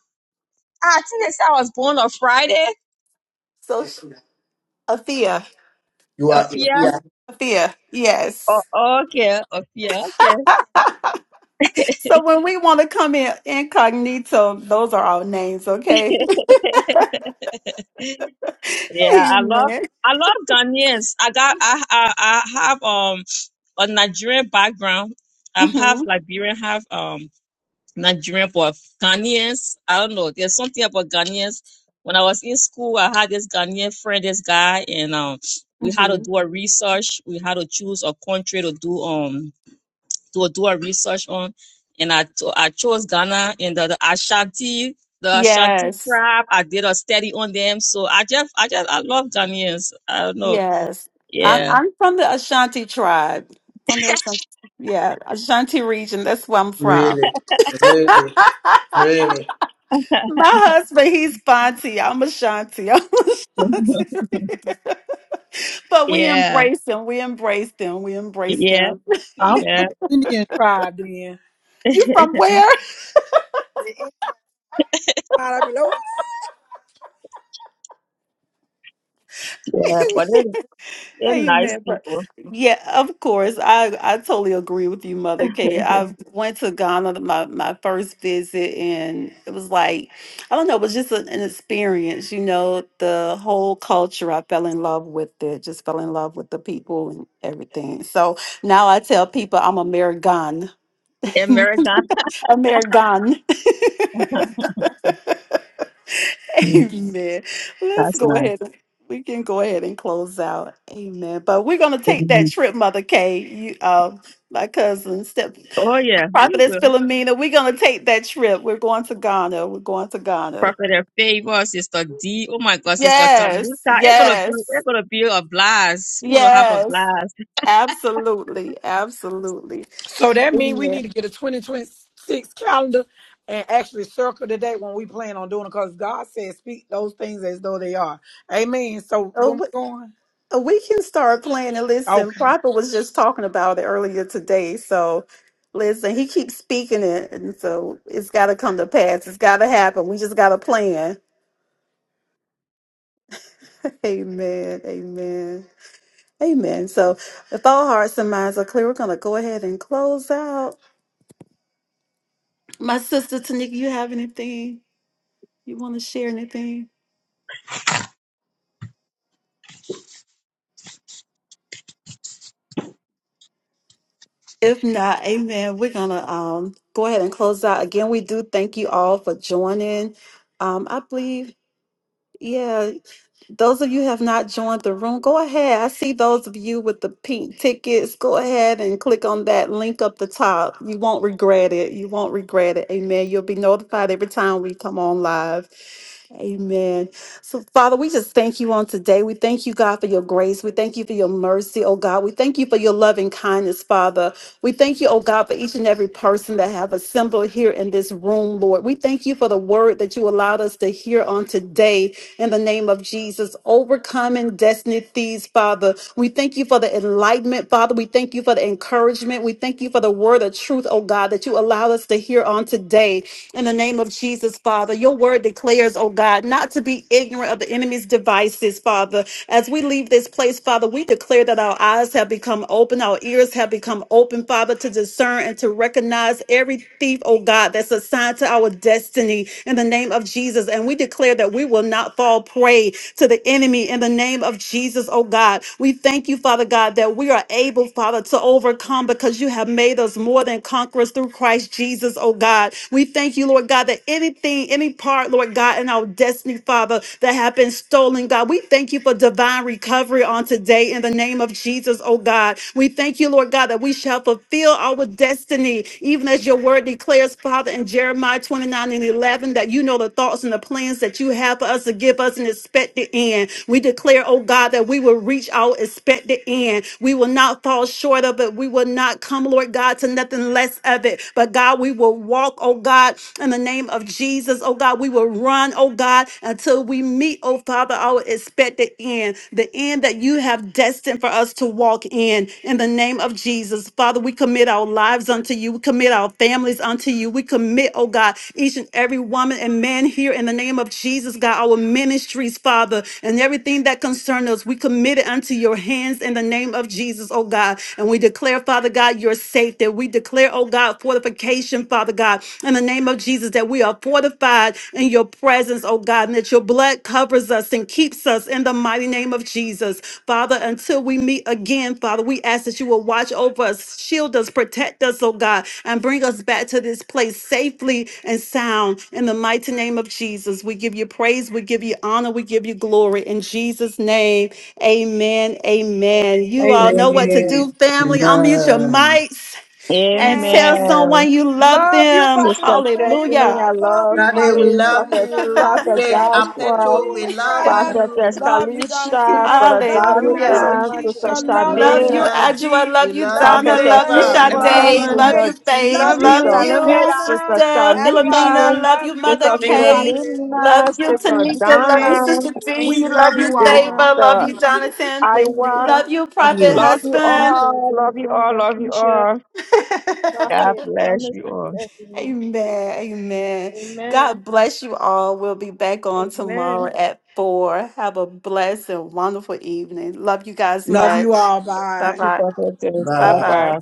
[SPEAKER 7] I think they said I was born on Friday.
[SPEAKER 4] So, sh- Athea,
[SPEAKER 3] You are
[SPEAKER 7] Afia.
[SPEAKER 3] here,
[SPEAKER 4] Athea, yes.
[SPEAKER 7] Oh, okay, Afia. Okay.
[SPEAKER 4] So when we want to come in incognito, those are our names, okay?
[SPEAKER 7] Yeah, I love.
[SPEAKER 4] Amen.
[SPEAKER 7] I love Ghanaians. I got. I, I. I have um a Nigerian background. I'm half
[SPEAKER 4] hmm
[SPEAKER 7] Liberian, half um Nigerian for Ghanaians. I don't know. There's something about Ghanaians. When I was in school, I had this Ghanaian friend, this guy, and um, we had to do a research. We had to choose a country to do um to do a research on, and I to- I chose Ghana and the, the Ashanti the Ashanti
[SPEAKER 4] Yes,
[SPEAKER 7] tribe. I did a study on them, so I just I just I love Ghanaians. I don't know.
[SPEAKER 4] yes. I'm
[SPEAKER 7] Yeah,
[SPEAKER 4] I'm from the Ashanti tribe. From the Ashanti, yeah, Ashanti region. That's where I'm from.
[SPEAKER 3] Really, really, really.
[SPEAKER 4] My husband, he's Fonte. I'm Ashanti. I'm Ashanti. but we
[SPEAKER 7] yeah,
[SPEAKER 4] embrace them. We embrace them. We embrace
[SPEAKER 7] yeah,
[SPEAKER 4] them.
[SPEAKER 1] I'm from
[SPEAKER 7] yeah,
[SPEAKER 1] the Indian tribe then.
[SPEAKER 4] You from
[SPEAKER 7] yeah.
[SPEAKER 4] where?
[SPEAKER 1] Hallelujah.
[SPEAKER 7] But they're, they're nice
[SPEAKER 4] Amen. but-
[SPEAKER 7] people.
[SPEAKER 4] Yeah, of course. I, I totally agree with you, Mother Kay. I went to Ghana my, my first visit, and it was like, I don't know, it was just an, an experience, you know, the whole culture. I fell in love with it, just fell in love with the people and everything. So now I tell people I'm American.
[SPEAKER 7] America.
[SPEAKER 4] American.
[SPEAKER 7] Hmm,
[SPEAKER 4] Amen. Let's
[SPEAKER 7] That's
[SPEAKER 4] go
[SPEAKER 7] nice.
[SPEAKER 4] ahead. We can go ahead and close out. Amen. But we're gonna take that
[SPEAKER 7] Mhm.
[SPEAKER 4] trip, Mother Kay. You, uh, my cousin, step
[SPEAKER 7] Oh yeah, we
[SPEAKER 4] prophetess
[SPEAKER 7] will.
[SPEAKER 4] Philomena. We're gonna take that trip. We're going to Ghana. We're going to Ghana.
[SPEAKER 7] Prophet of favor, Sister D. Oh my God, Sister
[SPEAKER 4] Yes.
[SPEAKER 7] Tamuta. It's gonna be
[SPEAKER 4] Yes.
[SPEAKER 7] it's gonna be a blast. We wanna have a
[SPEAKER 4] Yes.
[SPEAKER 7] blast.
[SPEAKER 4] Absolutely. Absolutely.
[SPEAKER 1] So that means we need
[SPEAKER 4] Amen.
[SPEAKER 1] to get a 2026 calendar and actually circle the date when we plan on doing it because God said, speak those things as though they are. Amen. So when we
[SPEAKER 4] Oh.
[SPEAKER 1] going?
[SPEAKER 4] We can start playing and listen.
[SPEAKER 1] Okay.
[SPEAKER 4] Prophet was just talking about it earlier today. So listen, he keeps speaking it. And so it's got to come to pass. It's got to happen. We just got to plan. Amen. Amen. Amen. So if all hearts and minds are clear, we're going to go ahead and close out. My sister Tanika, you have anything? You want to share anything? If not, amen. We're going to um, go ahead and close out. Again, we do thank you all for joining. Um, I believe. Yeah, Those of you have not joined the room, go ahead. I see those of you with the pink tickets. Go ahead and click on that link up the top. You won't regret it. You won't regret it. Amen. You'll be notified every time we come on live. Amen. So, Father, we just thank you on today. We thank you, God, for your grace. We thank you for your mercy, oh God. We thank you for your loving kindness, Father. We thank you, oh God, for each and every person that have assembled here in this room, Lord. We thank you for the word that you allowed us to hear on today in the name of Jesus. Overcoming destiny thieves, Father. We thank you for the enlightenment, Father. We thank you for the encouragement. We thank you for the word of truth, oh God, that you allowed us to hear on today in the name of Jesus, Father. Your word declares prayers, oh God, not to be ignorant of the enemy's devices, Father. As we leave this place, Father, we declare that our eyes have become open, our ears have become open, Father, to discern and to recognize every thief, oh God, that's assigned to our destiny in the name of Jesus. And we declare that we will not fall prey to the enemy in the name of Jesus, oh God. We thank you, Father God, that we are able, Father, to overcome because you have made us more than conquerors through Christ Jesus, oh God. We thank you, Lord God, that any anything, any part, Lord God, in our destiny, Father, that have been stolen, God. We thank you for divine recovery on today in the name of Jesus, oh God. We thank you, Lord God, that we shall fulfill our destiny, even as your word declares, Father, in Jeremiah 29 and 11, that you know the thoughts and the plans that you have for us to give us an expected end. We declare, oh God, that we will reach our expected end. We will not fall short of it. We will not come, Lord God, to nothing less of it. But God, we will walk, oh God, in the name of Jesus, oh God. We will run, oh God, until we meet, oh Father, our expected end, the end that you have destined for us to walk in, in the name of Jesus. Father, we commit our lives unto you. We commit our families unto you. We commit, oh God, each and every woman and man here in the name of Jesus, God, our ministries, Father, and everything that concerns us. We commit it unto your hands in the name of Jesus, oh God. And we declare, Father God, your safety. We declare, oh God, for fortification, Father God, in the name of Jesus, that we are fortified in your presence, oh God, and that your blood covers us and keeps us in the mighty name of Jesus. Father, until we meet again, Father, we ask that you will watch over us, shield us, protect us, oh God, and bring us back to this place safely and sound. In the mighty name of Jesus, we give you praise, we give you honor, we give you glory. In Jesus' name, amen. Amen. You all know what
[SPEAKER 1] Amen.
[SPEAKER 4] to
[SPEAKER 7] Amen.
[SPEAKER 4] do, family. Unmute your
[SPEAKER 3] Amen.
[SPEAKER 4] mics and tell
[SPEAKER 1] Amen.
[SPEAKER 7] Amen.
[SPEAKER 4] someone you love
[SPEAKER 1] Love you,
[SPEAKER 4] them.
[SPEAKER 7] Sister
[SPEAKER 1] Providence
[SPEAKER 7] Stephanie,
[SPEAKER 4] Hallelujah.
[SPEAKER 7] I
[SPEAKER 1] Favor. Love
[SPEAKER 7] love
[SPEAKER 1] you,
[SPEAKER 3] Daddy, we
[SPEAKER 1] Providence
[SPEAKER 7] you.
[SPEAKER 3] love
[SPEAKER 7] Prophet
[SPEAKER 1] Philomena.
[SPEAKER 3] you.
[SPEAKER 1] Love you,
[SPEAKER 7] Prophet
[SPEAKER 3] Faith
[SPEAKER 1] Cousin
[SPEAKER 7] Joshua,
[SPEAKER 3] Apeto, we love
[SPEAKER 1] Tanika.
[SPEAKER 7] Prophet
[SPEAKER 3] you.
[SPEAKER 1] Love you,
[SPEAKER 7] Kalisha,
[SPEAKER 6] You
[SPEAKER 1] Donatia.
[SPEAKER 7] Brother
[SPEAKER 6] guys love
[SPEAKER 1] Love
[SPEAKER 6] you
[SPEAKER 1] you,
[SPEAKER 6] guys so
[SPEAKER 1] Mother
[SPEAKER 4] Hallelujah.
[SPEAKER 7] Donathan,
[SPEAKER 6] much.
[SPEAKER 7] Sister
[SPEAKER 1] Keisha.
[SPEAKER 6] Amen.
[SPEAKER 1] Love
[SPEAKER 6] Love
[SPEAKER 1] you,
[SPEAKER 6] you
[SPEAKER 4] Love
[SPEAKER 7] Shade.
[SPEAKER 4] you,
[SPEAKER 6] guys.
[SPEAKER 1] Minister
[SPEAKER 3] Philomena,
[SPEAKER 4] Adjua.
[SPEAKER 1] D.
[SPEAKER 3] we
[SPEAKER 4] Love you,
[SPEAKER 3] love
[SPEAKER 1] Love
[SPEAKER 3] you.
[SPEAKER 4] Donna.
[SPEAKER 1] you,
[SPEAKER 7] Prophetess
[SPEAKER 4] Love you,
[SPEAKER 6] I
[SPEAKER 3] Favor,
[SPEAKER 6] love
[SPEAKER 1] Sadie.
[SPEAKER 3] we
[SPEAKER 1] Love
[SPEAKER 3] love
[SPEAKER 7] Favor,
[SPEAKER 1] you,
[SPEAKER 4] Sade.
[SPEAKER 6] everyone.
[SPEAKER 3] you.
[SPEAKER 4] Love
[SPEAKER 7] Sister
[SPEAKER 4] you,
[SPEAKER 1] Faith.
[SPEAKER 6] We
[SPEAKER 4] Babe.
[SPEAKER 7] G,
[SPEAKER 1] Love
[SPEAKER 6] love
[SPEAKER 1] you,
[SPEAKER 6] you.
[SPEAKER 4] Love
[SPEAKER 7] Sister
[SPEAKER 6] I
[SPEAKER 1] DG
[SPEAKER 6] love you
[SPEAKER 7] Fit,
[SPEAKER 4] you,
[SPEAKER 6] guys.
[SPEAKER 1] Donna.
[SPEAKER 7] Sister
[SPEAKER 4] Sister
[SPEAKER 1] Adwai, we
[SPEAKER 7] Tamika,
[SPEAKER 4] Philomena.
[SPEAKER 6] Appreciate.
[SPEAKER 4] Love
[SPEAKER 1] love
[SPEAKER 4] you,
[SPEAKER 1] you.
[SPEAKER 4] Mother
[SPEAKER 7] Sister
[SPEAKER 1] Love you,
[SPEAKER 6] Thank
[SPEAKER 4] Kate.
[SPEAKER 6] you.
[SPEAKER 1] Providence. Love
[SPEAKER 4] Love
[SPEAKER 7] Philomena,
[SPEAKER 1] you,
[SPEAKER 4] you,
[SPEAKER 1] Providence
[SPEAKER 7] Sister
[SPEAKER 6] Thank you,
[SPEAKER 4] Tanika. Love you,
[SPEAKER 6] Faith.
[SPEAKER 7] Donna,
[SPEAKER 1] Joshua.
[SPEAKER 4] Sister
[SPEAKER 6] Thank
[SPEAKER 4] Dean.
[SPEAKER 1] We
[SPEAKER 6] you
[SPEAKER 1] love
[SPEAKER 6] to
[SPEAKER 4] Love you,
[SPEAKER 1] you
[SPEAKER 4] Favor.
[SPEAKER 6] uh,
[SPEAKER 1] all.
[SPEAKER 4] Love
[SPEAKER 7] Sister
[SPEAKER 4] you, Jonathan.
[SPEAKER 7] Iowa.
[SPEAKER 6] flavor,
[SPEAKER 4] Love you,
[SPEAKER 3] Love
[SPEAKER 4] Prophet
[SPEAKER 3] you.
[SPEAKER 7] Love you
[SPEAKER 4] Husband.
[SPEAKER 6] Tanika,
[SPEAKER 7] all, love
[SPEAKER 6] Don
[SPEAKER 7] you
[SPEAKER 6] Don,
[SPEAKER 7] all, love you
[SPEAKER 6] Keisha,
[SPEAKER 7] all. God
[SPEAKER 6] Prophet,
[SPEAKER 7] bless
[SPEAKER 6] Thomas,
[SPEAKER 7] you
[SPEAKER 6] and
[SPEAKER 7] all. Thank
[SPEAKER 6] Stephanie.
[SPEAKER 4] Amen. Amen.
[SPEAKER 6] Amen.
[SPEAKER 4] God bless you all. We'll be back on
[SPEAKER 6] Amen.
[SPEAKER 4] tomorrow at four. Have a blessed and wonderful evening. Love you guys
[SPEAKER 1] Love you
[SPEAKER 4] much.
[SPEAKER 1] all.
[SPEAKER 4] Bye
[SPEAKER 1] Bye.
[SPEAKER 7] you,
[SPEAKER 4] bye.
[SPEAKER 7] Prophetess.
[SPEAKER 4] Bye
[SPEAKER 7] Bye
[SPEAKER 3] Bye.
[SPEAKER 7] bye.
[SPEAKER 4] bye.